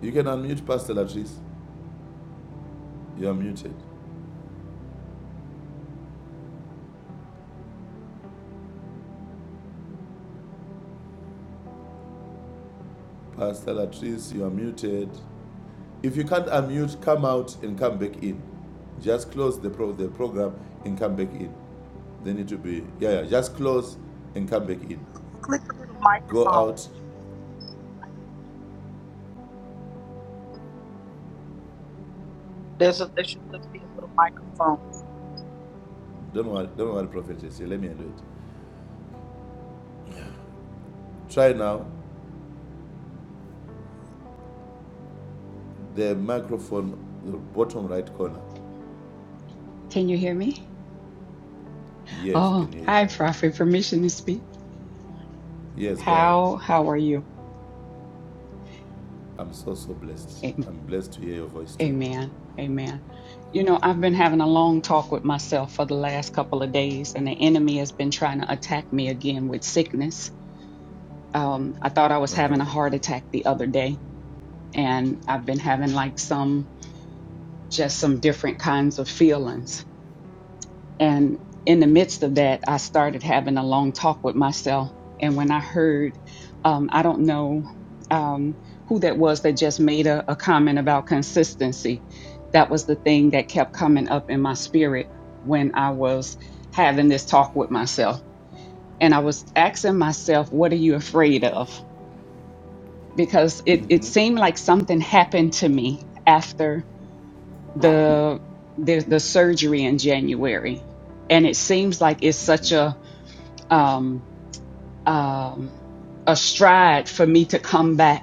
Speaker 4: You can unmute Pastor Latrice. You are muted. Pastor Latrice, you are muted. If you can't unmute, come out and come back in. Just close the, pro- the program and come back in. They need to be, yeah, yeah, just close and come back in.
Speaker 1: Click the little
Speaker 4: Go
Speaker 1: microphone.
Speaker 4: out.
Speaker 1: She needs to click the little microphone. There's a, there should be a little microphone.
Speaker 4: Don't worry, don't worry, prophetess. Yeah, let me handle it. Try now the microphone, the bottom right corner.
Speaker 7: Can you hear me?
Speaker 4: Yes, we
Speaker 7: Oh,
Speaker 4: can hear you now.
Speaker 7: hi, Prophet. Permission to speak.
Speaker 4: Yes, go ahead.
Speaker 7: How how are you?
Speaker 4: I'm so, so blessed.
Speaker 7: A-
Speaker 4: I'm blessed to hear your voice too.
Speaker 7: Amen. Amen. You know, I've been having a long talk with myself for the last couple of days, and the enemy has been trying to attack me again with sickness. Um, I thought I was
Speaker 4: Uh
Speaker 7: having a
Speaker 4: huh.
Speaker 7: heart attack the other day, and I've been having like some just some different kinds of feelings. And in the
Speaker 4: Mhm.
Speaker 7: midst of that, I started having a long talk with myself. And when I heard, um, I don't know um, who that was that just made a, a comment about consistency. That was the thing that kept coming up in my spirit when I was having this talk with myself. And I was asking myself, what are you afraid of? Because it, it
Speaker 4: Mhm.
Speaker 7: seemed like something happened to me after the, the the surgery in January. And it seems like it's such
Speaker 4: Mhm.
Speaker 7: a um, um, a stride for me to come back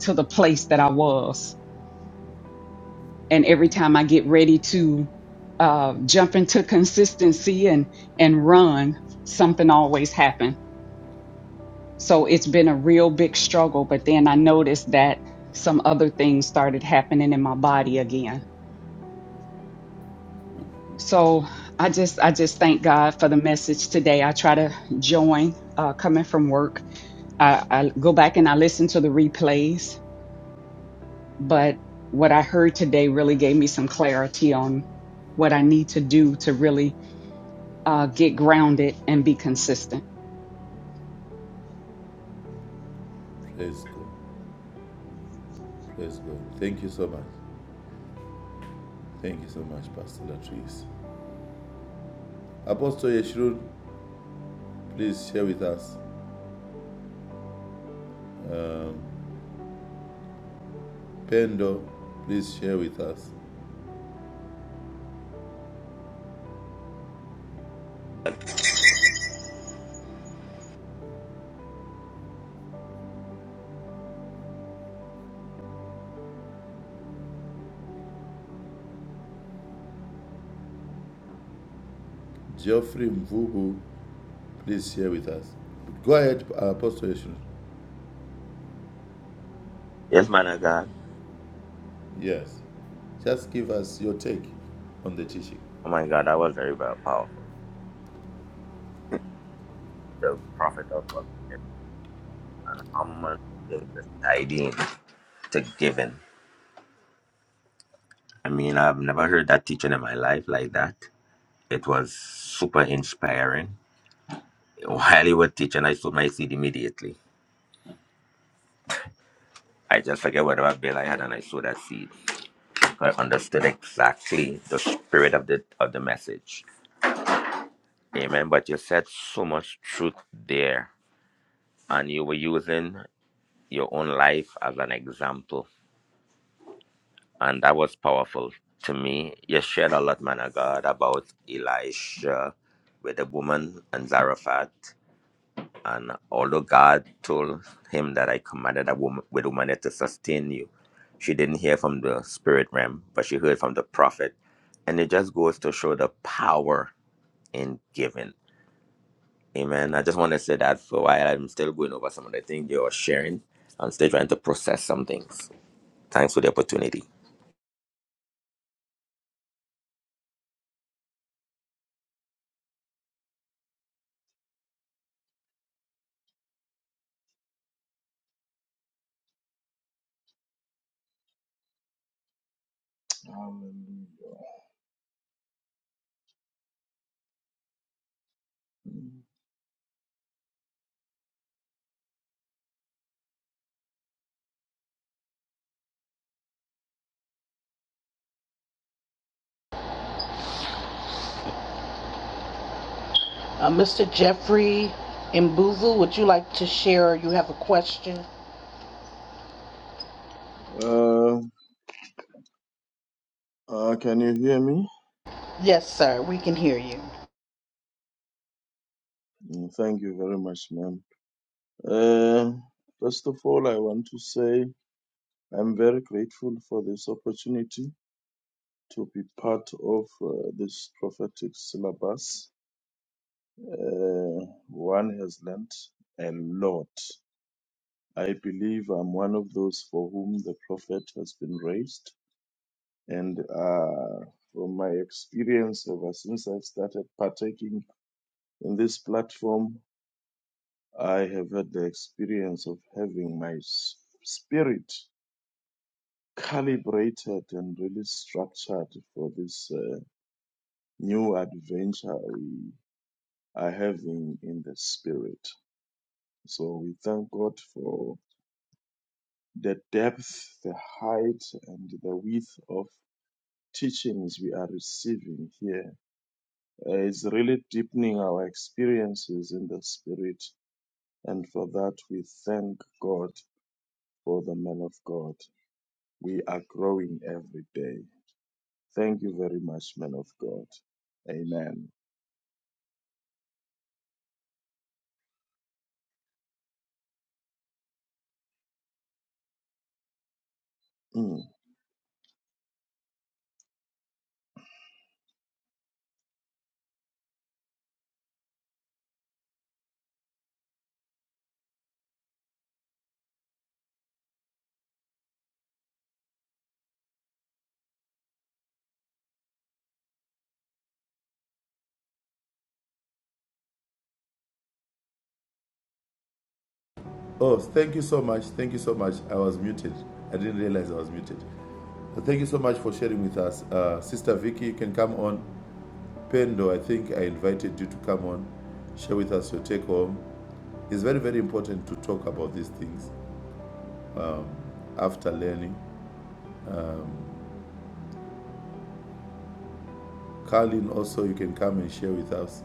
Speaker 7: to the place that I was. And every
Speaker 4: Mhm.
Speaker 7: time I get ready to uh, jump into consistency and and run, something always happens. So it's been a real big struggle. But then I noticed that some other things started happening in my body again. So I just I just thank God for the message today. I try to join uh, coming from work. I, I go back and I listen to the replays But what I heard today really gave me some clarity on what I need to do to really uh, get grounded and be consistent.
Speaker 4: Praise God. Praise God. Thank you so much. Thank you so much, Pastor Latrice. Apostle Yeshurun, please share with us. Um, Pendo, please share with us. Geoffrey Mvubu, please share with us. Go ahead, Apostle Yeshurun.
Speaker 5: yes man of god
Speaker 4: Yes. Just give us your take on the teaching.
Speaker 5: oh my god that was very very powerful the prophet of prophet and how much it was to giving i mean i've never heard that teaching in my life like that It was super inspiring. While you were teaching, I sowed my seed immediately. I just forget whatever bill I had, and I sowed that seed. I understood exactly the spirit of the of the message. Amen. But you said so much truth there, and you were using your own life as an example, and that was powerful to me. You shared a lot, man of God, about Elisha with the woman and Zarephath. And although God told him that I commanded a woman with a woman to sustain you, she didn't hear from the spirit realm, but she heard from the prophet. And it just goes to show the power in giving. Amen. I just want to say that for a while. I'm still going over some of the things you are sharing. I'm still trying to process some things. Thanks for the opportunity.
Speaker 8: Hallelujah.
Speaker 1: Uh, Mr. Jeffrey Mbuvu, would you like to share? You have a question?
Speaker 8: Uh, uh, can you hear me?
Speaker 1: Yes, sir. We can hear you.
Speaker 8: Mm, Thank you very much, ma'am. Uh, first of all, I want to say I'm very grateful for this opportunity to be part of uh, this prophetic syllabus. Uh, one has learnt a lot. I believe I'm one of those for whom the prophet has been raised, and uh, from my experience ever since I've started partaking In this platform, I have had the experience of having my s- spirit calibrated and really structured for this uh, new adventure we are having in the spirit. So we thank God for the depth, the height, and the width of teachings we are receiving here. Uh, it's really deepening our experiences in the spirit, and for that we thank God for the man of God. We are growing every day. Thank you very much, man of God. Amen. Mm.
Speaker 4: Oh, thank you so much. Thank you so much. I was muted. I didn't realize I was muted. Thank you so much for sharing with us. Uh, Sister Vicky, you can come on. Pendo, I think I invited you to come on, share with us your take home. It's very, very important to talk about these things after learning. Carlin, also, you can come and share with us.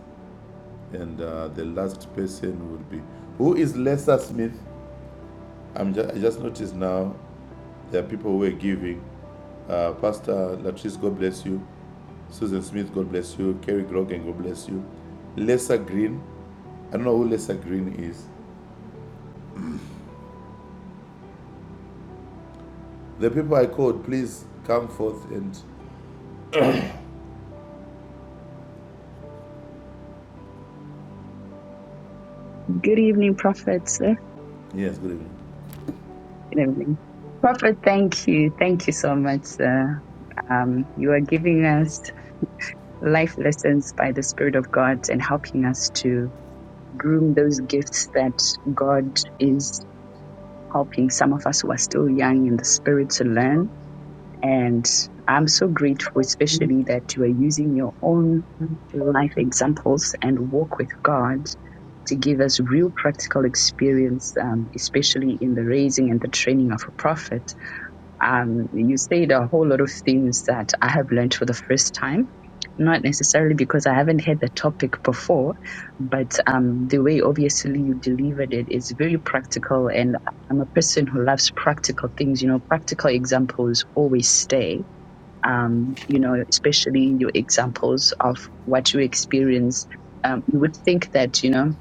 Speaker 4: And uh, the last person would be who is Lesa Smith? I'm ju- I just noticed now there are people who are giving. Uh, Pastor Latrice, God bless you. Susan Smith, God bless you. Kerry Grogan, God bless you. Lesa Green, I don't know who Lesa Green is. The people I called, please come forth and
Speaker 9: Good evening, Prophet, sir.
Speaker 4: yes, good evening.
Speaker 9: Good evening. Prophet, thank you. Thank you so much, sir. Um, you are giving us life lessons by the Spirit of God and helping us to groom those gifts that God is helping some of us who are still young in the Spirit to learn. And I'm so grateful, especially that you are using your own life examples and walk with God to give us real practical experience, um, especially in the raising and the training of a prophet. Um, you said a whole lot of things that I have learned for the first time. Not necessarily because I haven't had the topic before, but um, the way obviously you delivered it is very practical. And I'm a person who loves practical things. You know, practical examples always stay. Um, you know, especially your examples of what you experience. Um, you would think that, you know,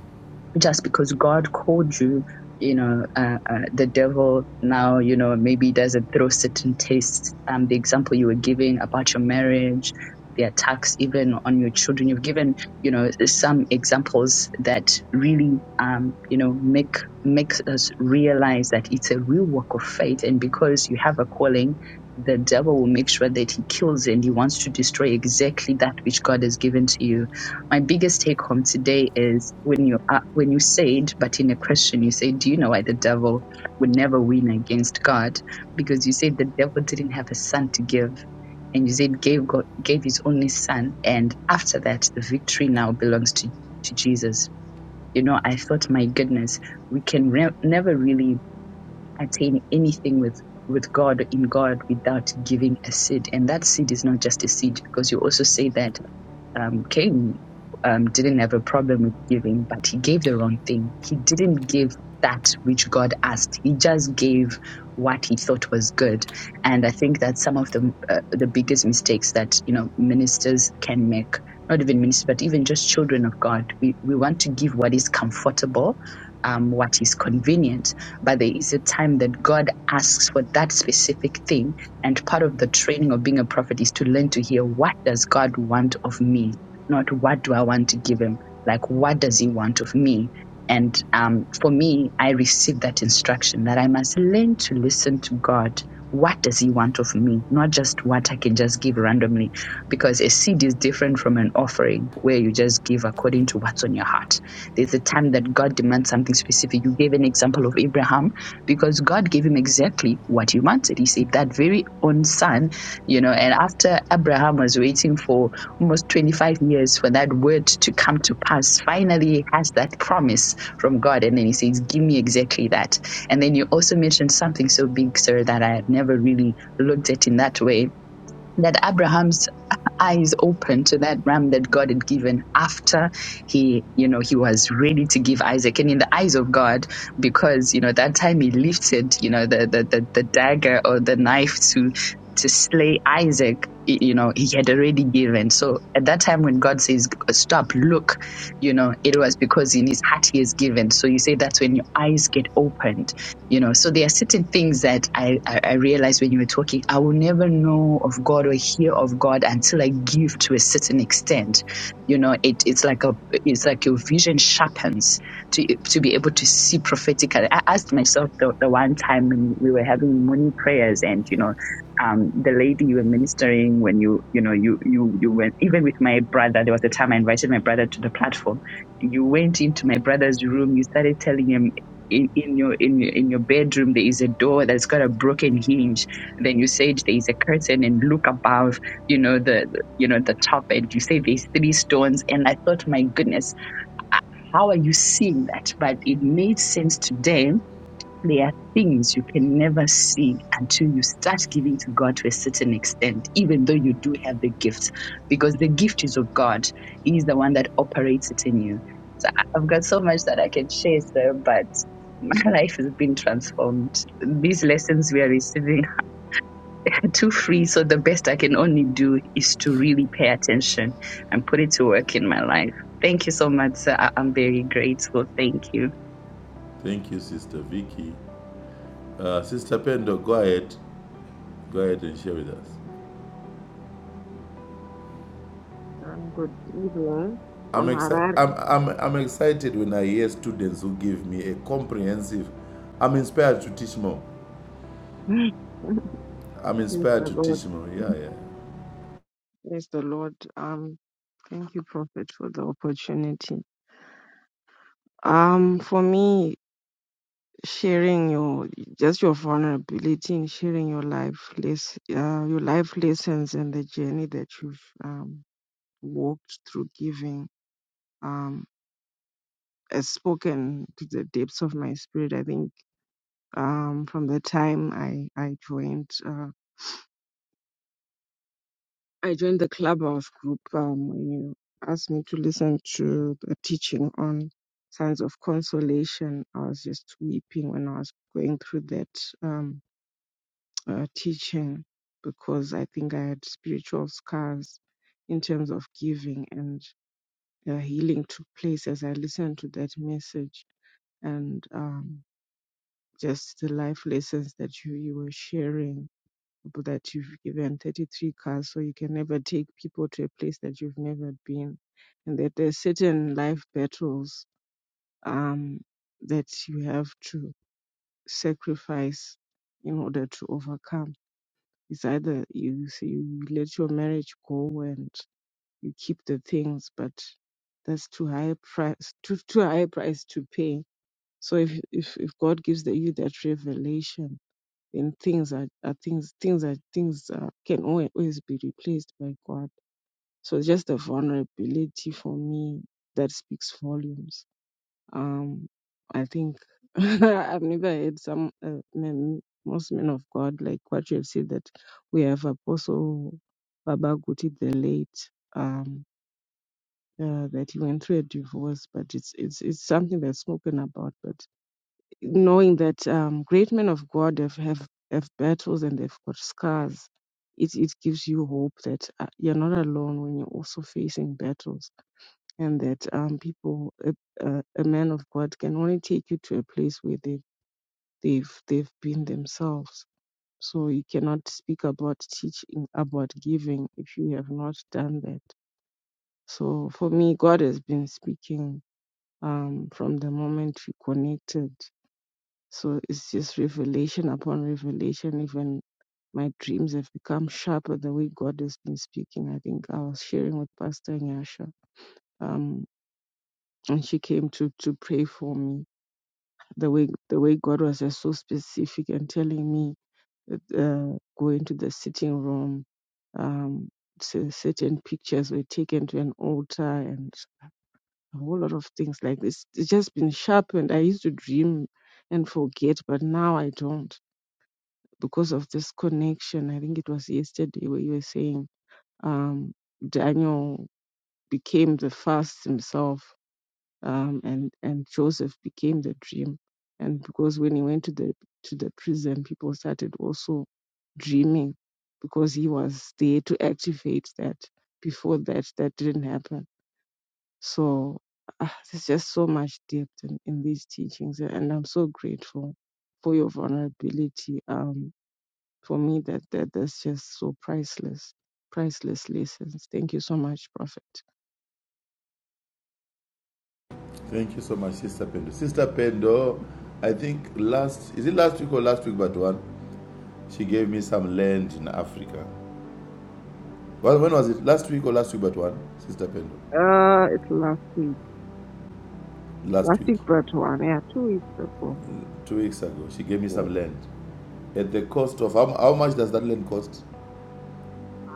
Speaker 9: just because God called you, you know, uh, uh, the devil now, you know, maybe doesn't throw certain tastes. Um, the example you were giving about your marriage, the attacks even on your children, you've given, you know, some examples that really, um, you know, make makes us realize that it's a real work of faith, and because you have a calling. The devil will make sure that he kills and he wants to destroy exactly that which God has given to you my biggest take home today is when you uh, when you said but in a question you said do you know why the devil would never win against god because you said the devil didn't have a son to give and you said gave god gave his only son and after that the victory now belongs to to jesus you know i thought my goodness we can re- never really attain anything with with god in god without giving a seed and that seed is not just a seed because you also say that um, Cain um, didn't have a problem with giving, but he gave the wrong thing. He didn't give that which God asked. He just gave what he thought was good. And I think that's some of the uh, the biggest mistakes that you know ministers can make. Not even ministers, but even just children of God. We we want to give what is comfortable. Um, what is convenient, but there is a time that God asks for that specific thing and part of the training of being a prophet is to learn to hear what does God want of me, not what do I want to give him. Like what does he want of me? And um, for me, I received that instruction that I must learn to listen to God. What does he want of me? Not just what I can just give randomly, because a seed is different from an offering where you just give according to what's on your heart. There's a time that God demands something specific. You gave an example of Abraham because God gave him exactly what he wanted. He said that very own son, you know, and after Abraham was waiting for almost 25 years for that word to come to pass, finally he has that promise from God. And then he says, Give me exactly that. And then you also mentioned something so big, sir, that I had never really looked at in that way. That Abraham's eyes open to that ram that God had given after he, you know, he was ready to give Isaac. And in the eyes of God, because, you know, that time he lifted, you know, the, the, the, the dagger or the knife to, to slay Isaac, y- you know, he had already given. So at that time when God says, stop, look, you know, it was because in his heart he has given. So you say that's when your eyes get opened you know, so there are certain things that I, I, I realized when you were talking, I will never know of God or hear of God until I give to a certain extent. You know, it, it's like a, it's like your vision sharpens to, to be able to see prophetically. I asked myself the, the one time when we were having morning prayers and, you know, um, the lady you were ministering when you, you know, you, you, you went, even with my brother, there was a time I invited my brother to the platform you went into my brother's room, you started telling him in, in your in your in your bedroom there is a door that's got a broken hinge then you said there is a curtain and look above you know the, the you know the top and you say there's three stones and i thought my goodness h- how are you seeing that but it made sense today there are things you can never see until you start giving to God to a certain extent, even though you do have the gift, because the gift is of God. He is the one that operates it in you. So I- I've got so much that I can share, sir, but my life has been transformed. These lessons we are receiving are too free, so the best I can only do is to really pay attention and put it to work in my life. Thank you so much, sir. I- I'm very grateful. Thank you.
Speaker 4: Thank you, Sister Vicky. Uh, Sister Pendo, go ahead, go ahead and share with us.
Speaker 10: Um, good evening
Speaker 4: I'm,
Speaker 10: from
Speaker 4: exci-
Speaker 10: Harare.
Speaker 4: I'm, I'm, I'm excited when I hear students who give me a comprehensive. I'm inspired to teach more.
Speaker 10: Praise
Speaker 4: I'm inspired
Speaker 10: the
Speaker 4: to
Speaker 10: Lord.
Speaker 4: teach more. Yeah, yeah.
Speaker 10: Praise the Lord. Um, thank you, Prophet, for the opportunity. Um, for me, sharing your just your vulnerability in sharing your life, les- uh, your life lessons and the journey that you've um, walked through giving. Um, has spoken to the depths of my spirit. I think um, from the time I I joined. Uh, I joined the Clubhouse group um, when you asked me to listen to the teaching on signs of consolation. I was just weeping when I was going through that um, uh, teaching because I think I had spiritual scars in terms of giving and uh, healing took place as I listened to that message and um, just the life lessons that you, you were sharing people that you've given 33 cars so you can never take people to a place that you've never been and that there's certain life battles um, that you have to sacrifice in order to overcome it's either you say you let your marriage go and you keep the things but that's too high a price too, too high a price to pay so if, if if god gives the, you that revelation then things are, are things things are things are, can al- always be replaced by God. So it's just the vulnerability for me that speaks volumes. Um, I think I've never heard some uh, men, most men of God like what you have said that we have Apostle Baba Guti the late. Um, uh, that he went through a divorce, but it's it's it's something that's spoken about, but knowing that um, great men of God have, have, have battles and they've got scars, it, it gives you hope that uh, you're not alone when you're also facing battles, and that um, people, a, a, a man of God can only take you to a place where they, they've, they've been themselves. So you cannot speak about teaching, about giving, if you have not done that. So for me, God has been speaking um, from the moment we connected So it's just revelation upon revelation. Even my dreams have become sharper the way God has been speaking. I think I was sharing with Pastor Nyasha. Um, and she came to to pray for me. The way the way God was just so specific and telling me uh, go into the sitting room. Um, cer- certain pictures were taken to an altar and a whole lot of things like this. It's just been sharpened. I used to dream and forget, but now I don't because of this connection. I think it was yesterday where you were saying um, Daniel became the fast himself, um, and and Joseph became the dream. And because when he went to the to the prison, people started also dreaming because he was there to activate that. Before that, that didn't happen. So ah, there's just so much depth in, in these teachings, and I'm so grateful for your vulnerability. Um, for me that, that that's just so priceless priceless lessons thank you so much prophet
Speaker 4: Thank you so much, Sister Pendo. Sister Pendo, I think last is it last week or last week but one? She gave me some land in Africa. Well, when was it? Last week or last week but one? Sister Pendo.
Speaker 10: uh it's last week
Speaker 4: Last
Speaker 10: last
Speaker 4: week,
Speaker 10: week but one yeah two weeks ago
Speaker 4: two weeks ago, she gave me
Speaker 10: Yeah.
Speaker 4: some land. at the cost of how, how much does that land cost?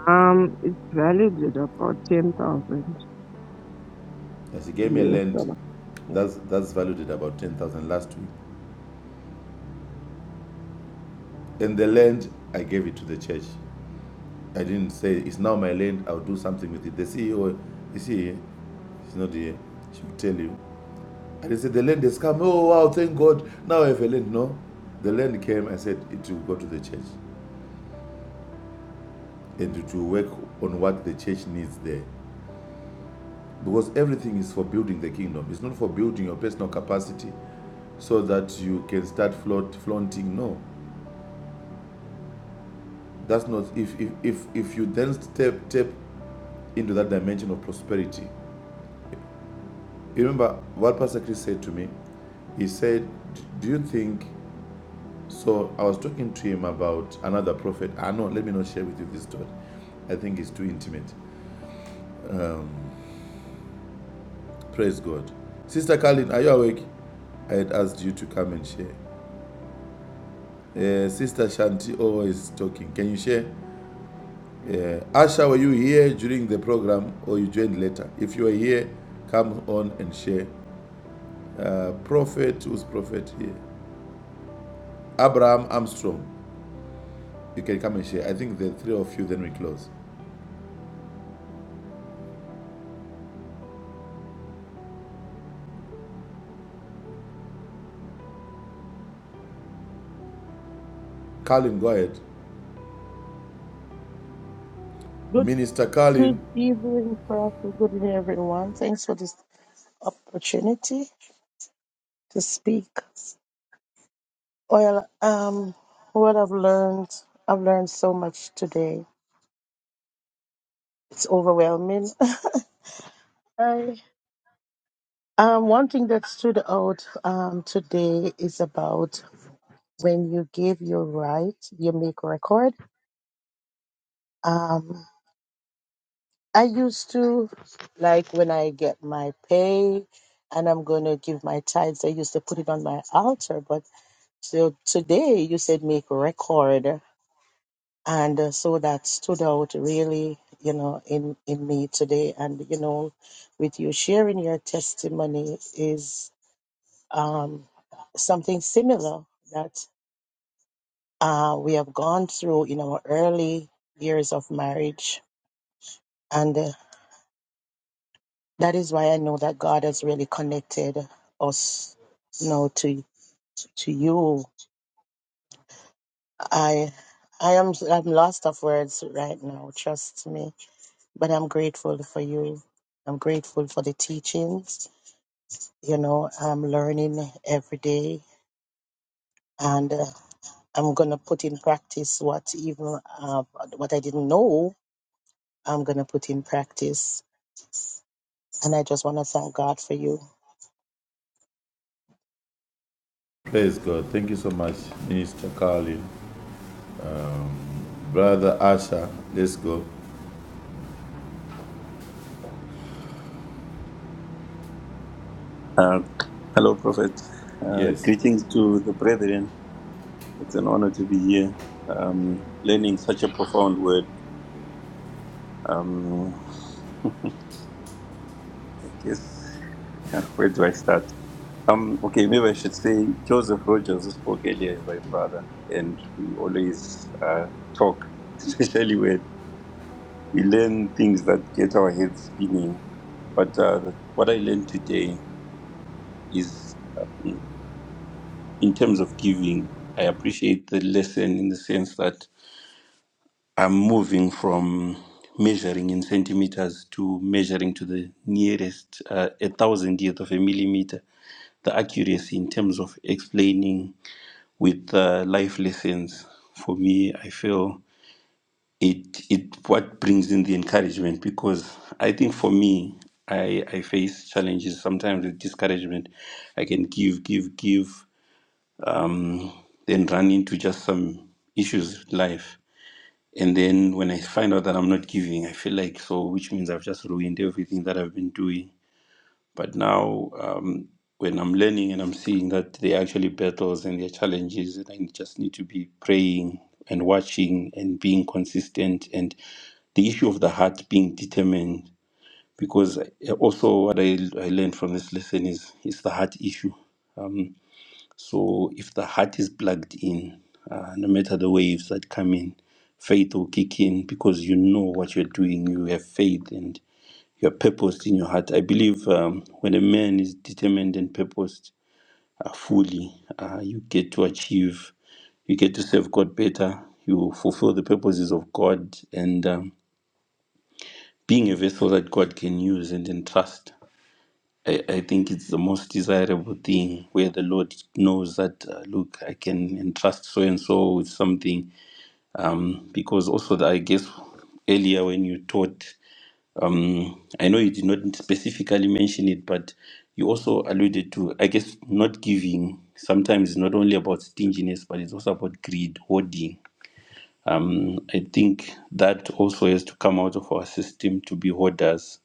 Speaker 10: um it's valued at about ten thousand
Speaker 4: Yes, he gave me a
Speaker 10: us
Speaker 4: land
Speaker 10: dollar
Speaker 4: that's that's valued at about ten thousand last week, and the land I gave it to the church. I didn't say it's now my land. I'll do something with it. The CEO you see, here? He's not here. She will tell you. I didn't say the land has come. Oh wow, thank God! Now I have a land. No, the land came. I said it will go to the church, and it will work on what the church needs there. Because everything is for building the kingdom. It's not for building your personal capacity so that you can start flaunt, flaunting. No, that's not. If if if, if you then step step into that dimension of prosperity, you remember what Pastor Chris said to me. He said, "Do you think?" So I was talking to him about another prophet. I ah, know. Let me not share with you this story. I think it's too intimate. Praise God. Sister Carlin, are you awake? I had asked you to come and share. Uh, Sister Shanti always talking. Can you share? Yeah. Asha, were you here during the program or you joined later? If you are here, come on and share. Uh, prophet, who's prophet here? Abraham Armstrong. You can come and share. I think the three of you, then we close. Carlin, go ahead.
Speaker 11: Good,
Speaker 4: Minister Carlin.
Speaker 11: good evening, Prophet. Good evening, everyone. Thanks for this opportunity to speak. Well, um, what I've learned, I've learned so much today. It's overwhelming. I, um, one thing that stood out um, today is about when you give your right, you make record. Um, I used to, like when I get my pay and I'm going to give my tithes, I used to put it on my altar, but So today you said make a record, and uh, so that stood out really, you know, in in me today. And you know, with you sharing your testimony is um, something similar that uh, we have gone through in our early years of marriage, and uh, that is why I know that God has really connected us, you know, to to you. I I am I'm lost of words right now. Trust me but I'm grateful for you. I'm grateful for the teachings. You know, I'm learning every day, and uh, I'm gonna put in practice what even uh, what I didn't know. I'm gonna put in practice, and I just wanna thank God for you.
Speaker 4: Praise God. Thank you so much, Minister Carlin. Brother Asha, let's go.
Speaker 12: Uh, hello, Prophet. Uh,
Speaker 4: Yes.
Speaker 12: greetings to the brethren. It's an honor to be here, um, learning such a profound word. Um, I guess, uh, where do I start? Um, okay, maybe I should say Joseph Rogers, who spoke earlier, is my brother, and we always uh, talk, especially when we learn things that get our heads spinning. But uh, what I learned today is. um, in terms of giving, I appreciate the lesson in the sense that I'm moving from measuring in centimeters to measuring to the nearest uh, a thousandth of a millimeter. The accuracy in terms of explaining with uh, life lessons for me, I feel it it what brings in the encouragement because I think for me, I I face challenges sometimes with discouragement. I can give, give, give. then run into just some issues with life. And then when I find out that I'm not giving, I feel like so, which means I've just ruined everything that I've been doing. But now, um, when I'm learning and I'm seeing that there are actually battles and there are challenges, and I just need to be praying and watching and being consistent, and the issue of the heart being determined. Because I- also, what I, I learned from this lesson is it's the heart issue so if the heart is plugged in, uh, no matter the waves that come in, faith will kick in because you know what you're doing. You have faith and you are purposed in your heart. I believe um, when a man is determined and purposed uh, fully, uh, you get to achieve, you get to serve God better, you fulfill the purposes of God, and um, being a vessel that God can use and entrust. I, I think it's the most desirable thing where the Lord knows that, uh, look, I can entrust so and so with something. Um, because also, the, I guess earlier when you taught, um, I know you did not specifically mention it, but you also alluded to, I guess, not giving. Sometimes it's not only about stinginess, but it's also about greed, hoarding. Mm, I think that also has to come out of our system to be hoarders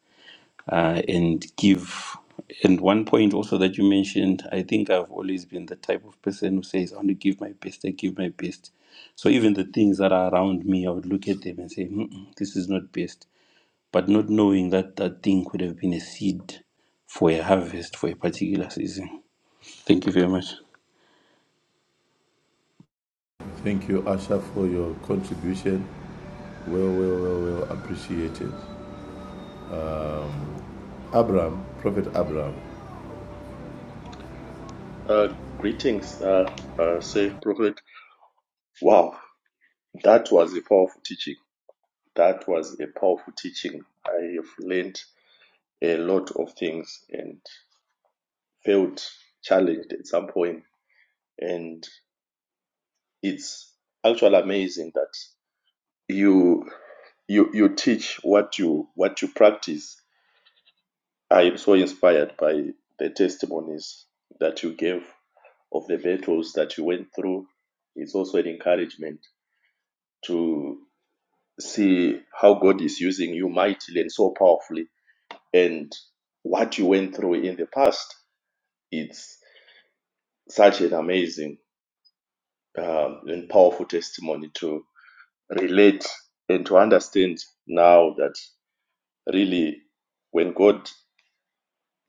Speaker 12: uh, and give. And one point also that you mentioned, I think I've always been the type of person who says, I want to give my best, I give my best. So even the things that are around me, I would look at them and say, Mm-mm, this is not best. But not knowing that that thing could have been a seed for a harvest for a particular season. Thank you very much.
Speaker 4: Thank you, Asha, for your contribution. Well, well, well, well appreciated. Abraham, Prophet Abraham.
Speaker 13: Uh, greetings, uh, uh, say Prophet. Wow, that was a powerful teaching. That was a powerful teaching. I have learned a lot of things and felt challenged at some point. And it's actually amazing that you you you teach what you what you practice. I am so inspired by the testimonies that you gave of the battles that you went through. It's also an encouragement to see how God is using you mightily and so powerfully, and what you went through in the past. It's such an amazing um, and powerful testimony to relate and to understand now that really when God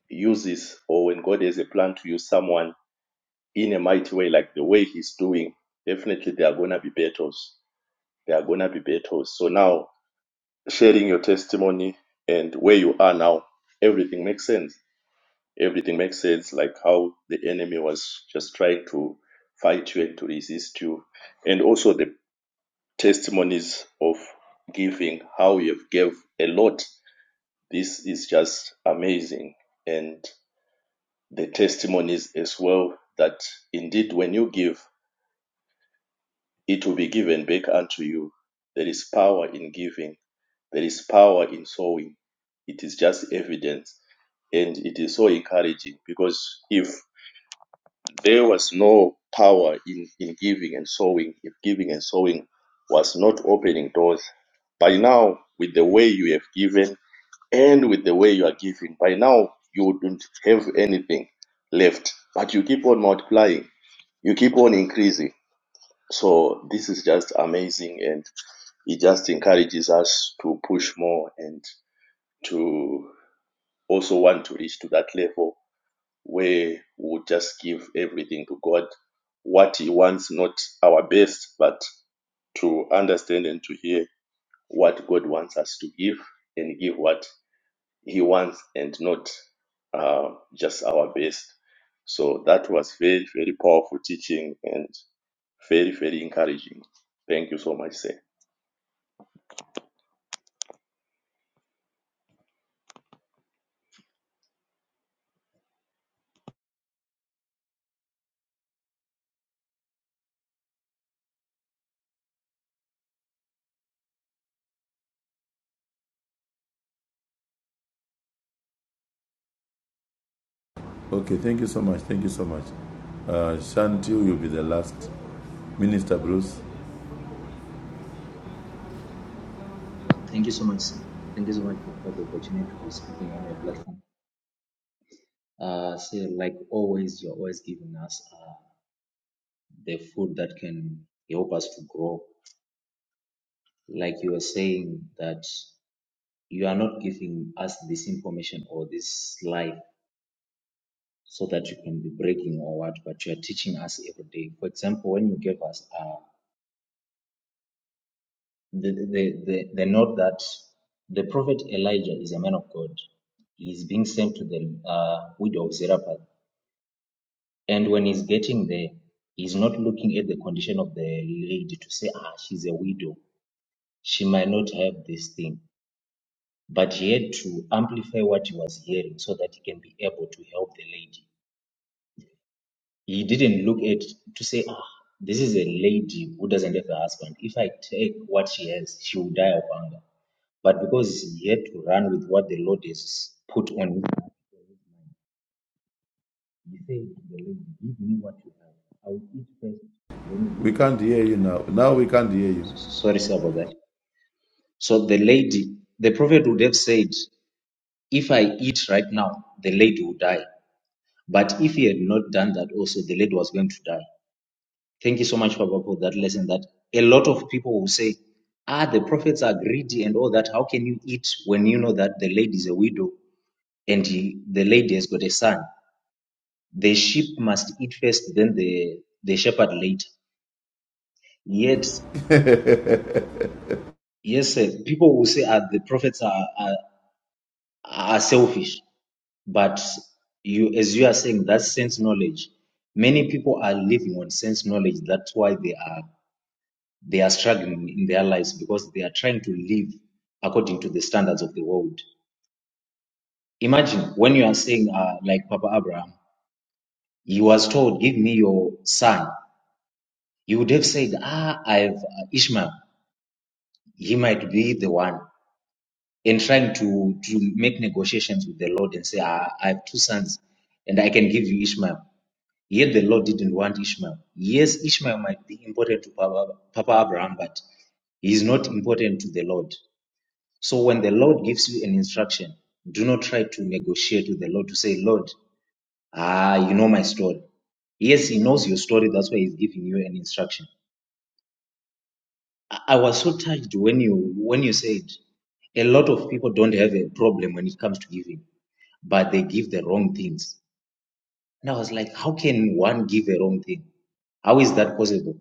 Speaker 13: uses or when God has a plan to use someone in a mighty way, like the way He's doing, definitely there are going to be battles. There are going to be battles. So now, sharing your testimony and where you are now, everything makes sense everything makes sense like how the enemy was just trying to fight you and to resist you and also the testimonies of giving how you've gave a lot this is just amazing and the testimonies as well that indeed when you give it will be given back unto you there is power in giving there is power in sowing it is just evidence and it is so encouraging because if There was no power in, in giving and sowing if giving and sowing was not opening doors. By now, with the way you have given and with the way you are giving, by now you do not have anything left. But you keep on multiplying, you keep on increasing. So this is just amazing and it just encourages us to push more and to also want to reach to that level where we'll just give everything to God, what He wants, not our best, but to understand and to hear what God wants us to give and give what He wants and not uh, just our best. So that was very, very powerful teaching and very, very encouraging. Thank you so much, sir.
Speaker 4: Okay, thank you so much. Thank you so much. Uh, Shanti, you'll be the last. Minister Bruce,
Speaker 14: Thank you so much, sir. Thank you so much for for the opportunity to be speaking on your platform. Uh, so like always, you're always giving us uh, the food that can help us to grow. Like you were saying that you are not giving us this information or this life so that you can be breaking or what, but you are teaching us every day. For example, when you gave us uh, the, the, the, the note that the prophet Elijah is a man of God, he is being sent to the uh, widow of Zarephath And when he's getting there, he's not looking at the condition of the lady to say, ah, she's a widow. She might not have this thing. But he had to amplify what he was hearing so that he can be able to help the lady. He didn't look at to say, ah, this is a lady who doesn't have a husband. If I take what she has, she will die of hunger. But because he had to run with what the Lord has put on him, he said to the lady, Give me what you have. I will eat first, then you
Speaker 4: we
Speaker 14: eat.
Speaker 4: can't hear you now. Now we can't hear you.
Speaker 14: Sorry sir, about that. So the lady, the prophet would have said, If I eat right now, the lady will die. But if he had not done that, also the lady was going to die. Thank you so much, Papa, for that lesson. That a lot of people will say, Ah, the prophets are greedy and all that. How can you eat when you know that the lady is a widow and he, the lady has got a son? The sheep must eat first, then the, the shepherd later. Yet, yes, sir, people will say, Ah, the prophets are, are, are selfish. But you, as you are saying, that sense knowledge, many people are living on sense knowledge. That's why they are they are struggling in their lives because they are trying to live according to the standards of the world. Imagine when you are saying, uh, like Papa Abraham, he was told, "Give me your son." You would have said, "Ah, I have uh, Ishmael. He might be the one." And trying to to make negotiations with the Lord and say, ah, "I have two sons, and I can give you Ishmael." Yet the Lord didn't want Ishmael. Yes, Ishmael might be important to Papa, Papa Abraham, but he is not important to the Lord. So when the Lord gives you an instruction, do not try to negotiate with the Lord to say, Lord, ah, you know my story. Yes, he knows your story. That's why he's giving you an instruction. I I was so touched when you when you said a lot of people don't have a problem when it comes to giving, but they give the wrong things. And I was like, how can one give a wrong thing? How is that possible?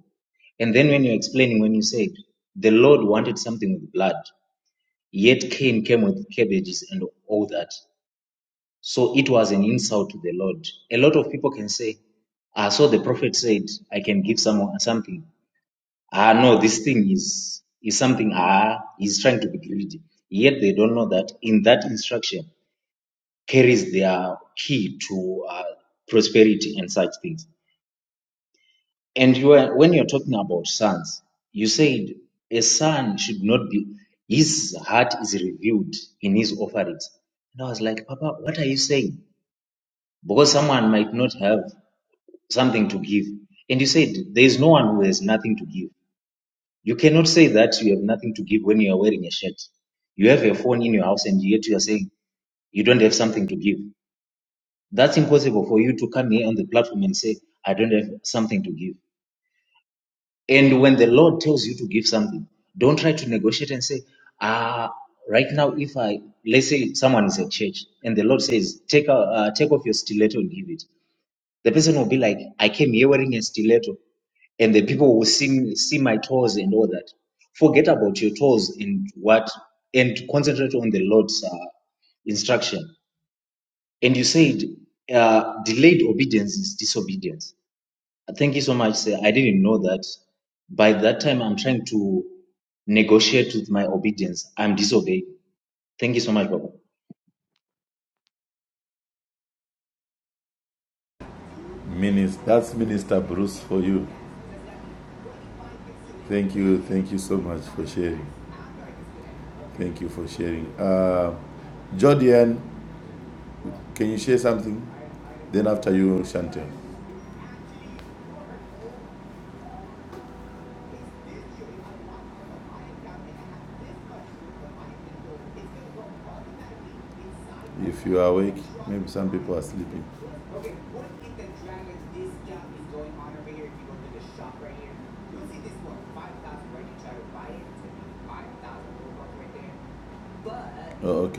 Speaker 14: And then when you're explaining, when you said the Lord wanted something with blood, yet Cain came with cabbages and all that. So it was an insult to the Lord. A lot of people can say, ah, so the prophet said, I can give someone something. Ah, no, this thing is, is something, ah, he's trying to be greedy. Yet they don't know that in that instruction carries their key to uh, prosperity and such things. And you are, when you're talking about sons, you said a son should not be, his heart is revealed in his offerings. And I was like, Papa, what are you saying? Because someone might not have something to give. And you said, there is no one who has nothing to give. You cannot say that you have nothing to give when you are wearing a shirt. You have a phone in your house and yet you are saying you don't have something to give. That's impossible for you to come here on the platform and say, I don't have something to give. And when the Lord tells you to give something, don't try to negotiate and say, ah, right now, if I, let's say someone is at church and the Lord says, take, a, uh, take off your stiletto and give it. The person will be like, I came here wearing a stiletto and the people will see, see my toes and all that. Forget about your toes and what, and concentrate on the Lord's uh, instruction. And you said, uh, delayed obedience is disobedience. Thank you so much, sir. I didn't know that. By that time, I'm trying to negotiate with my obedience. I'm disobeying. Thank you so much, Baba.
Speaker 4: Minister, that's Minister Bruce for you. Thank you. Thank you so much for sharing. Thank you for sharing. Uh, Jordian, can you share something? Then after you, Chantel. If you are awake, maybe some people are sleeping. Oh,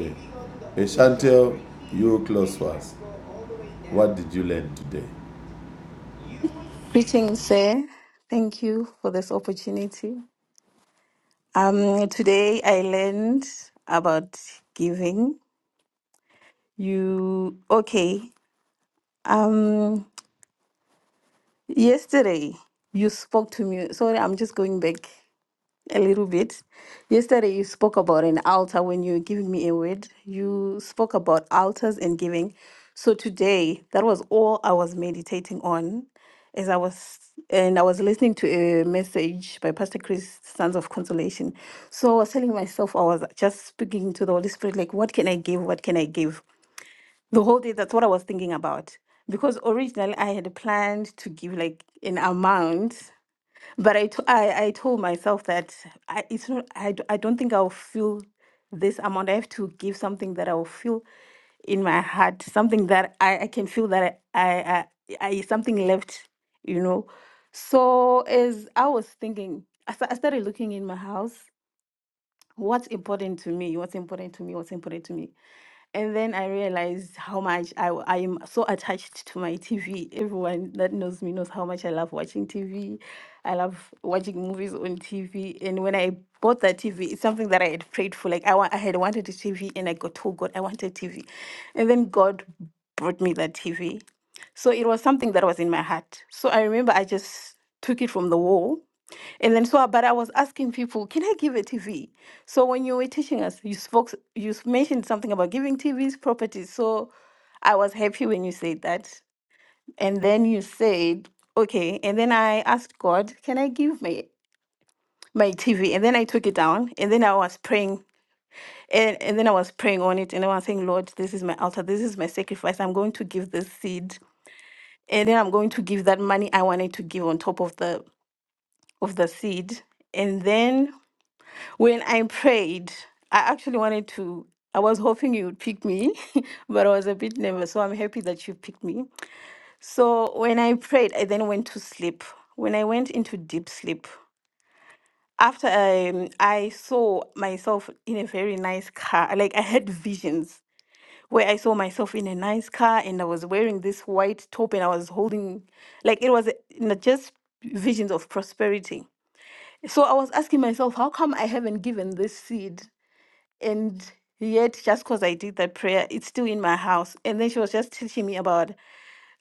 Speaker 4: Chantel, you close for us. What did you learn today?
Speaker 15: Greetings, sir. Thank you for this opportunity. Um, today I learned about giving. You okay? Um, yesterday you spoke to me. Sorry, I'm just going back. a little bit. Yesterday, you spoke about an altar when you were giving me a word. You spoke about altars and giving. So today, that was all I was meditating on, as I was and I was listening to a message by Pastor Chris, Sons of Consolation. So I was telling myself, I was just speaking to the Holy Spirit, like, what can I give? What can I give? The whole day, that's what I was thinking about because originally I had planned to give like an amount but I, t- I, I told myself that I, it's not, I, d- I don't think I'll feel this amount. I have to give something that I'll feel in my heart, something that I, I can feel that I, I, I, I, something left, you know. So as I was thinking, I, sta- I started looking in my house, what's important to me, what's important to me, what's important to me. And then I realized how much I, w- I am so attached to my TV. Everyone that knows me knows how much I love watching TV. I love watching movies on TV. And when I bought that TV, it's something that I had prayed for. Like I, wa- I had wanted a TV and I got told God, I want a TV. And then God brought me that TV. So it was something that was in my heart. So I remember I just took it from the wall and then so, but I was asking people, can I give a TV? So when you were teaching us, you spoke, you s- mentioned something about giving TVs properties. So I was happy when you said that. And then you said, okay. And then I asked God, can I give my my TV? And then I took it down. And then I was praying. And, and then I was praying on it. And I was saying, Lord, this is my altar. This is my sacrifice. I'm going to give this seed. And then I'm going to give that money I wanted to give on top of the of the seed. And then When I prayed, I actually wanted to, I was hoping you would pick me, but I was a bit nervous. So I'm happy that you picked me. So when I prayed, I then went to sleep. When I went into deep sleep, after um, I saw myself in a very nice car, like I had visions where I saw myself in a nice car and I was wearing this white top and I was holding, like it was uh, not just visions of prosperity. So I was asking myself, how come I haven't given this seed? and yet just because i did that prayer it's still in my house and then she was just teaching me about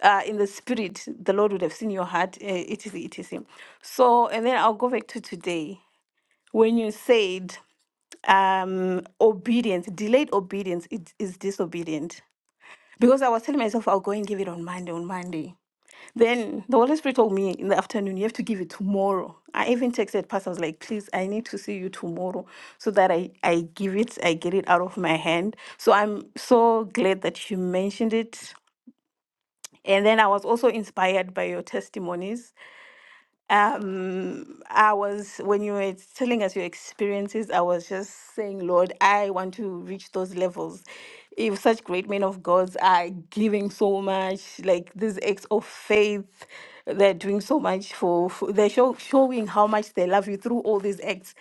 Speaker 15: uh in the spirit the lord would have seen your heart uh, etc etc so and then i'll go back to today when you said um obedience delayed obedience it is disobedient because i was telling myself i'll go and give it on monday on monday then the Holy Spirit told me in the afternoon, you have to give it tomorrow. I even texted pastor, I was like, please, I need to see you tomorrow so that I, I give it, I get it out of my hand. So I'm so glad that you mentioned it. And then I was also inspired by your testimonies. Uh, I was when you were telling us your experiences, I was just saying, Lord, I want to reach those levels. If such great men of God are giving so much, like these acts of faith, they're doing so much for, for they're show, showing how much they love you through all these acts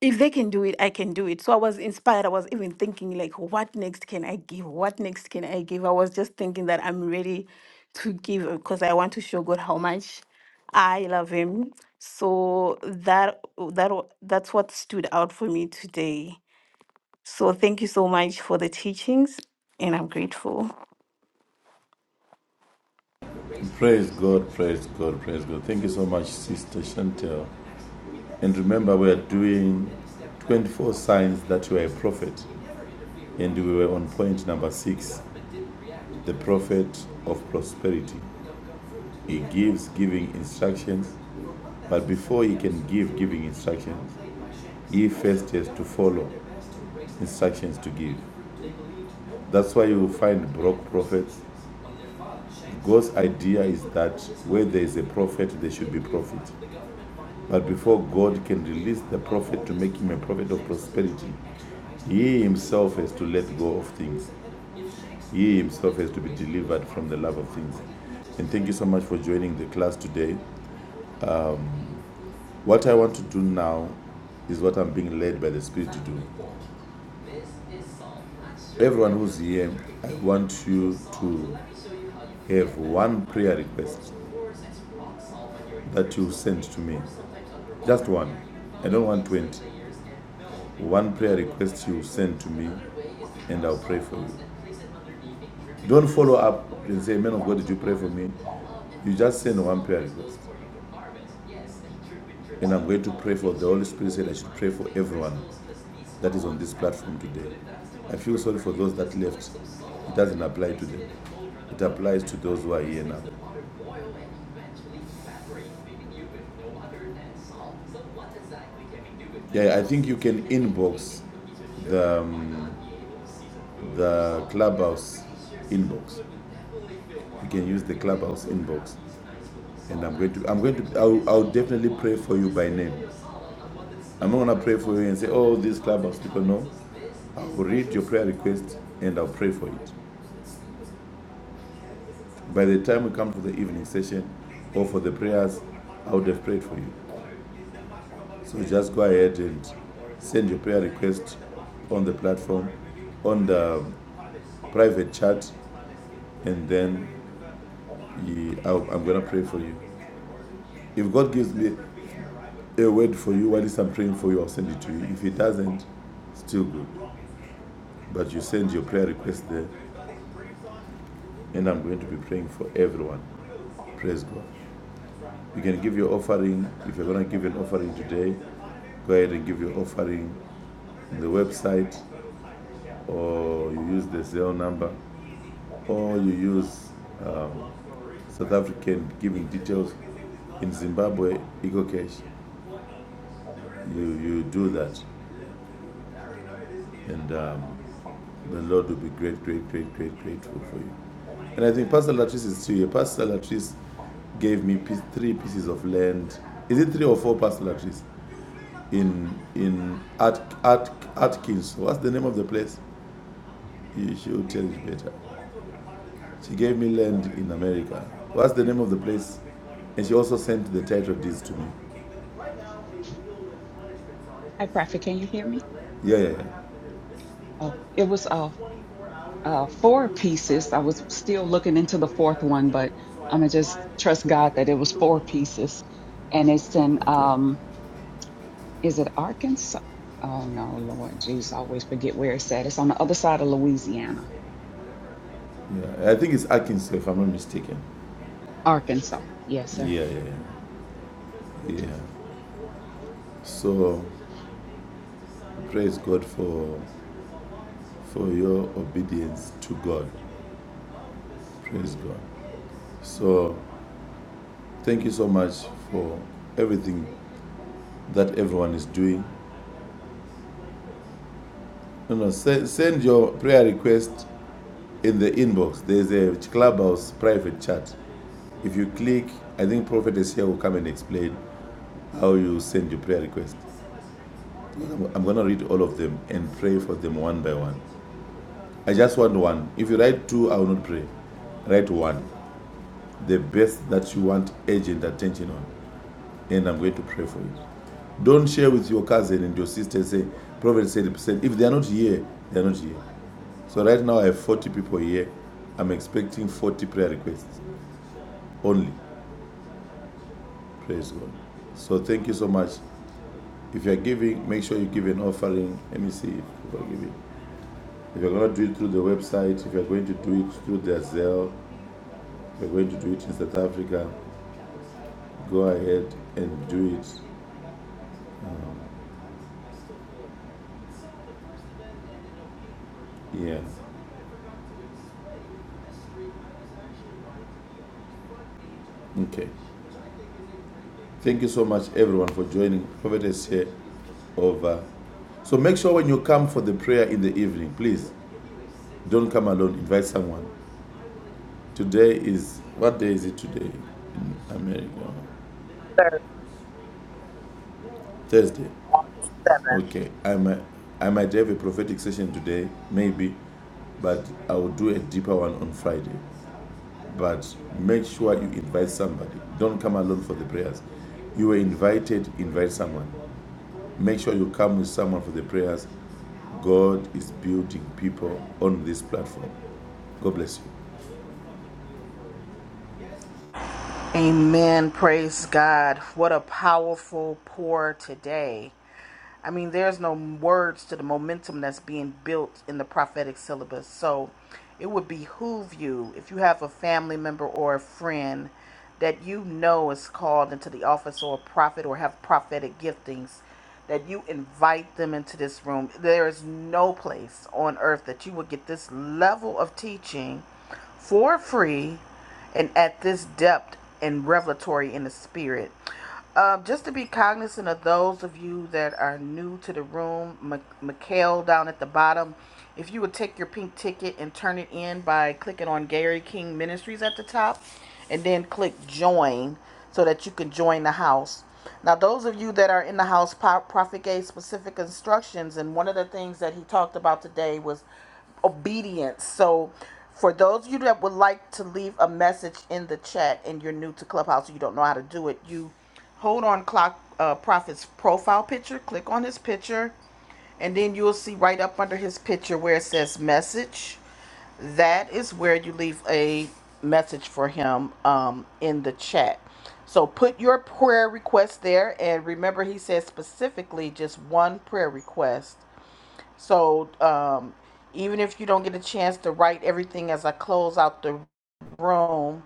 Speaker 15: if they can do it, I can do it. So I was inspired. I was even thinking, like, what next can I give? What next can I give? I was just thinking that I'm ready to give because I want to show God how much I love Him. So that that wa- that's what stood out for me today. So thank you so much for the teachings, and I'm grateful.
Speaker 4: Praise God, praise God, praise God. Thank you so much, Sister Chantel. And remember, we are doing 24 signs that you are a prophet. And we were on point number six the prophet of prosperity. He gives giving instructions, but before he can give giving instructions, he first has to follow instructions to give. That's why you will find broke prophets. God's idea is that where there is a prophet, there should be profit. But before God can release the prophet to make him a prophet of prosperity, he himself has to let go of things. He himself has to be delivered from the love of things. And thank you so much for joining the class today. What I want to do now is what I'm being led by the Spirit to do. Everyone who's here, I want you to have one prayer request that you send to me. Just one. I don't want 20. One prayer request you send to me, and I'll pray for you. Don't follow up and say, Man of God, did you pray for me? You just send one prayer request. And I'm going to pray for the Holy Spirit said I should pray for everyone that is on this platform today. I feel sorry for those that left. It doesn't apply to them. It applies to those who are here now. Yeah, I think you can inbox the clubhouse inbox. You can use the clubhouse inbox, and I'm going to, I'm going to, I'll, I'll definitely pray for you by name. I'm not gonna pray for you and say, oh, these clubhouse people. No, I will read your prayer request and I'll pray for it. By the time we come to the evening session or for the prayers, I would have prayed for you. So just go ahead and send your prayer request on the platform, on the private chat, and then you, I, am going to pray for you. If God gives me a word for you while I'm praying for you, I'll send it to you. If He doesn't, still good. But you send your prayer request there, and I'm going to be praying for everyone. Praise God. You can give your offering. If you're going to give an offering today, go ahead and give your offering on the website, or you use the Zelle number, or you use South African giving details in Zimbabwe, Eagle Cash. You, you do that, and um, the Lord will be great, great, great, great, grateful for you. And I think Pastor Latrice is still here. Pastor Latrice gave me piece, three pieces of land. Is it three or four, Pastor Latrice? In in At, At, Atkins. What's the name of the place? she will tell you better. She gave me land in America. What's the name of the place? And she also sent the title deeds to me.
Speaker 7: Hi, Prophet, can you hear me?
Speaker 4: Yeah, yeah, yeah.
Speaker 7: Oh, it was uh, uh, four pieces. I was still looking into the fourth one, but I'm going to just trust God that it was four pieces. And it's in,
Speaker 4: Okay.
Speaker 7: um, is it Arkansas? Oh, no, Lord Jesus, I always forget where it's at. It's on the other side of Louisiana,
Speaker 4: Yeah, I think it's Atkins, if I'm not mistaken.
Speaker 7: Arkansas. Yes, sir
Speaker 4: Yeah, yeah, yeah. yeah. So praise God for for your obedience to God. Praise God. So thank you so much for everything that everyone is doing. No, no, send, send your prayer request in the inbox. There's a clubhouse private chat. If you click, I think prophetess here will come and explain how you send your prayer request. I'm, I'm gonna read all of them and pray for them one by one. I just want one. If you write two, I will not pray. Write one. The best that you want urgent attention on. And I'm going to pray for it. Don't share with your cousin and your sister and say, Prophet said, said, if they are not here, they are not here. So right now I have 40 people here. I'm expecting 40 prayer requests only. Praise God. So thank you so much. If you're giving, make sure you give an offering. Let me see if people are giving. If you're going to do it through the website, if you're going to do it through the Zelle, if you're going to do it in South Africa, go ahead and do it. here. Okay. Thank you so much, everyone, for joining. Prophetess here over. So make sure when you come for the prayer in the evening, please don't come alone. Invite someone. Today is what day is it today in America? Thursday.
Speaker 1: August 7th.
Speaker 4: Okay. I might I might have a prophetic session today, maybe, but I will do a deeper one on Friday. But make sure you invite somebody. Don't come alone for the prayers. You were invited, invite someone. Make sure you come with someone for the prayers. God is building people on this platform. God bless you.
Speaker 1: Amen. Praise God. What a powerful pour today. I mean, there's no words to the momentum that's being built in the prophetic syllabus. So it would behoove you, if you have a family member or a friend that you know is called into the office or a prophet or have prophetic giftings, that you invite them into this room. There is no place on earth that you would get this level of teaching for free and at this depth and revelatory in the spirit. Um, just to be cognizant of those of you that are new to the room, Mi- Mikhail down at the bottom, if you would take your pink ticket and turn it in by clicking on Gary King Ministries at the top and then click join so that you can join the house. Now, those of you that are in the house, Pro- Prophet gave specific instructions, and one of the things that he talked about today was obedience. So, for those of you that would like to leave a message in the chat and you're new to Clubhouse, you don't know how to do it, you hold on Clock uh, Prophet's profile picture, click on his picture, and then you'll see right up under his picture where it says message. That is where you leave a message for him um, in the chat. So put your prayer request there, and remember, he says specifically just one prayer request so um, even if you don't get a chance to write everything as I close out the room,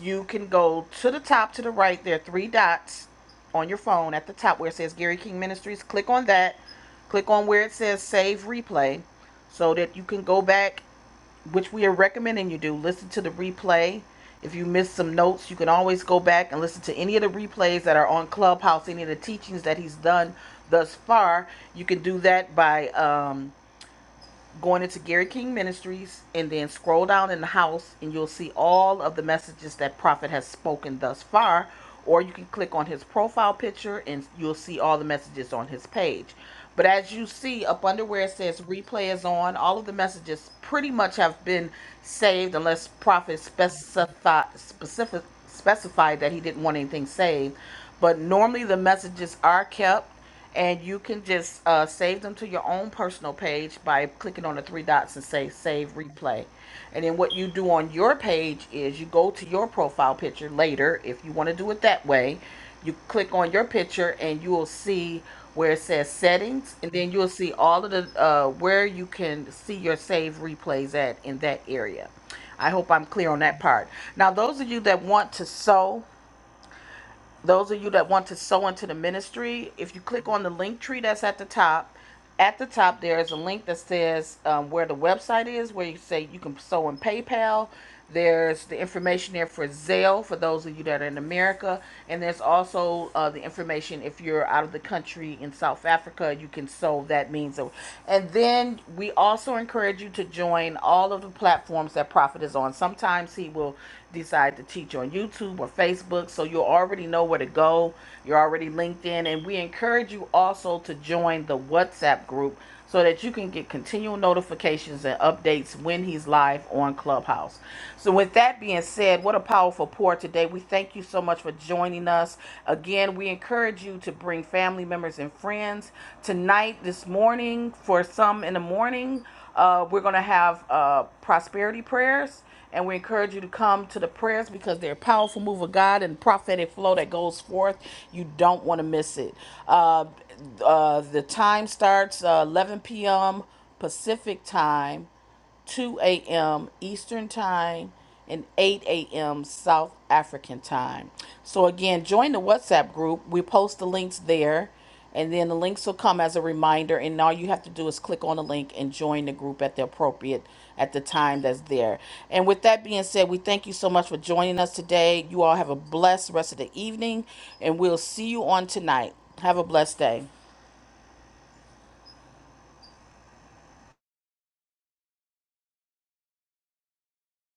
Speaker 1: you can go to the top to the right. There are three dots on your phone at the top where it says Gary King Ministries. Click on that. Click on where it says Save Replay so that you can go back, which we are recommending you do. Listen to the replay. If you missed some notes, you can always go back and listen to any of the replays that are on Clubhouse, any of the teachings that he's done thus far. You can do that by. Um, going into Gary King Ministries, and then scroll down in the house, and you'll see all of the messages that Prophet has spoken thus far. Or you can click on his profile picture, and you'll see all the messages on his page. But as you see up under where it says replay is on, all of the messages pretty much have been saved unless Prophet specify, specific, specified that he didn't want anything saved. But normally the messages are kept and you can just uh, save them to your own personal page by clicking on the three dots and say save replay. And then what you do on your page is you go to your profile picture later if you want to do it that way. You click on your picture and you will see where it says settings, and then you'll see all of the uh, where you can see your save replays at in that area. I hope I'm clear on that part. Now, those of you that want to sew, those of you that want to sow into the ministry, if you click on the link tree that's at the top, at the top there is a link that says um, where the website is, where you say you can sow in PayPal. There's the information there for Zelle for those of you that are in America, and there's also uh, the information if you're out of the country in South Africa, you can sow that means. of- And then we also encourage you to join all of the platforms that Prophet is on. Sometimes he will decide to teach on YouTube or Facebook. So you already know where to go. You're already linked in. And we encourage you also to join the WhatsApp group so that you can get continual notifications and updates when he's live on Clubhouse. So, with that being said, what a powerful pour today. We thank you so much for joining us. Again, we encourage you to bring family members and friends tonight, this morning, for some in the morning. Uh, we're going to have uh, prosperity prayers and we encourage you to come to the prayers because they're a powerful move of God and prophetic flow that goes forth. You don't want to miss it. Uh, uh, the time starts uh, 11 p.m. Pacific time 2 a.m. Eastern Time, and 8 a.m. South African Time. So, again, join the WhatsApp group. We post the links there, and then the links will come as a reminder. And all you have to do is click on the link and join the group at the appropriate at the time that's there. And with that being said, we thank you so much for joining us today. You all have a blessed rest of the evening, and we'll see you on tonight. Have a blessed day.